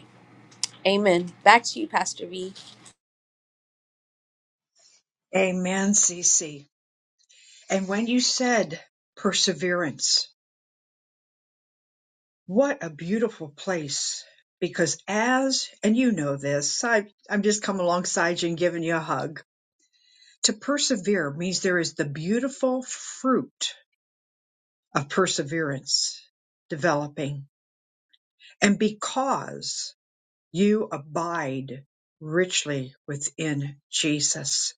Amen. Back to you, Pastor V.
Amen, Cece. And when you said perseverance, what a beautiful place. Because as, and you know this, I, I'm just coming alongside you and giving you a hug. To persevere means there is the beautiful fruit of perseverance developing. And because you abide richly within Jesus.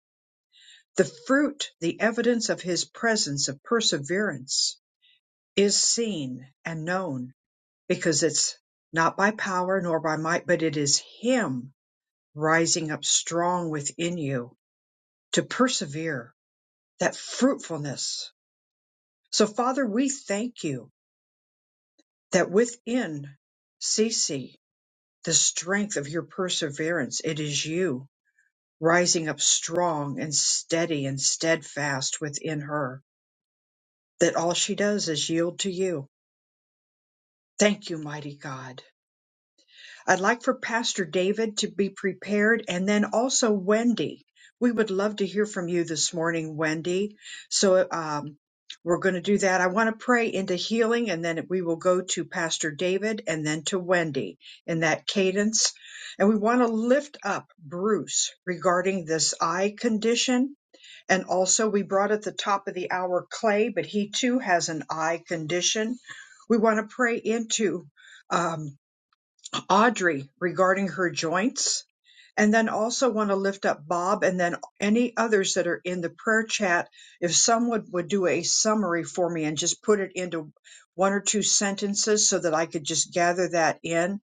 The fruit, the evidence of his presence of perseverance, is seen and known because it's not by power nor by might, but it is him rising up strong within you to persevere that fruitfulness. So, Father, we thank you that within Cece, the strength of your perseverance, it is you rising up strong and steady and steadfast within her, that all she does is yield to you Thank you, mighty God. I'd like for Pastor David to be prepared and then also Wendy. We would love to hear from you this morning, Wendy. So um, we're going to do that. I want to pray into healing and then we will go to Pastor David and then to Wendy in that cadence. And we want to lift up Bruce regarding this eye condition and also, we brought at the top of the hour Clay, but he too has an eye condition. We want to pray into um, Audrey regarding her joints. And then also want to lift up Bob and then any others that are in the prayer chat. If someone would do a summary for me and just put it into one or two sentences so that I could just gather that in.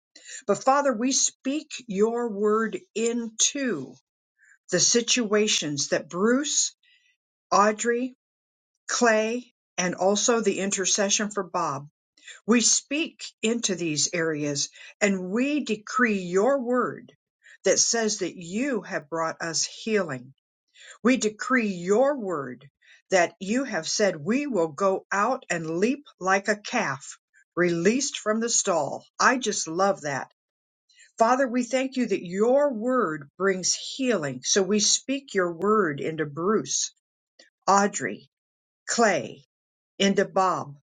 But Father, we speak your word into the situations that Bruce, Audrey, Clay, and also the intercession for Bob. We speak into these areas and we decree your word that says that you have brought us healing. We decree your word that you have said we will go out and leap like a calf released from the stall. I just love that. Father, we thank you that your word brings healing. So we speak your word into Bruce, Audrey, Clay, into Bob.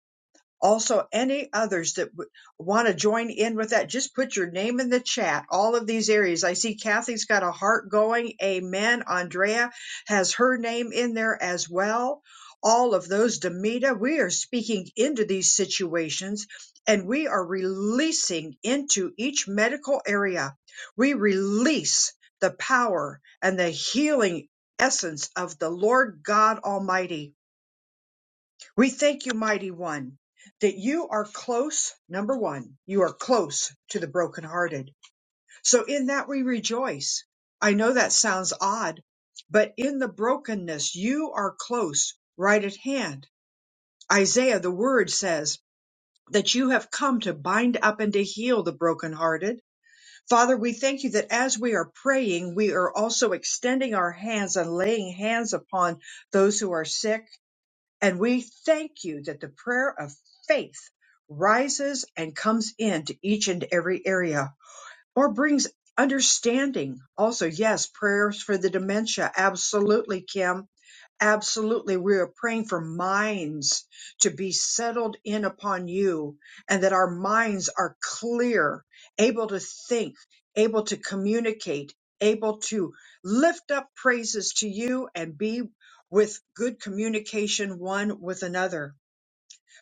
Also, any others that w- want to join in with that, just put your name in the chat. All of these areas. I see Kathy's got a heart going. Amen. Andrea has her name in there as well. All of those, Demita, we are speaking into these situations and we are releasing into each medical area. We release the power and the healing essence of the Lord God Almighty we thank you, mighty one, that you are close. Number one, you are close to the brokenhearted. So in that we rejoice. I know that sounds odd, but in the brokenness, you are close, right at hand. Isaiah, the word says that you have come to bind up and to heal the brokenhearted. Father, we thank you that as we are praying, we are also extending our hands and laying hands upon those who are sick and we thank you that the prayer of faith rises and comes into each and every area or brings understanding. Also, yes, prayers for the dementia. Absolutely, Kim Absolutely. We are praying for minds to be settled in upon you and that our minds are clear, able to think, able to communicate, able to lift up praises to you and be with good communication one with another.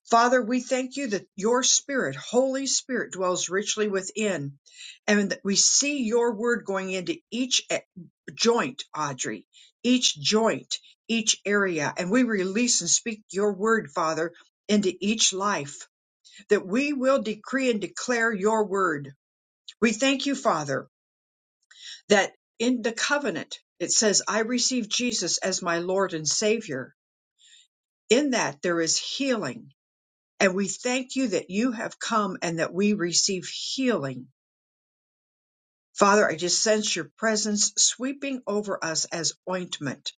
Father, we thank you that your spirit, Holy Spirit, dwells richly within and that we see your word going into each e- joint, Audrey, each joint, each area. And we release and speak your word, Father, into each life that we will decree and declare your word. We thank you, Father, that in the covenant, it says, I receive Jesus as my Lord and Savior. In that there is healing And we thank you that you have come and that we receive healing. Father, I just sense your presence sweeping over us as ointment,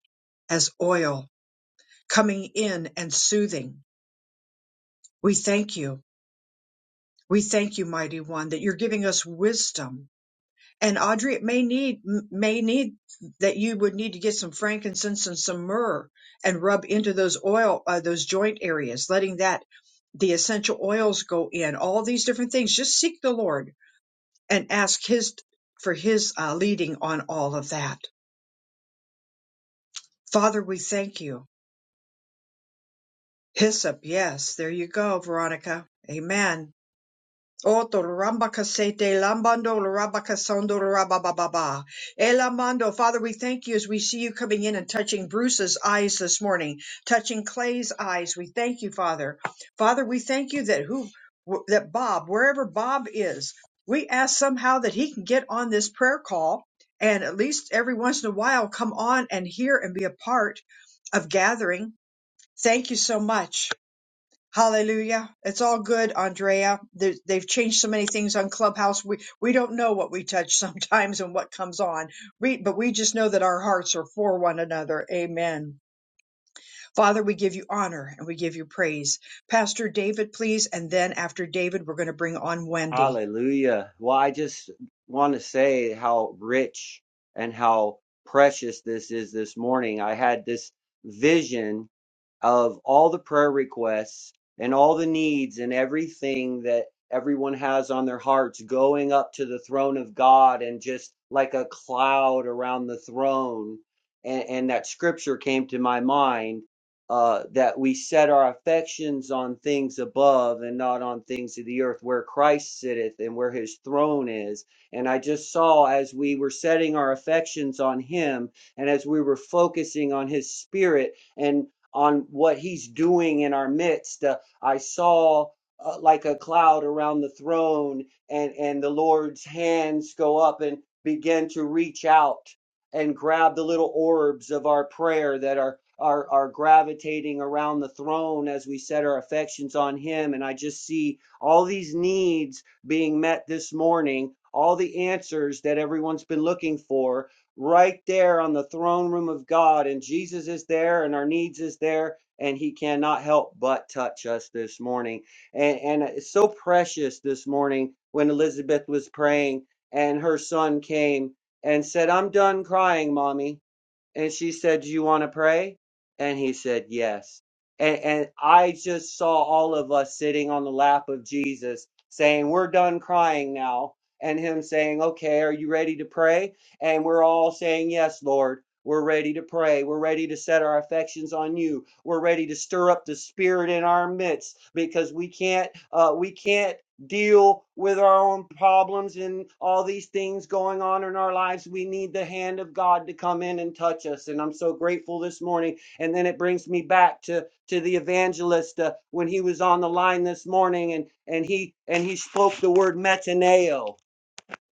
as oil, coming in and soothing. We thank you. We thank you, mighty one, that you're giving us wisdom. And Audrey, it may need, may need that you would need to get some frankincense and some myrrh and rub into those oil, uh, those joint areas, letting that the essential oils go in, all these different things. Just seek the Lord and ask his for his uh, leading on all of that. Father, we thank you. Hyssop, yes, there you go, Veronica. Amen. Oto Rambakasete Lambando Rabakasondo Rabababa. Elamando, Father, we thank you as we see you coming in and touching Bruce's eyes this morning, touching Clay's eyes. We thank you, Father. Father, we thank you that who that Bob, wherever Bob is, we ask somehow that he can get on this prayer call and at least every once in a while come on and hear and be a part of gathering. Thank you so much. Hallelujah. It's all good, Andrea. They- They've changed so many things on Clubhouse. We, we don't know what we touch sometimes and what comes on. We, but we just know that our hearts are for one another. Amen. Father, we give you honor and we give you praise. Pastor David, please. And then after David, we're going to bring on Wendy.
Hallelujah. Well, I just want to say how rich and how precious this is this morning. I had this vision of all the prayer requests and all the needs and everything that everyone has on their hearts going up to the throne of God and just like a cloud around the throne. And, and that scripture came to my mind uh, that we set our affections on things above and not on things of the earth, where Christ sitteth and where his throne is. And I just saw as we were setting our affections on him and as we were focusing on his spirit and on what he's doing in our midst. Uh, I saw uh, like a cloud around the throne and and the Lord's hands go up and begin to reach out and grab the little orbs of our prayer that are are are gravitating around the throne as we set our affections on him and I just see all these needs being met this morning, all the answers that everyone's been looking for right there on the throne room of God. And Jesus is there, and our needs is there, and He cannot help but touch us this morning. And, and it's so precious this morning when Elizabeth was praying and her son came and said, I'm done crying, mommy. And she said, Do you want to pray? And he said, Yes. And, and I just saw all of us sitting on the lap of Jesus saying, We're done crying now. And him saying, Okay, are you ready to pray? And we're all saying, Yes, Lord. We're ready to pray. We're ready to set our affections on you. We're ready to stir up the spirit in our midst because we can't uh, we can't deal with our own problems and all these things going on in our lives. We need the hand of God to come in and touch us. And I'm so grateful this morning. And then it brings me back to to the evangelist uh, when he was on the line this morning and and he and he spoke the word metaneo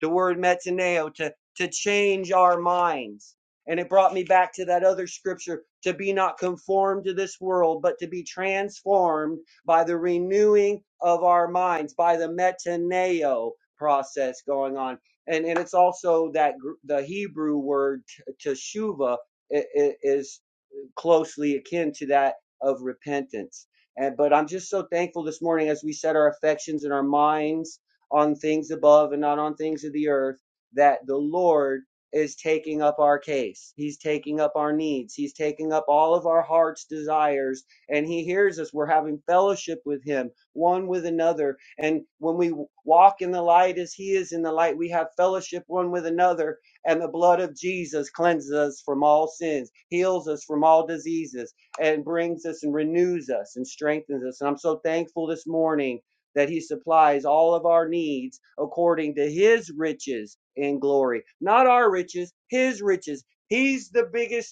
the word metaneo, to, to change our minds. And it brought me back to that other scripture to be not conformed to this world, but to be transformed by the renewing of our minds, by the metaneo process going on. And, and it's also that gr- the Hebrew word t- teshuva i- i- is closely akin to that of repentance. And, but I'm just so thankful this morning as we set our affections and our minds on things above and not on things of the earth that the Lord is taking up our case. He's taking up our needs. He's taking up all of our heart's desires and he hears us. We're having fellowship with him, one with another. And when we walk in the light as he is in the light, we have fellowship one with another and the blood of Jesus cleanses us from all sins, heals us from all diseases, and brings us and renews us and strengthens us. And I'm so thankful this morning that He supplies all of our needs according to His riches in glory, not our riches, His riches. He's the biggest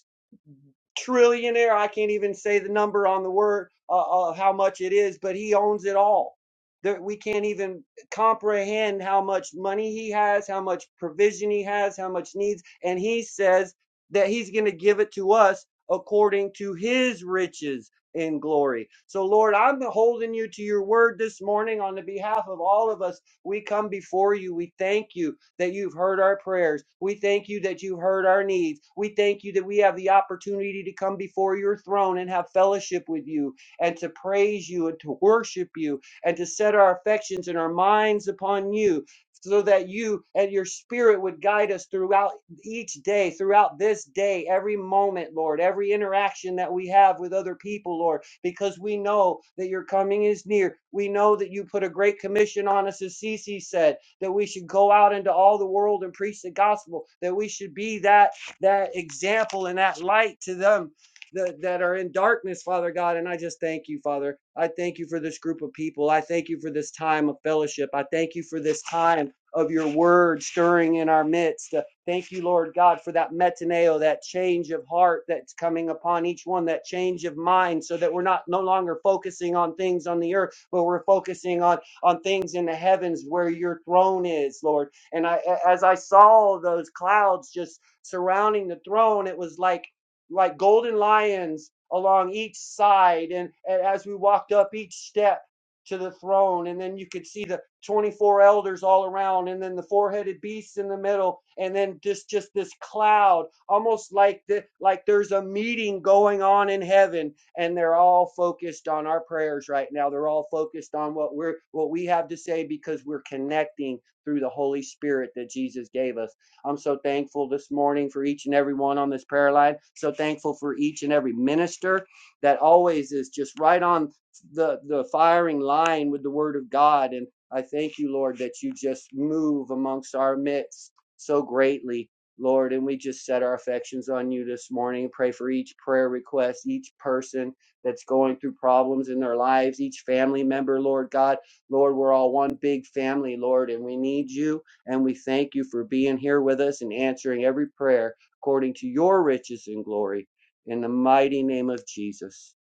trillionaire. I can't even say the number on the word uh, uh, how much it is, but he owns it all. There, we can't even comprehend how much money he has, how much provision he has, how much needs, and he says that he's going to give it to us according to his riches in glory. So Lord, I'm holding you to your word this morning on the behalf of all of us. We come before you. We thank you that you've heard our prayers. We thank you that you heard our needs. We thank you that we have the opportunity to come before your throne and have fellowship with you and to praise you and to worship you and to set our affections and our minds upon you so that you and your spirit would guide us throughout each day, throughout this day, every moment, Lord, every interaction that we have with other people, Lord, because we know that your coming is near. We know that you put a great commission on us, as Cece said that we should go out into all the world and preach the gospel, that we should be that that example and that light to them that, that are in darkness, Father God. And I just thank you, Father. I thank you for this group of people. I thank you for this time of fellowship. I thank you for this time of your word stirring in our midst. Uh, Thank you, Lord God, for that metaneo, that change of heart that's coming upon each one, that change of mind, so that we're not no longer focusing on things on the earth, but we're focusing on on things in the heavens where your throne is, Lord. And I, as I saw those clouds just surrounding the throne, it was like like golden lions along each side. And, and as we walked up each step to the throne, and then you could see the 24 elders all around, and then the four-headed beasts in the middle, and then just just this cloud almost like the, like there's a meeting going on in heaven and they're all focused on our prayers right now they're all focused on what we're what we have to say because we're connecting through the holy spirit that jesus gave us i'm so thankful this morning for each and every one on this prayer line so thankful for each and every minister that always is just right on the the firing line with the word of god and i thank you lord that you just move amongst our midst so greatly Lord, and we just set our affections on you this morning. Pray for each prayer request, each person that's going through problems in their lives, each family member, Lord God. Lord, we're all one big family, Lord, and we need you. And we thank you for being here with us and answering every prayer according to your riches and glory. In the mighty name of Jesus.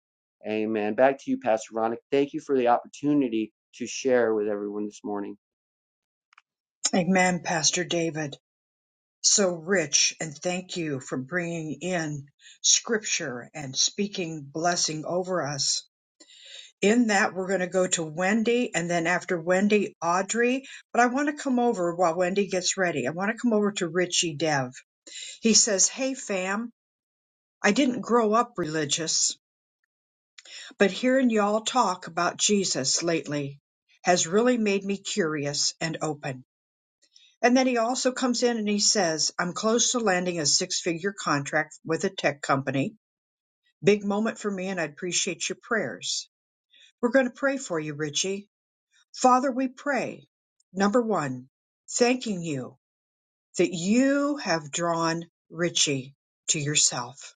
Amen. Back to you, Pastor Ronick. Thank you for the opportunity to share with everyone this morning.
Amen, Pastor David. So rich. And thank you for bringing in scripture and speaking blessing over us. in that, we're going to go to Wendy and then after Wendy, Audrey. But I want to come over while Wendy gets ready. I want to come over to Richie Dev. He says, Hey, fam, I didn't grow up religious, but hearing y'all talk about Jesus lately has really made me curious and open. And then he also comes in and he says, I'm close to landing a six figure contract with a tech company. Big moment for me, and I would appreciate your prayers. We're going to pray for you, Richie. Father, we pray, number one, thanking you that you have drawn Richie to yourself,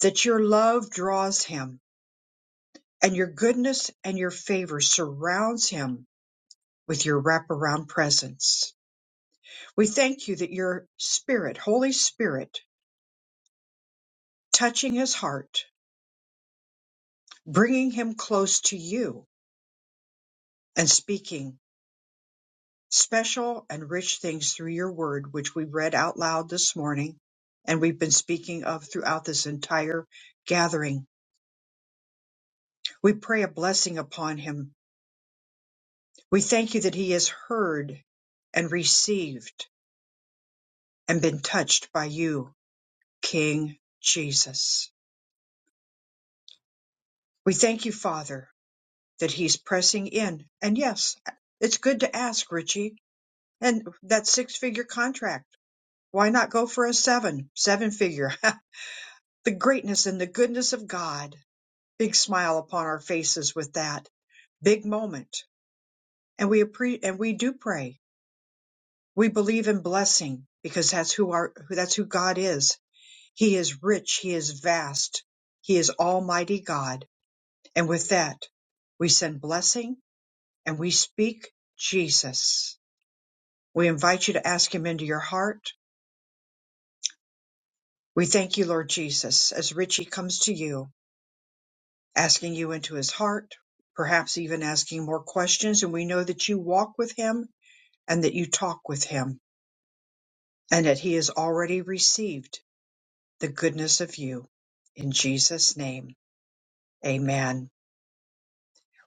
that your love draws him, and your goodness and your favor surrounds him with your wraparound presence. We thank you that your Spirit, Holy Spirit, touching his heart, bringing him close to you, and speaking. special and rich things through your word, which we read out loud this morning and we've been speaking of throughout this entire gathering. We pray a blessing upon him. We thank you that he has heard and received and been touched by you, King Jesus. We thank you, Father, that he's pressing in. And yes, it's good to ask, Richie. And that six figure contract, why not go for a seven, seven figure? the greatness and the goodness of God. Big smile upon our faces with that big moment. And we appre- and we do pray. We believe in blessing because that's who our who- that's who God is. He is rich, he is vast. He is almighty God. And with that, we send blessing and we speak Jesus. We invite you to ask him into your heart. We thank you, Lord Jesus, as Richie comes to you. asking you into his heart, perhaps even asking more questions. And we know that you walk with him and that you talk with him and that he has already received the goodness of you. In Jesus' name, amen.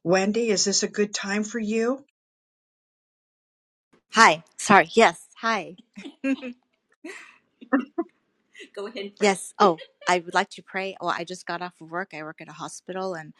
Wendy, is this a good time for you?
Hi. Sorry. Yes. Hi. Go ahead. Yes. Oh, I would like to pray. Well, I just got off of work. I work at a hospital, and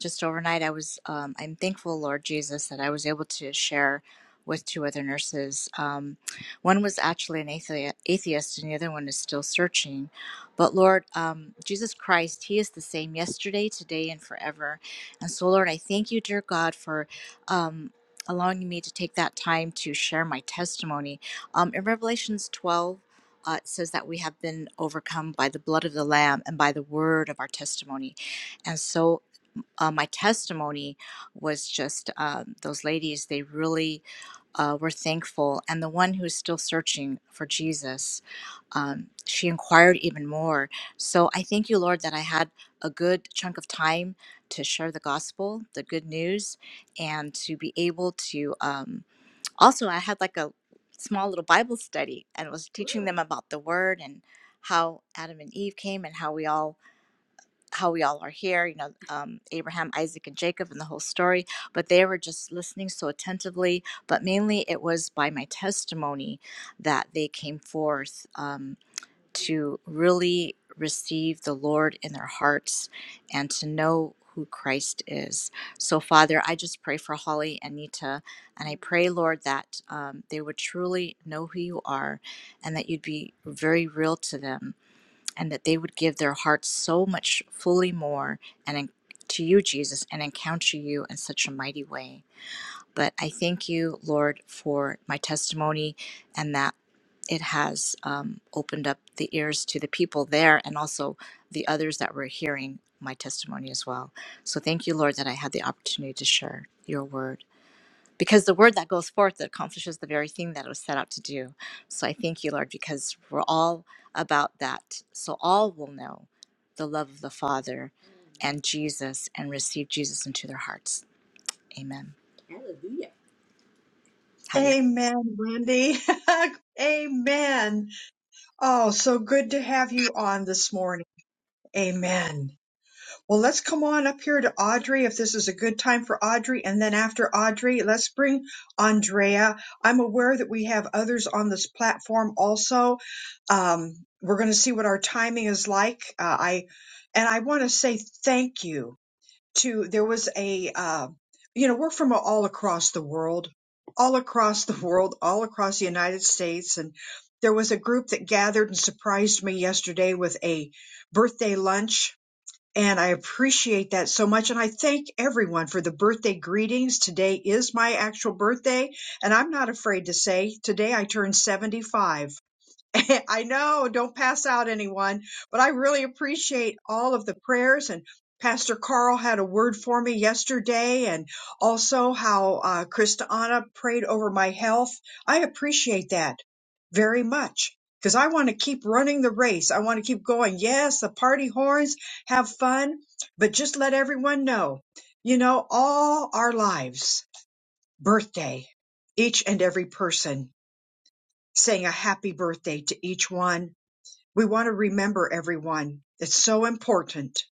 just overnight, I was. Um, I'm thankful, Lord Jesus, that I was able to share with two other nurses. Um, one was actually an athe- atheist, and the other one is still searching. But Lord, um, Jesus Christ, He is the same yesterday, today, and forever. And so, Lord, I thank you, dear God, for. Um, allowing me to take that time to share my testimony um, in revelations 12 uh, it says that we have been overcome by the blood of the Lamb and by the word of our testimony. And so uh, my testimony was just um, those ladies, they really uh, were thankful. And the one who's still searching for Jesus, um, she inquired even more. So I thank you, Lord, that I had a good chunk of time to share the gospel, the good news, and to be able to. Um, also i had like a small little bible study and was teaching them about the word and how adam and eve came and how we all how we all are here you know um, abraham isaac and jacob and the whole story but they were just listening so attentively but mainly it was by my testimony that they came forth Um, to really receive the Lord in their hearts and to know who Christ is. So, Father, I just pray for Holly and Nita, and I pray, Lord, that um, they would truly know who you are and that you'd be very real to them and that they would give their hearts so much fully more and en- to you, Jesus, and encounter you in such a mighty way. But I thank you, Lord, for my testimony and that it has um, opened up the ears to the people there and also the others that were hearing my testimony as well. So thank you, Lord, that I had the opportunity to share your word because the word that goes forth accomplishes the very thing that it was set out to do. So I thank you, Lord, because we're all about that. So all will know the love of the Father and Jesus and receive Jesus into their hearts. Amen. Hallelujah. Hallelujah.
Amen, Wendy. amen. Oh, so good to have you on this morning. Amen. Well, let's come on up here to Audrey if this is a good time for Audrey. And then after Audrey, let's bring Andrea. I'm aware that we have others on this platform also. Um, we're going to see what our timing is like. Uh, I and I want to say thank you to there was a uh, you know we're from all across the world, all across the world, all across the United States, and there was a group that gathered and surprised me yesterday with a birthday lunch and I appreciate that so much. And I thank everyone for the birthday greetings. Today is my actual birthday. And I'm not afraid to say today I turned 75. I know, don't pass out anyone, but I really appreciate all of the prayers and Pastor Carl had a word for me yesterday and also how uh, Christiana prayed over my health. I appreciate that very much because I want to keep running the race. I want to keep going. Yes, the party horns, have fun, but just let everyone know, you know, all our lives, birthday, each and every person saying a happy birthday to each one we want to remember everyone. It's so important.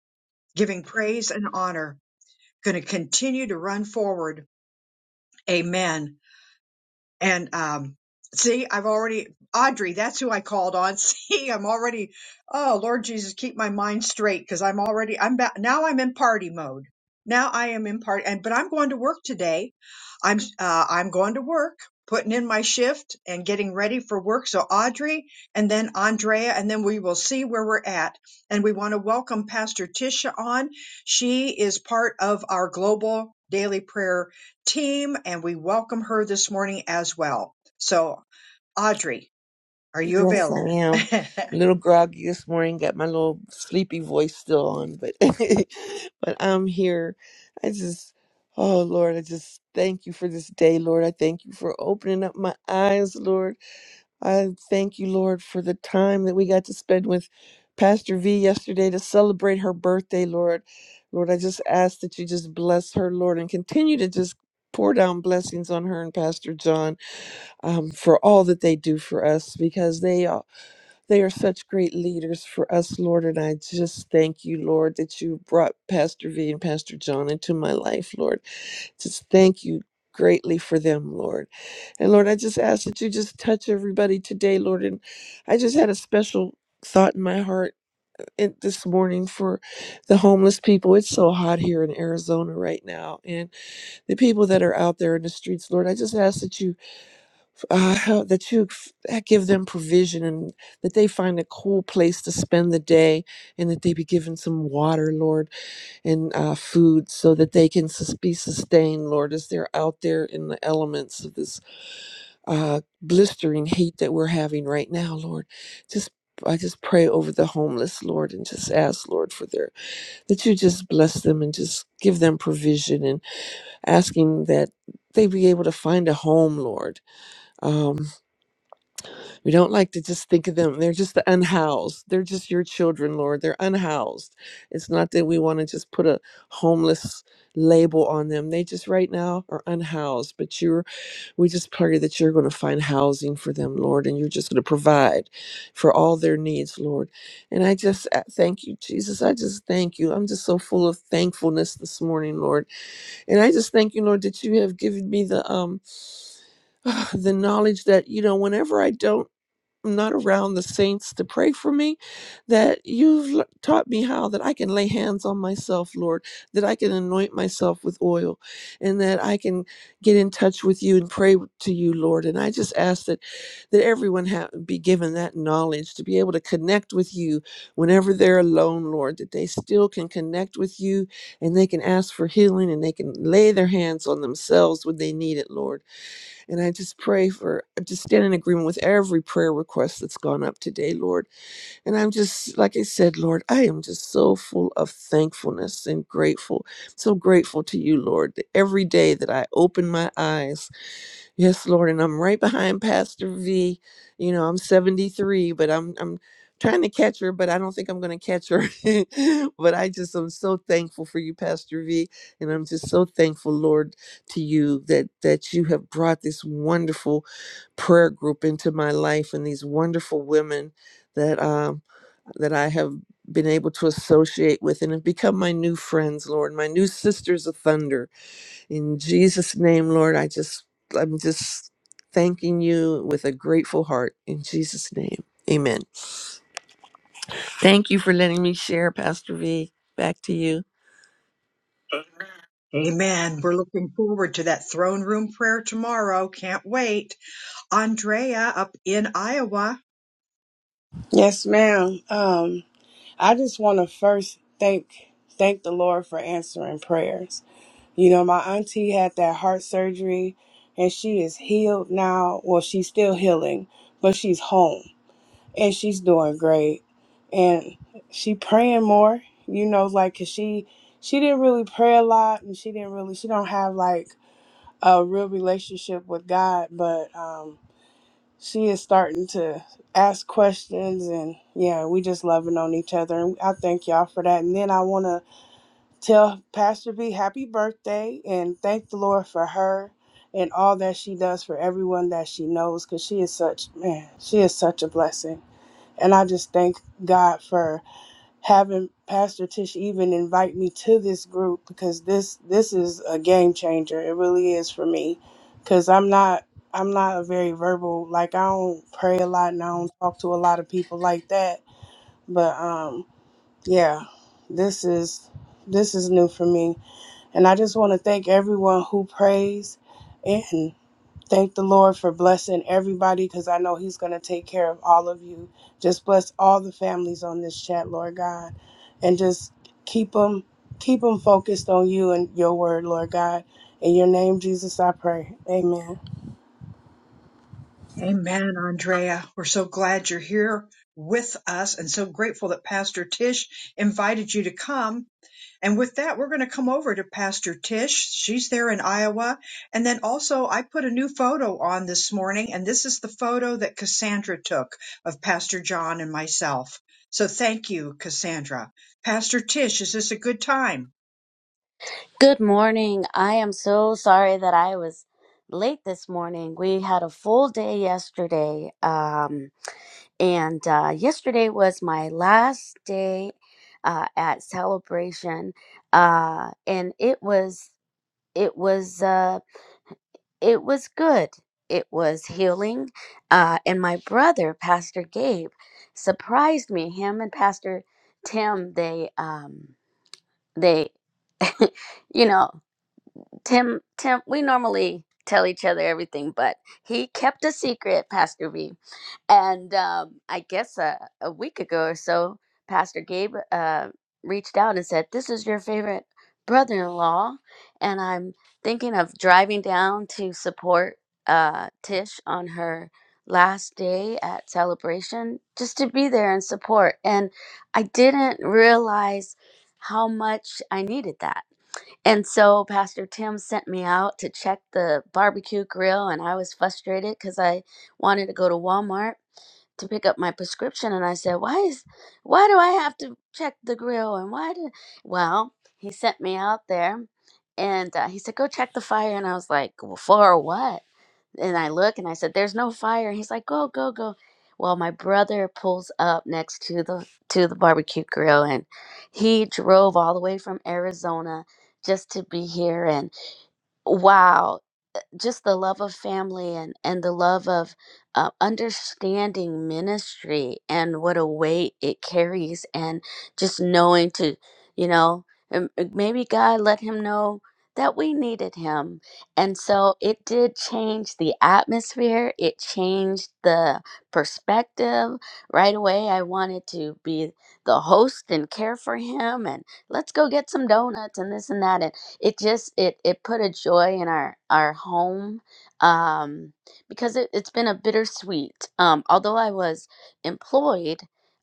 Giving praise and honor. Going to continue to run forward. Amen. And um, see, I've already, Audrey, that's who I called on. See, I'm already, oh, Lord Jesus, keep my mind straight because I'm already, I'm back, now I'm in party mode. Now I am in party, and, but I'm going to work today. I'm, uh, I'm going to work, putting in my shift and getting ready for work. So Audrey and then Andrea, and then we will see where we're at. And we want to welcome Pastor Tisha on. She is part of our global daily prayer team, and we welcome her this morning as well. So, Audrey, are you
Yes, I
available?
am. A little groggy this morning. Got my little sleepy voice still on, but but I'm here. I just, oh Lord, I just thank you for this day, Lord. I thank you for opening up my eyes, Lord. I thank you, Lord, for the time that we got to spend with Pastor V yesterday to celebrate her birthday, Lord. Lord, I just ask that you just bless her, Lord, and continue to just pour down blessings on her and Pastor John um, for all that they do for us because they are. They are such great leaders for us, Lord. And I just thank you, Lord, that you brought Pastor V and Pastor John into my life, Lord. Just thank you greatly for them, Lord. And Lord, I just ask that you just touch everybody today, Lord. And I just had a special thought in my heart uh, in- this morning for the homeless people. It's so hot here in Arizona right now. And the people that are out there in the streets, Lord, I just ask that you uh, help, that you f- uh, give them provision and that they find a cool place to spend the day and that they be given some water, Lord, and uh, food so that they can sus- be sustained, Lord, as they're out there in the elements of this uh, blistering heat that we're having right now, Lord. Just I just pray over the homeless, Lord, and just ask, Lord, for their that you just bless them and just give them provision and asking that they be able to find a home, Lord. Um, We don't like to just think of them. They're just the unhoused. They're just your children, Lord. They're unhoused. It's not that we want to just put a homeless label on them. They just right now are unhoused, but you're we just pray that you're going to find housing for them, Lord, and you're just going to provide for all their needs, Lord. And I just uh, thank you, Jesus. I just thank you. I'm just so full of thankfulness this morning, Lord. And I just thank you, Lord, that you have given me the um the knowledge that you know whenever I don't I'm not around the saints to pray for me, that you've l- taught me how that I can lay hands on myself, Lord, that I can anoint myself with oil, and that I can get in touch with you and pray to you, Lord. And I just ask that that everyone ha- be given that knowledge to be able to connect with you whenever they're alone, Lord, that they still can connect with you and they can ask for healing and they can lay their hands on themselves when they need it, Lord. And I just pray for, I just stand in agreement with every prayer request that's gone up today, Lord. And I'm just, like I said, Lord, I am just so full of thankfulness and grateful. So grateful to you, Lord, that every day that I open my eyes, Yes, Lord, and I'm right behind Pastor V. You know, I'm 73, but I'm I'm trying to catch her, but I don't think I'm going to catch her. but I just am so thankful for you, Pastor V, and I'm just so thankful, Lord, to you that that you have brought this wonderful prayer group into my life and these wonderful women that um that I have been able to associate with and have become my new friends, Lord, my new sisters of thunder in Jesus' name, Lord, I just I'm just thanking you with a grateful heart. In Jesus' name. Amen. Thank you for letting me share, Pastor V. Back to you.
Amen. We're looking forward to that throne room prayer tomorrow. Can't wait. Andrea up in Iowa.
Yes, ma'am. Um, I just want to first thank thank the Lord for answering prayers. You know, my auntie had that heart surgery, and she is healed now. Well, she's still healing, but she's home and she's doing great. And she praying more. You know, like 'cause she she didn't really pray a lot, and she didn't really she don't have like a real relationship with God, but um she is starting to ask questions and yeah we just loving on each other and i thank y'all for that and then i want to tell pastor b happy birthday and thank the lord for her and all that she does for everyone that she knows because she is such man she is such a blessing and i just thank god for having Pastor Tish even invite me to this group because this this is a game changer. It really is for me because I'm not I'm not a very verbal like I don't pray a lot and I don't talk to a lot of people like that. But um yeah, this is this is new for me, and I just want to thank everyone who prays. and Thank the Lord for blessing everybody because I know He's going to take care of all of you. Just bless all the families on this chat, Lord God, and just keep them keep them focused on you and your word, Lord God. In your name, Jesus, I pray. Amen.
Amen, Andrea. We're so glad you're here with us and so grateful that Pastor Tish invited you to come. And with that, we're going to come over to Pastor Tish. She's there in Iowa. And then also, I put a new photo on this morning, and this is the photo that Cassandra took of Pastor John and myself. So thank you, Cassandra. Pastor Tish, is this a good time?
Good morning. I am so sorry that I was late this morning. We had a full day yesterday, um, and uh, yesterday was my last day uh, at celebration, uh, and it was it was uh, it was good. It was healing, uh, and my brother, Pastor Gabe, surprised me. Him and Pastor Tim, they um, they you know. Tim, Tim, we normally tell each other everything, but he kept a secret, Pastor V. And um, I guess uh, a week ago or so, Pastor Gabe uh, reached out and said, This is your favorite brother in law. And I'm thinking of driving down to support uh, Tish on her last day at celebration just to be there and support. And I didn't realize how much I needed that and so Pastor Tim sent me out to check the barbecue grill, and I was frustrated because I wanted to go to Walmart to pick up my prescription and I said, "Why is why do I have to check the grill and why do Well, he sent me out there and uh, he said, "Go check the fire." And I was like, well, "For what?" and I look and I said, "There's no fire." And he's like, "Go, go, go." Well, my brother pulls up next to the to the barbecue grill, and he drove all the way from Arizona just to be here. And wow, just the love of family and and the love of uh, understanding ministry and what a weight it carries and just knowing to you know um, uh, maybe god let him know that we needed him and so it did change the atmosphere it changed the perspective right away i wanted to be the host and care for him and let's go get some donuts and this and that and it just it it put a joy in our our home um because it, it's been a bittersweet um although i was employed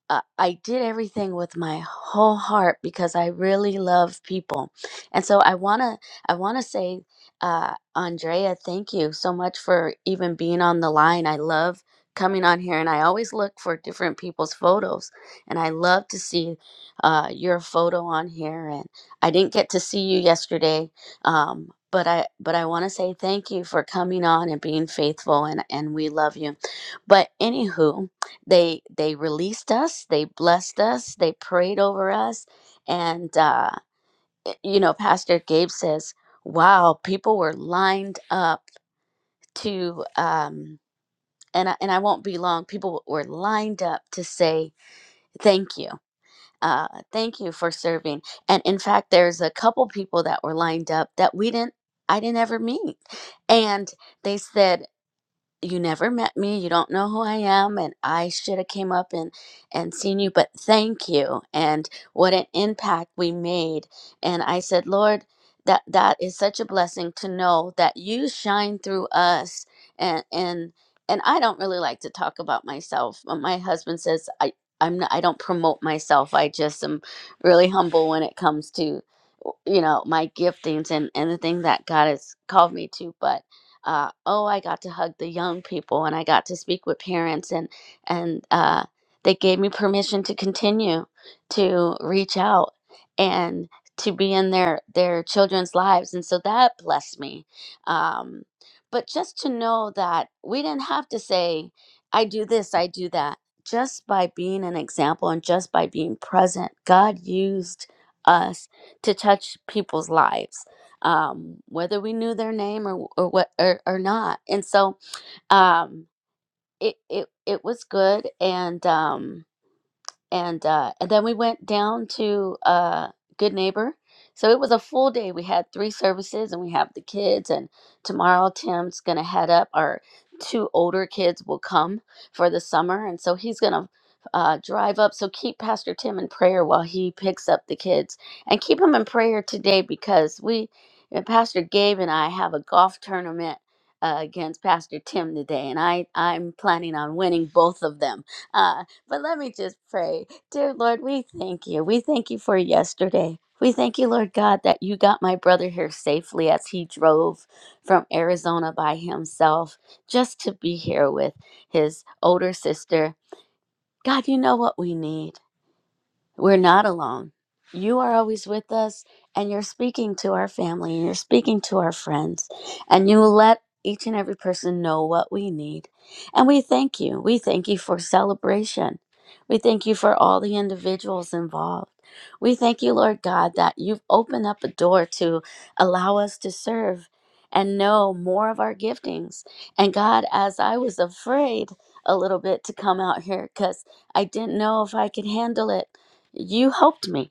uh, i did everything with my whole heart because i really love people and so i want to i want to say uh andrea thank you so much for even being on the line i love coming on here and i always look for different people's photos and i love to see uh, your photo on here I didn't get to see you yesterday, um, but I but I want to say thank you for coming on and being faithful, and and we love you. But anywho, they they released us, they blessed us, they prayed over us, and uh, you know, Pastor Gabe says, "Wow, people were lined up to." Um, and I, and I won't be long. People were lined up to say thank you uh, thank you for serving. And in fact, there's a couple people that were lined up that we didn't, I didn't ever meet. And they said, you never met me you don't know who i am and i should have came up and and seen you but thank you and what an impact we made and i said lord that that is such a blessing to know that you shine through us and and and i don't really like to talk about myself but my husband says i i'm not, i don't promote myself i just am really humble when it comes to you know my giftings and and the thing that god has called me to but uh, oh, I got to hug the young people and I got to speak with parents and and uh, they gave me permission to continue to reach out and to be in their their children's lives, and so that blessed me. Um, but just to know that we didn't have to say, I do this, I do that. Just by being an example and just by being present, God used us to touch people's lives um, whether we knew their name or or what or, or not. And so um, it it it was good, and um, and uh, and then we went down to uh, Good Neighbor. So it was a full day. We had three services, and we have the kids. And tomorrow, Tim's gonna head up. Our two older kids will come for the summer, and so he's gonna uh, drive up. So keep Pastor Tim in prayer while he picks up the kids, and keep him in prayer today because we, and Pastor Gabe and I, have a golf tournament. Uh, against Pastor Tim today, and I I'm planning on winning both of them. Uh, but let me just pray. Dear Lord, we thank you. We thank you for yesterday. We thank you, Lord God, that you got my brother here safely as he drove from Arizona by himself just to be here with his older sister. God, you know what we need. We're not alone. You are always with us, and you're speaking to our family, and you're speaking to our friends, and you let each and every person know what we need. And we thank you. We thank you for celebration. We thank you for all the individuals involved. We thank you, Lord God, that you've opened up a door to allow us to serve and know more of our giftings. And God, as I was afraid a little bit to come out here because I didn't know if I could handle it. You helped me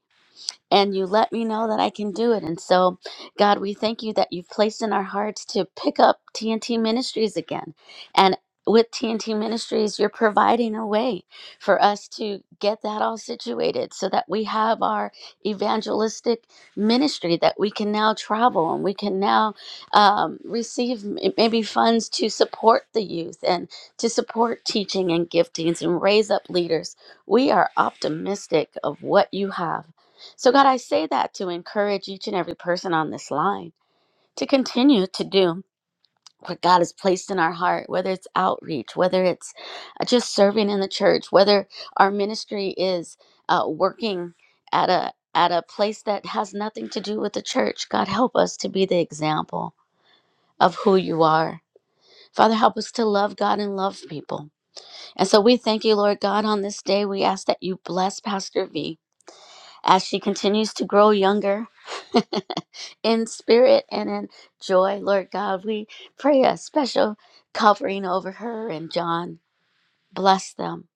and you let me know that I can do it. And so, God, we thank you that you've placed in our hearts to pick up TNT Ministries again. And with TNT Ministries, you're providing a way for us to get that all situated so that we have our evangelistic ministry that we can now travel and we can now um, receive m- maybe funds to support the youth and to support teaching and giftings and raise up leaders. We are optimistic of what you have. So, God, I say that to encourage each and every person on this line to continue to do what God has placed in our heart, whether it's outreach, whether it's uh, just serving in the church, whether our ministry is uh, working at a at a place that has nothing to do with the church. God, help us to be the example of who you are. Father, help us to love God and love people. And so we thank you, Lord God, on this day. We ask that you bless Pastor V. as she continues to grow younger in spirit and in joy. Lord God, we pray a special covering over her and John. Bless them.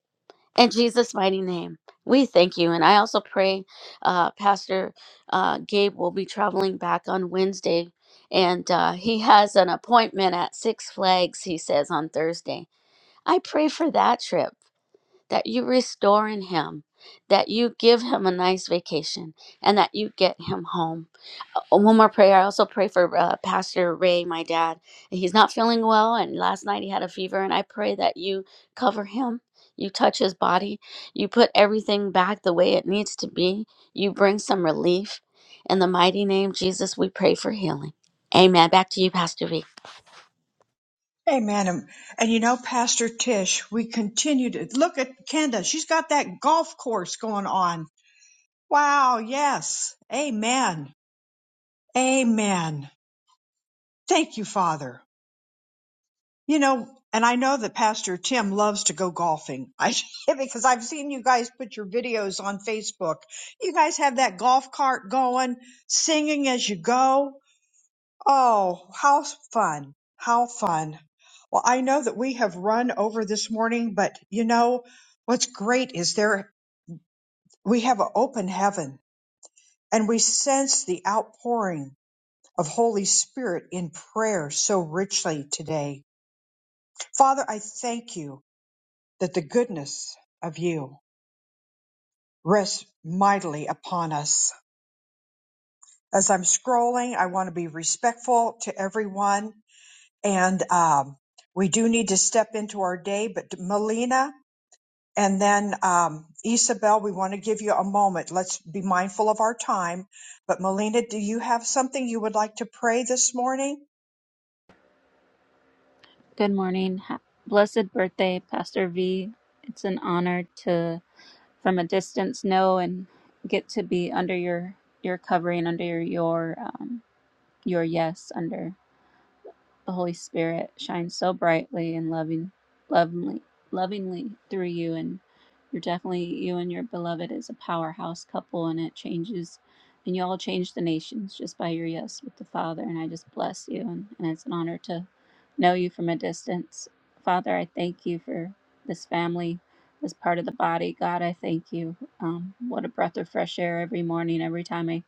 In Jesus' mighty name, we thank you. And I also pray uh, Pastor uh, Gabe will be traveling back on Wednesday. And uh, he has an appointment at Six Flags, he says, on Thursday. I pray for that trip that you restore in him, that you give him a nice vacation, and that you get him home. Uh, oh, One more prayer. I also pray for uh, Pastor Ray, my dad. He's not feeling well, and last night he had a fever, and I pray that you cover him. You touch his body. You put everything back the way it needs to be. You bring some relief. In the mighty name, Jesus, we pray for healing. Amen. Back to you, Pastor V.
Amen. And and you know, Pastor Tish, we continue to look at Kenda. She's got that golf course going on. Wow. Yes. Amen. Amen. Thank you, Father. You know, and I know that Pastor Tim loves to go golfing. I because I've seen you guys put your videos on Facebook. You guys have that golf cart going, singing as you go. Oh, how fun. How fun. Well, I know that we have run over this morning, but you know what's great is there we have an open heaven and we sense the outpouring of Holy Spirit in prayer so richly today. Father, I thank you that the goodness of you rests mightily upon us. As I'm scrolling, I want to be respectful to everyone. And um, we do need to step into our day, but Melina and then um, Isabel, we want to give you a moment. Let's be mindful of our time. But Melina, do you have something you would like to pray this morning?
Good morning. Ha- Blessed birthday, Pastor V. It's an honor to, from a distance, know and get to be under your your covering, under your your, um, your yes, under the Holy Spirit shines so brightly and loving, lovingly, lovingly through you. And you're definitely you and your beloved is a powerhouse couple, and it changes, and you all change the nations just by your yes with the Father. And I just bless you, and, and it's an honor to know you from a distance, Father. I thank you for this family. This part of the body, God, I thank you. Um, what a breath of fresh air every morning, every time I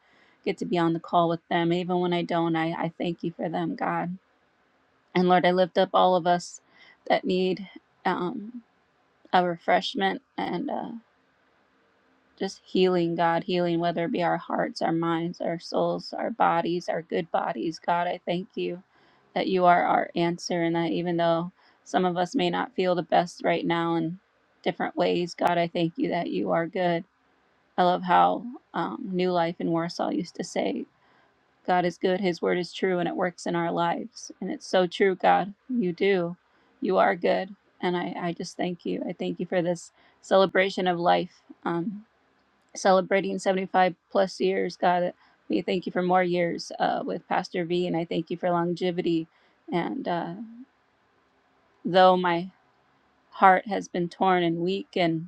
get to be on the call with them. Even when I don't, I, I thank you for them, God and Lord, I lift up all of us that need um, a refreshment and uh, just healing, God, healing, whether it be our hearts, our minds, our souls, our bodies, our good bodies. God, I thank you that you are our answer and that even though some of us may not feel the best right now in different ways, God, I thank you that you are good. I love how um, New Life in Warsaw used to say, God is good, His word is true, and it works in our lives. And it's so true, God. You do. You are good. And I, I just thank you. I thank you for this celebration of life, um, celebrating 75 plus years, God. We thank you for more years uh, with Pastor V, and I thank you for longevity. And uh, though my heart has been torn and weak, and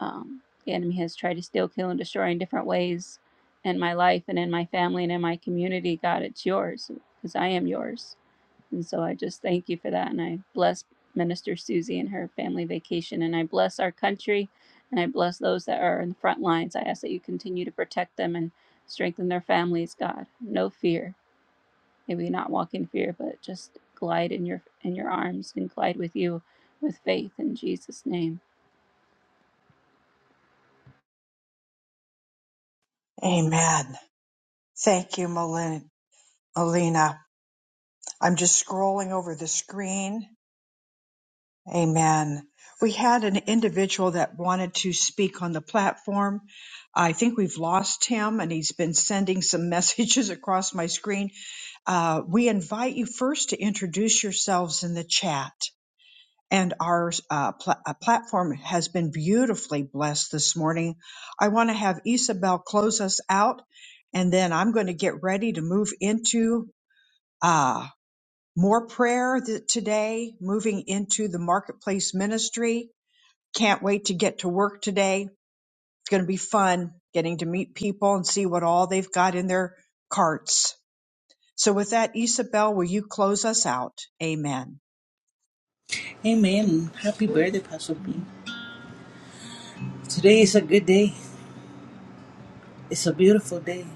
um, the enemy has tried to steal, kill, and destroy in different ways in my life and in my family and in my community. God, it's yours because I am yours. And so I just thank you for that. And I bless Minister Susie and her family vacation. And I bless our country and I bless those that are in the front lines. I ask that you continue to protect them and strengthen their families, God. No fear. May we not walk in fear, but just glide in your in your arms and glide with you with faith in Jesus' name.
Amen. Thank you, Melina. Melina. I'm just scrolling over the screen Amen. We had an individual that wanted to speak on the platform. I think we've lost him and he's been sending some messages across my screen. Uh, we invite you first to introduce yourselves in the chat. And our uh, pla- uh, platform has been beautifully blessed this morning. I want to have Isabel close us out and then I'm going to get ready to move into uh, more prayer th- today, moving into the marketplace ministry can't wait to get to work today. It's going to be fun getting to meet people and see what all they've got in their carts. So, with that, Isabel, will you close us out? Amen.
Amen. Happy birthday, Pastor B. Today is a good day. It's a beautiful day.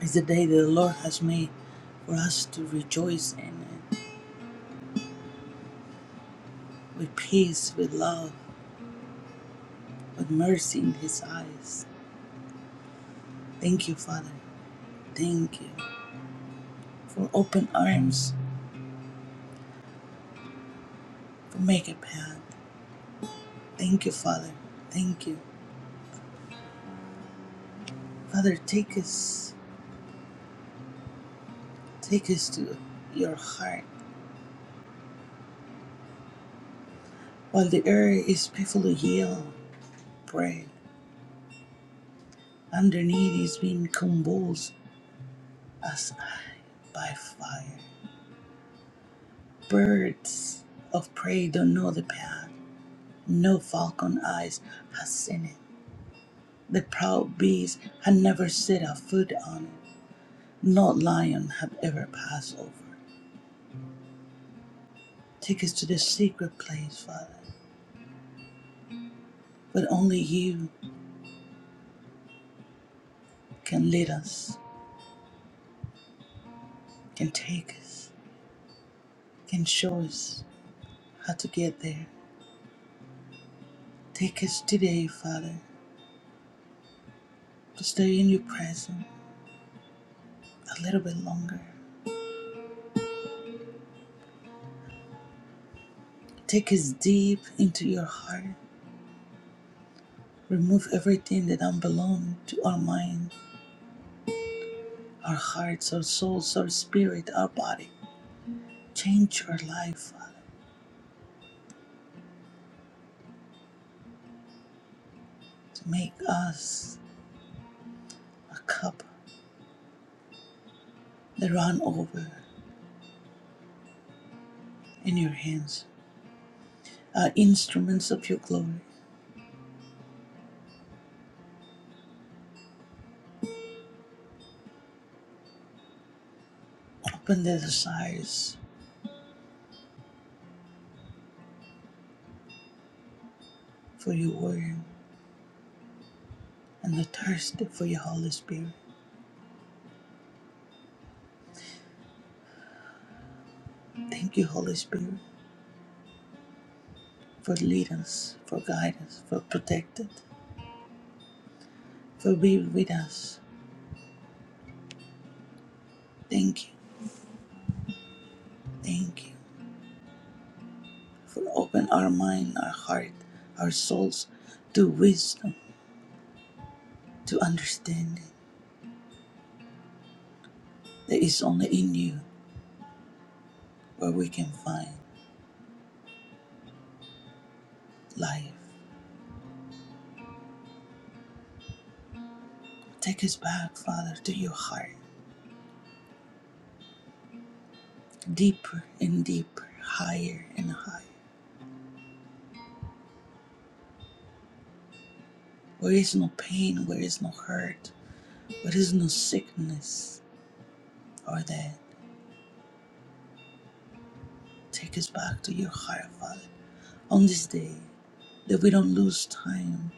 It's the day that the Lord has made for us to rejoice in it with peace, with love, with mercy in His eyes. Thank you, Father. Thank you for open arms, for make a path. Thank you, Father. Thank you. Father, take us, take us to your heart. While the earth is painfully yield, pray. Underneath is being convulsed as I by fire. Birds of prey don't know the path, no falcon eyes has seen it. The proud beast had never set a foot on it, not lion had ever passed over. Take us to the secret place, Father, but only you can lead us, can take us, can show us how to get there. Take us today, Father, to stay in your presence a little bit longer. Take us deep into your heart Remove everything that don't belong to our mind, our hearts, our souls, our spirit, our body. Change our life, Father, to make us a cup that run over in your hands, Our instruments of your glory. Open the desires for your word and the thirst for your Holy Spirit. Thank you, Holy Spirit, for leading us, for guiding us, for protecting, us, for being with us. Thank you, thank you. For open our mind, our heart, our souls to wisdom, to understanding that is only in you where we can find life. Take us back, Father, to your heart, deeper and deeper, higher and higher, where is no pain, where is no hurt, where is no sickness or death. Take us back to your heart, Father, on this day, that we don't lose time.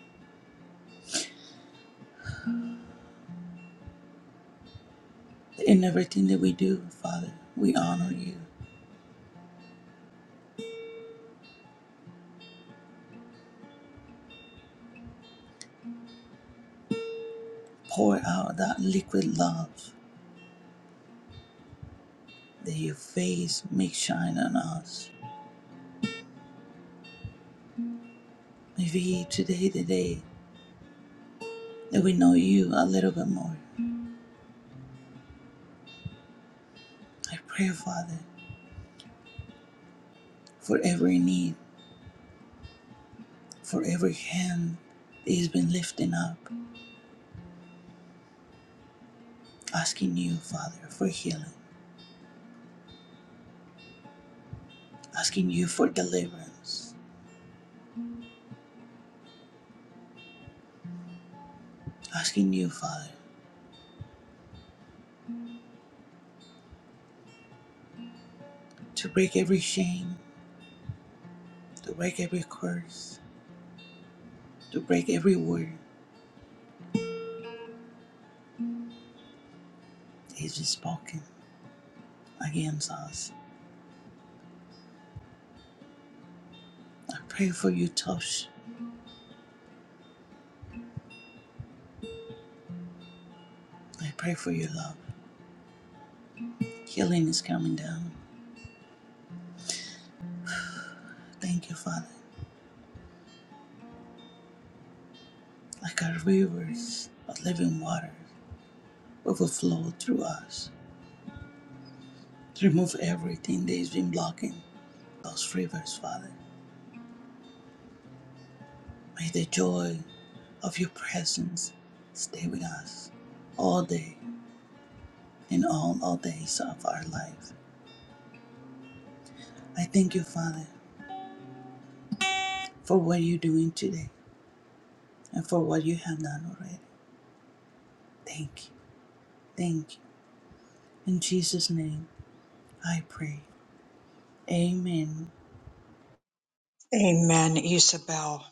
that In everything that we do, Father, we honor you. Pour out that liquid love that your face may shine on us. Maybe today, the day that we know you a little bit more. I pray, Father, for every need, for every hand that has been lifting up, asking you, Father, for healing, asking you for deliverance, asking you, Father, to break every shame, to break every curse, to break every word that has been spoken against us. I pray for your touch. I pray for your love. Healing is coming down. Thank you, Father. Like our rivers of living water overflow through us. Remove everything that has been blocking those rivers, Father. May the joy of your presence stay with us all day and all all days of our life. I thank you, Father, for what you're doing today and for what you have done already. Thank you. Thank you. In Jesus' name I pray. Amen.
Amen, Isabel.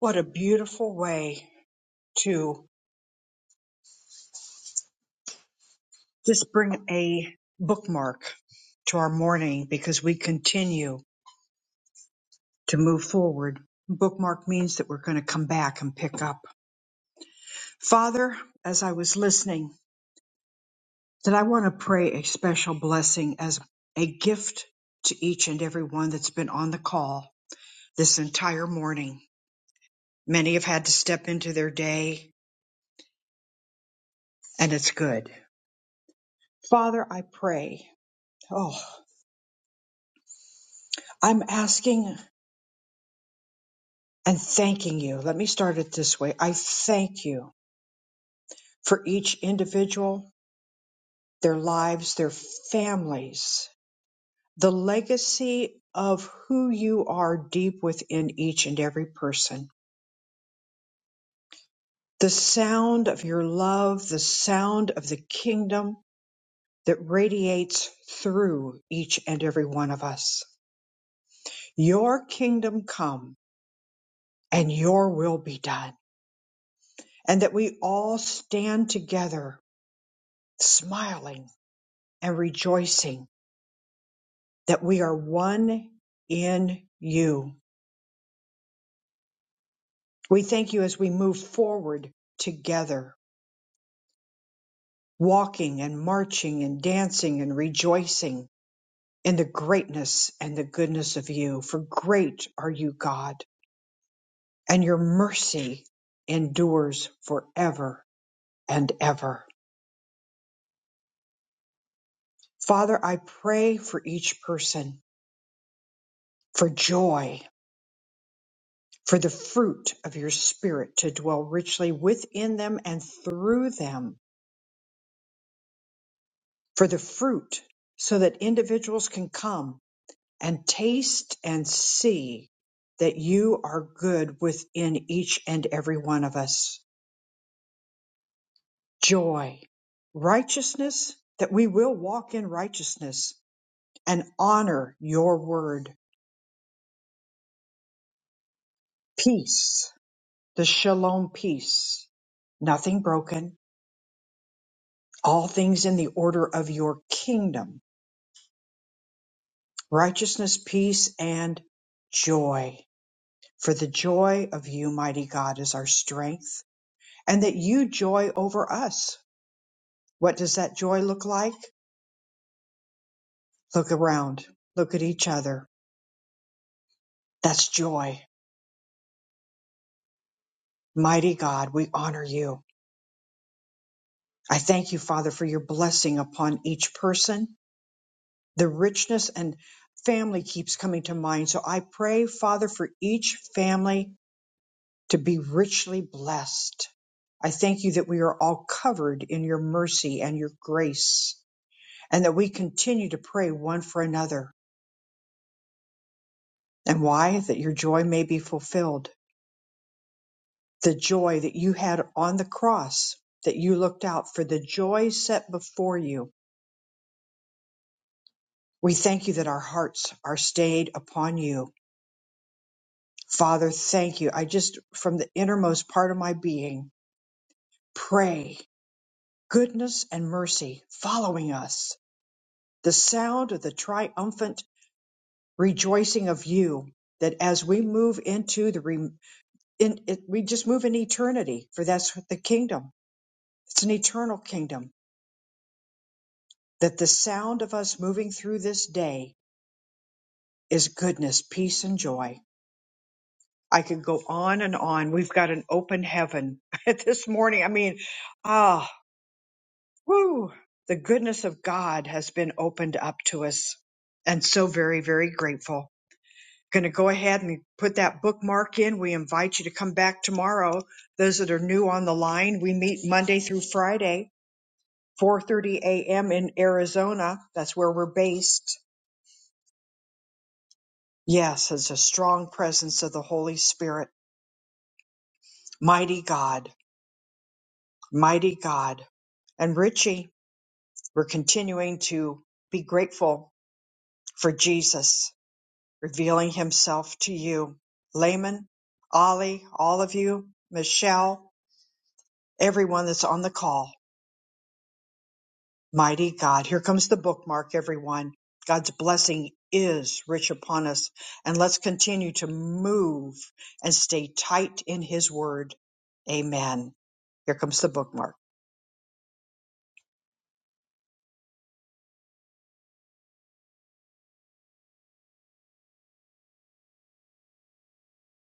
What a beautiful way to just bring a bookmark to our morning because we continue to move forward. Bookmark means that we're going to come back and pick up. Father, as I was listening, that I want to pray a special blessing as a gift to each and every one that's been on the call this entire morning. Many have had to step into their day, and it's good. Father, I pray. Oh, I'm asking and thanking you. Let me start it this way. I thank you for each individual, their lives, their families, the legacy of who you are deep within each and every person. the sound of your love, the sound of the kingdom that radiates through each and every one of us. Your kingdom come and your will be done. And that we all stand together, smiling and rejoicing that we are one in you. We thank you as we move forward together, walking and marching and dancing and rejoicing in the greatness and the goodness of you. For great are you, God, and your mercy endures forever and ever. Father, I pray for each person, for joy, for the fruit of your Spirit to dwell richly within them and through them, for the fruit so that individuals can come and taste and see that you are good within each and every one of us. joy, righteousness, that we will walk in righteousness and honor your word, peace, the shalom peace, nothing broken, all things in the order of your kingdom, righteousness, peace, and joy. For the joy of you, mighty God, is our strength, and that you joy over us. What does that joy look like? Look around, look at each other. That's joy. Mighty God, we honor you. I thank you, Father, for your blessing upon each person. The richness and family keeps coming to mind. So I pray, Father, for each family to be richly blessed. I thank you that we are all covered in your mercy and your grace, and that we continue to pray one for another. And why? That your joy may be fulfilled. The joy that you had on the cross, that you looked out for the joy set before you. We thank you that our hearts are stayed upon you Father, thank you. I just, from the innermost part of my being, pray goodness and mercy following us, the sound of the triumphant rejoicing of you, that as we move into the, re, in, it, we just move in eternity, for that's the kingdom. It's an eternal kingdom, that the sound of us moving through this day is goodness, peace, and joy. I could go on and on. We've got an open heaven this morning. I mean, ah. Woo! The goodness of God has been opened up to us. And so very, very grateful. Going to go ahead and put that bookmark in. We invite you to come back tomorrow. Those that are new on the line, we meet Monday through Friday, 4:30 a.m. in Arizona. That's where we're based. Yes, it's a strong presence of the Holy Spirit. Mighty God, mighty God. And Richie, we're continuing to be grateful for Jesus revealing himself to you. Layman, Ollie, all of you, Michelle, everyone that's on the call. Mighty God. Here comes the bookmark, everyone. God's blessing is rich upon us. And let's continue to move and stay tight in his word. Amen. Here comes the bookmark.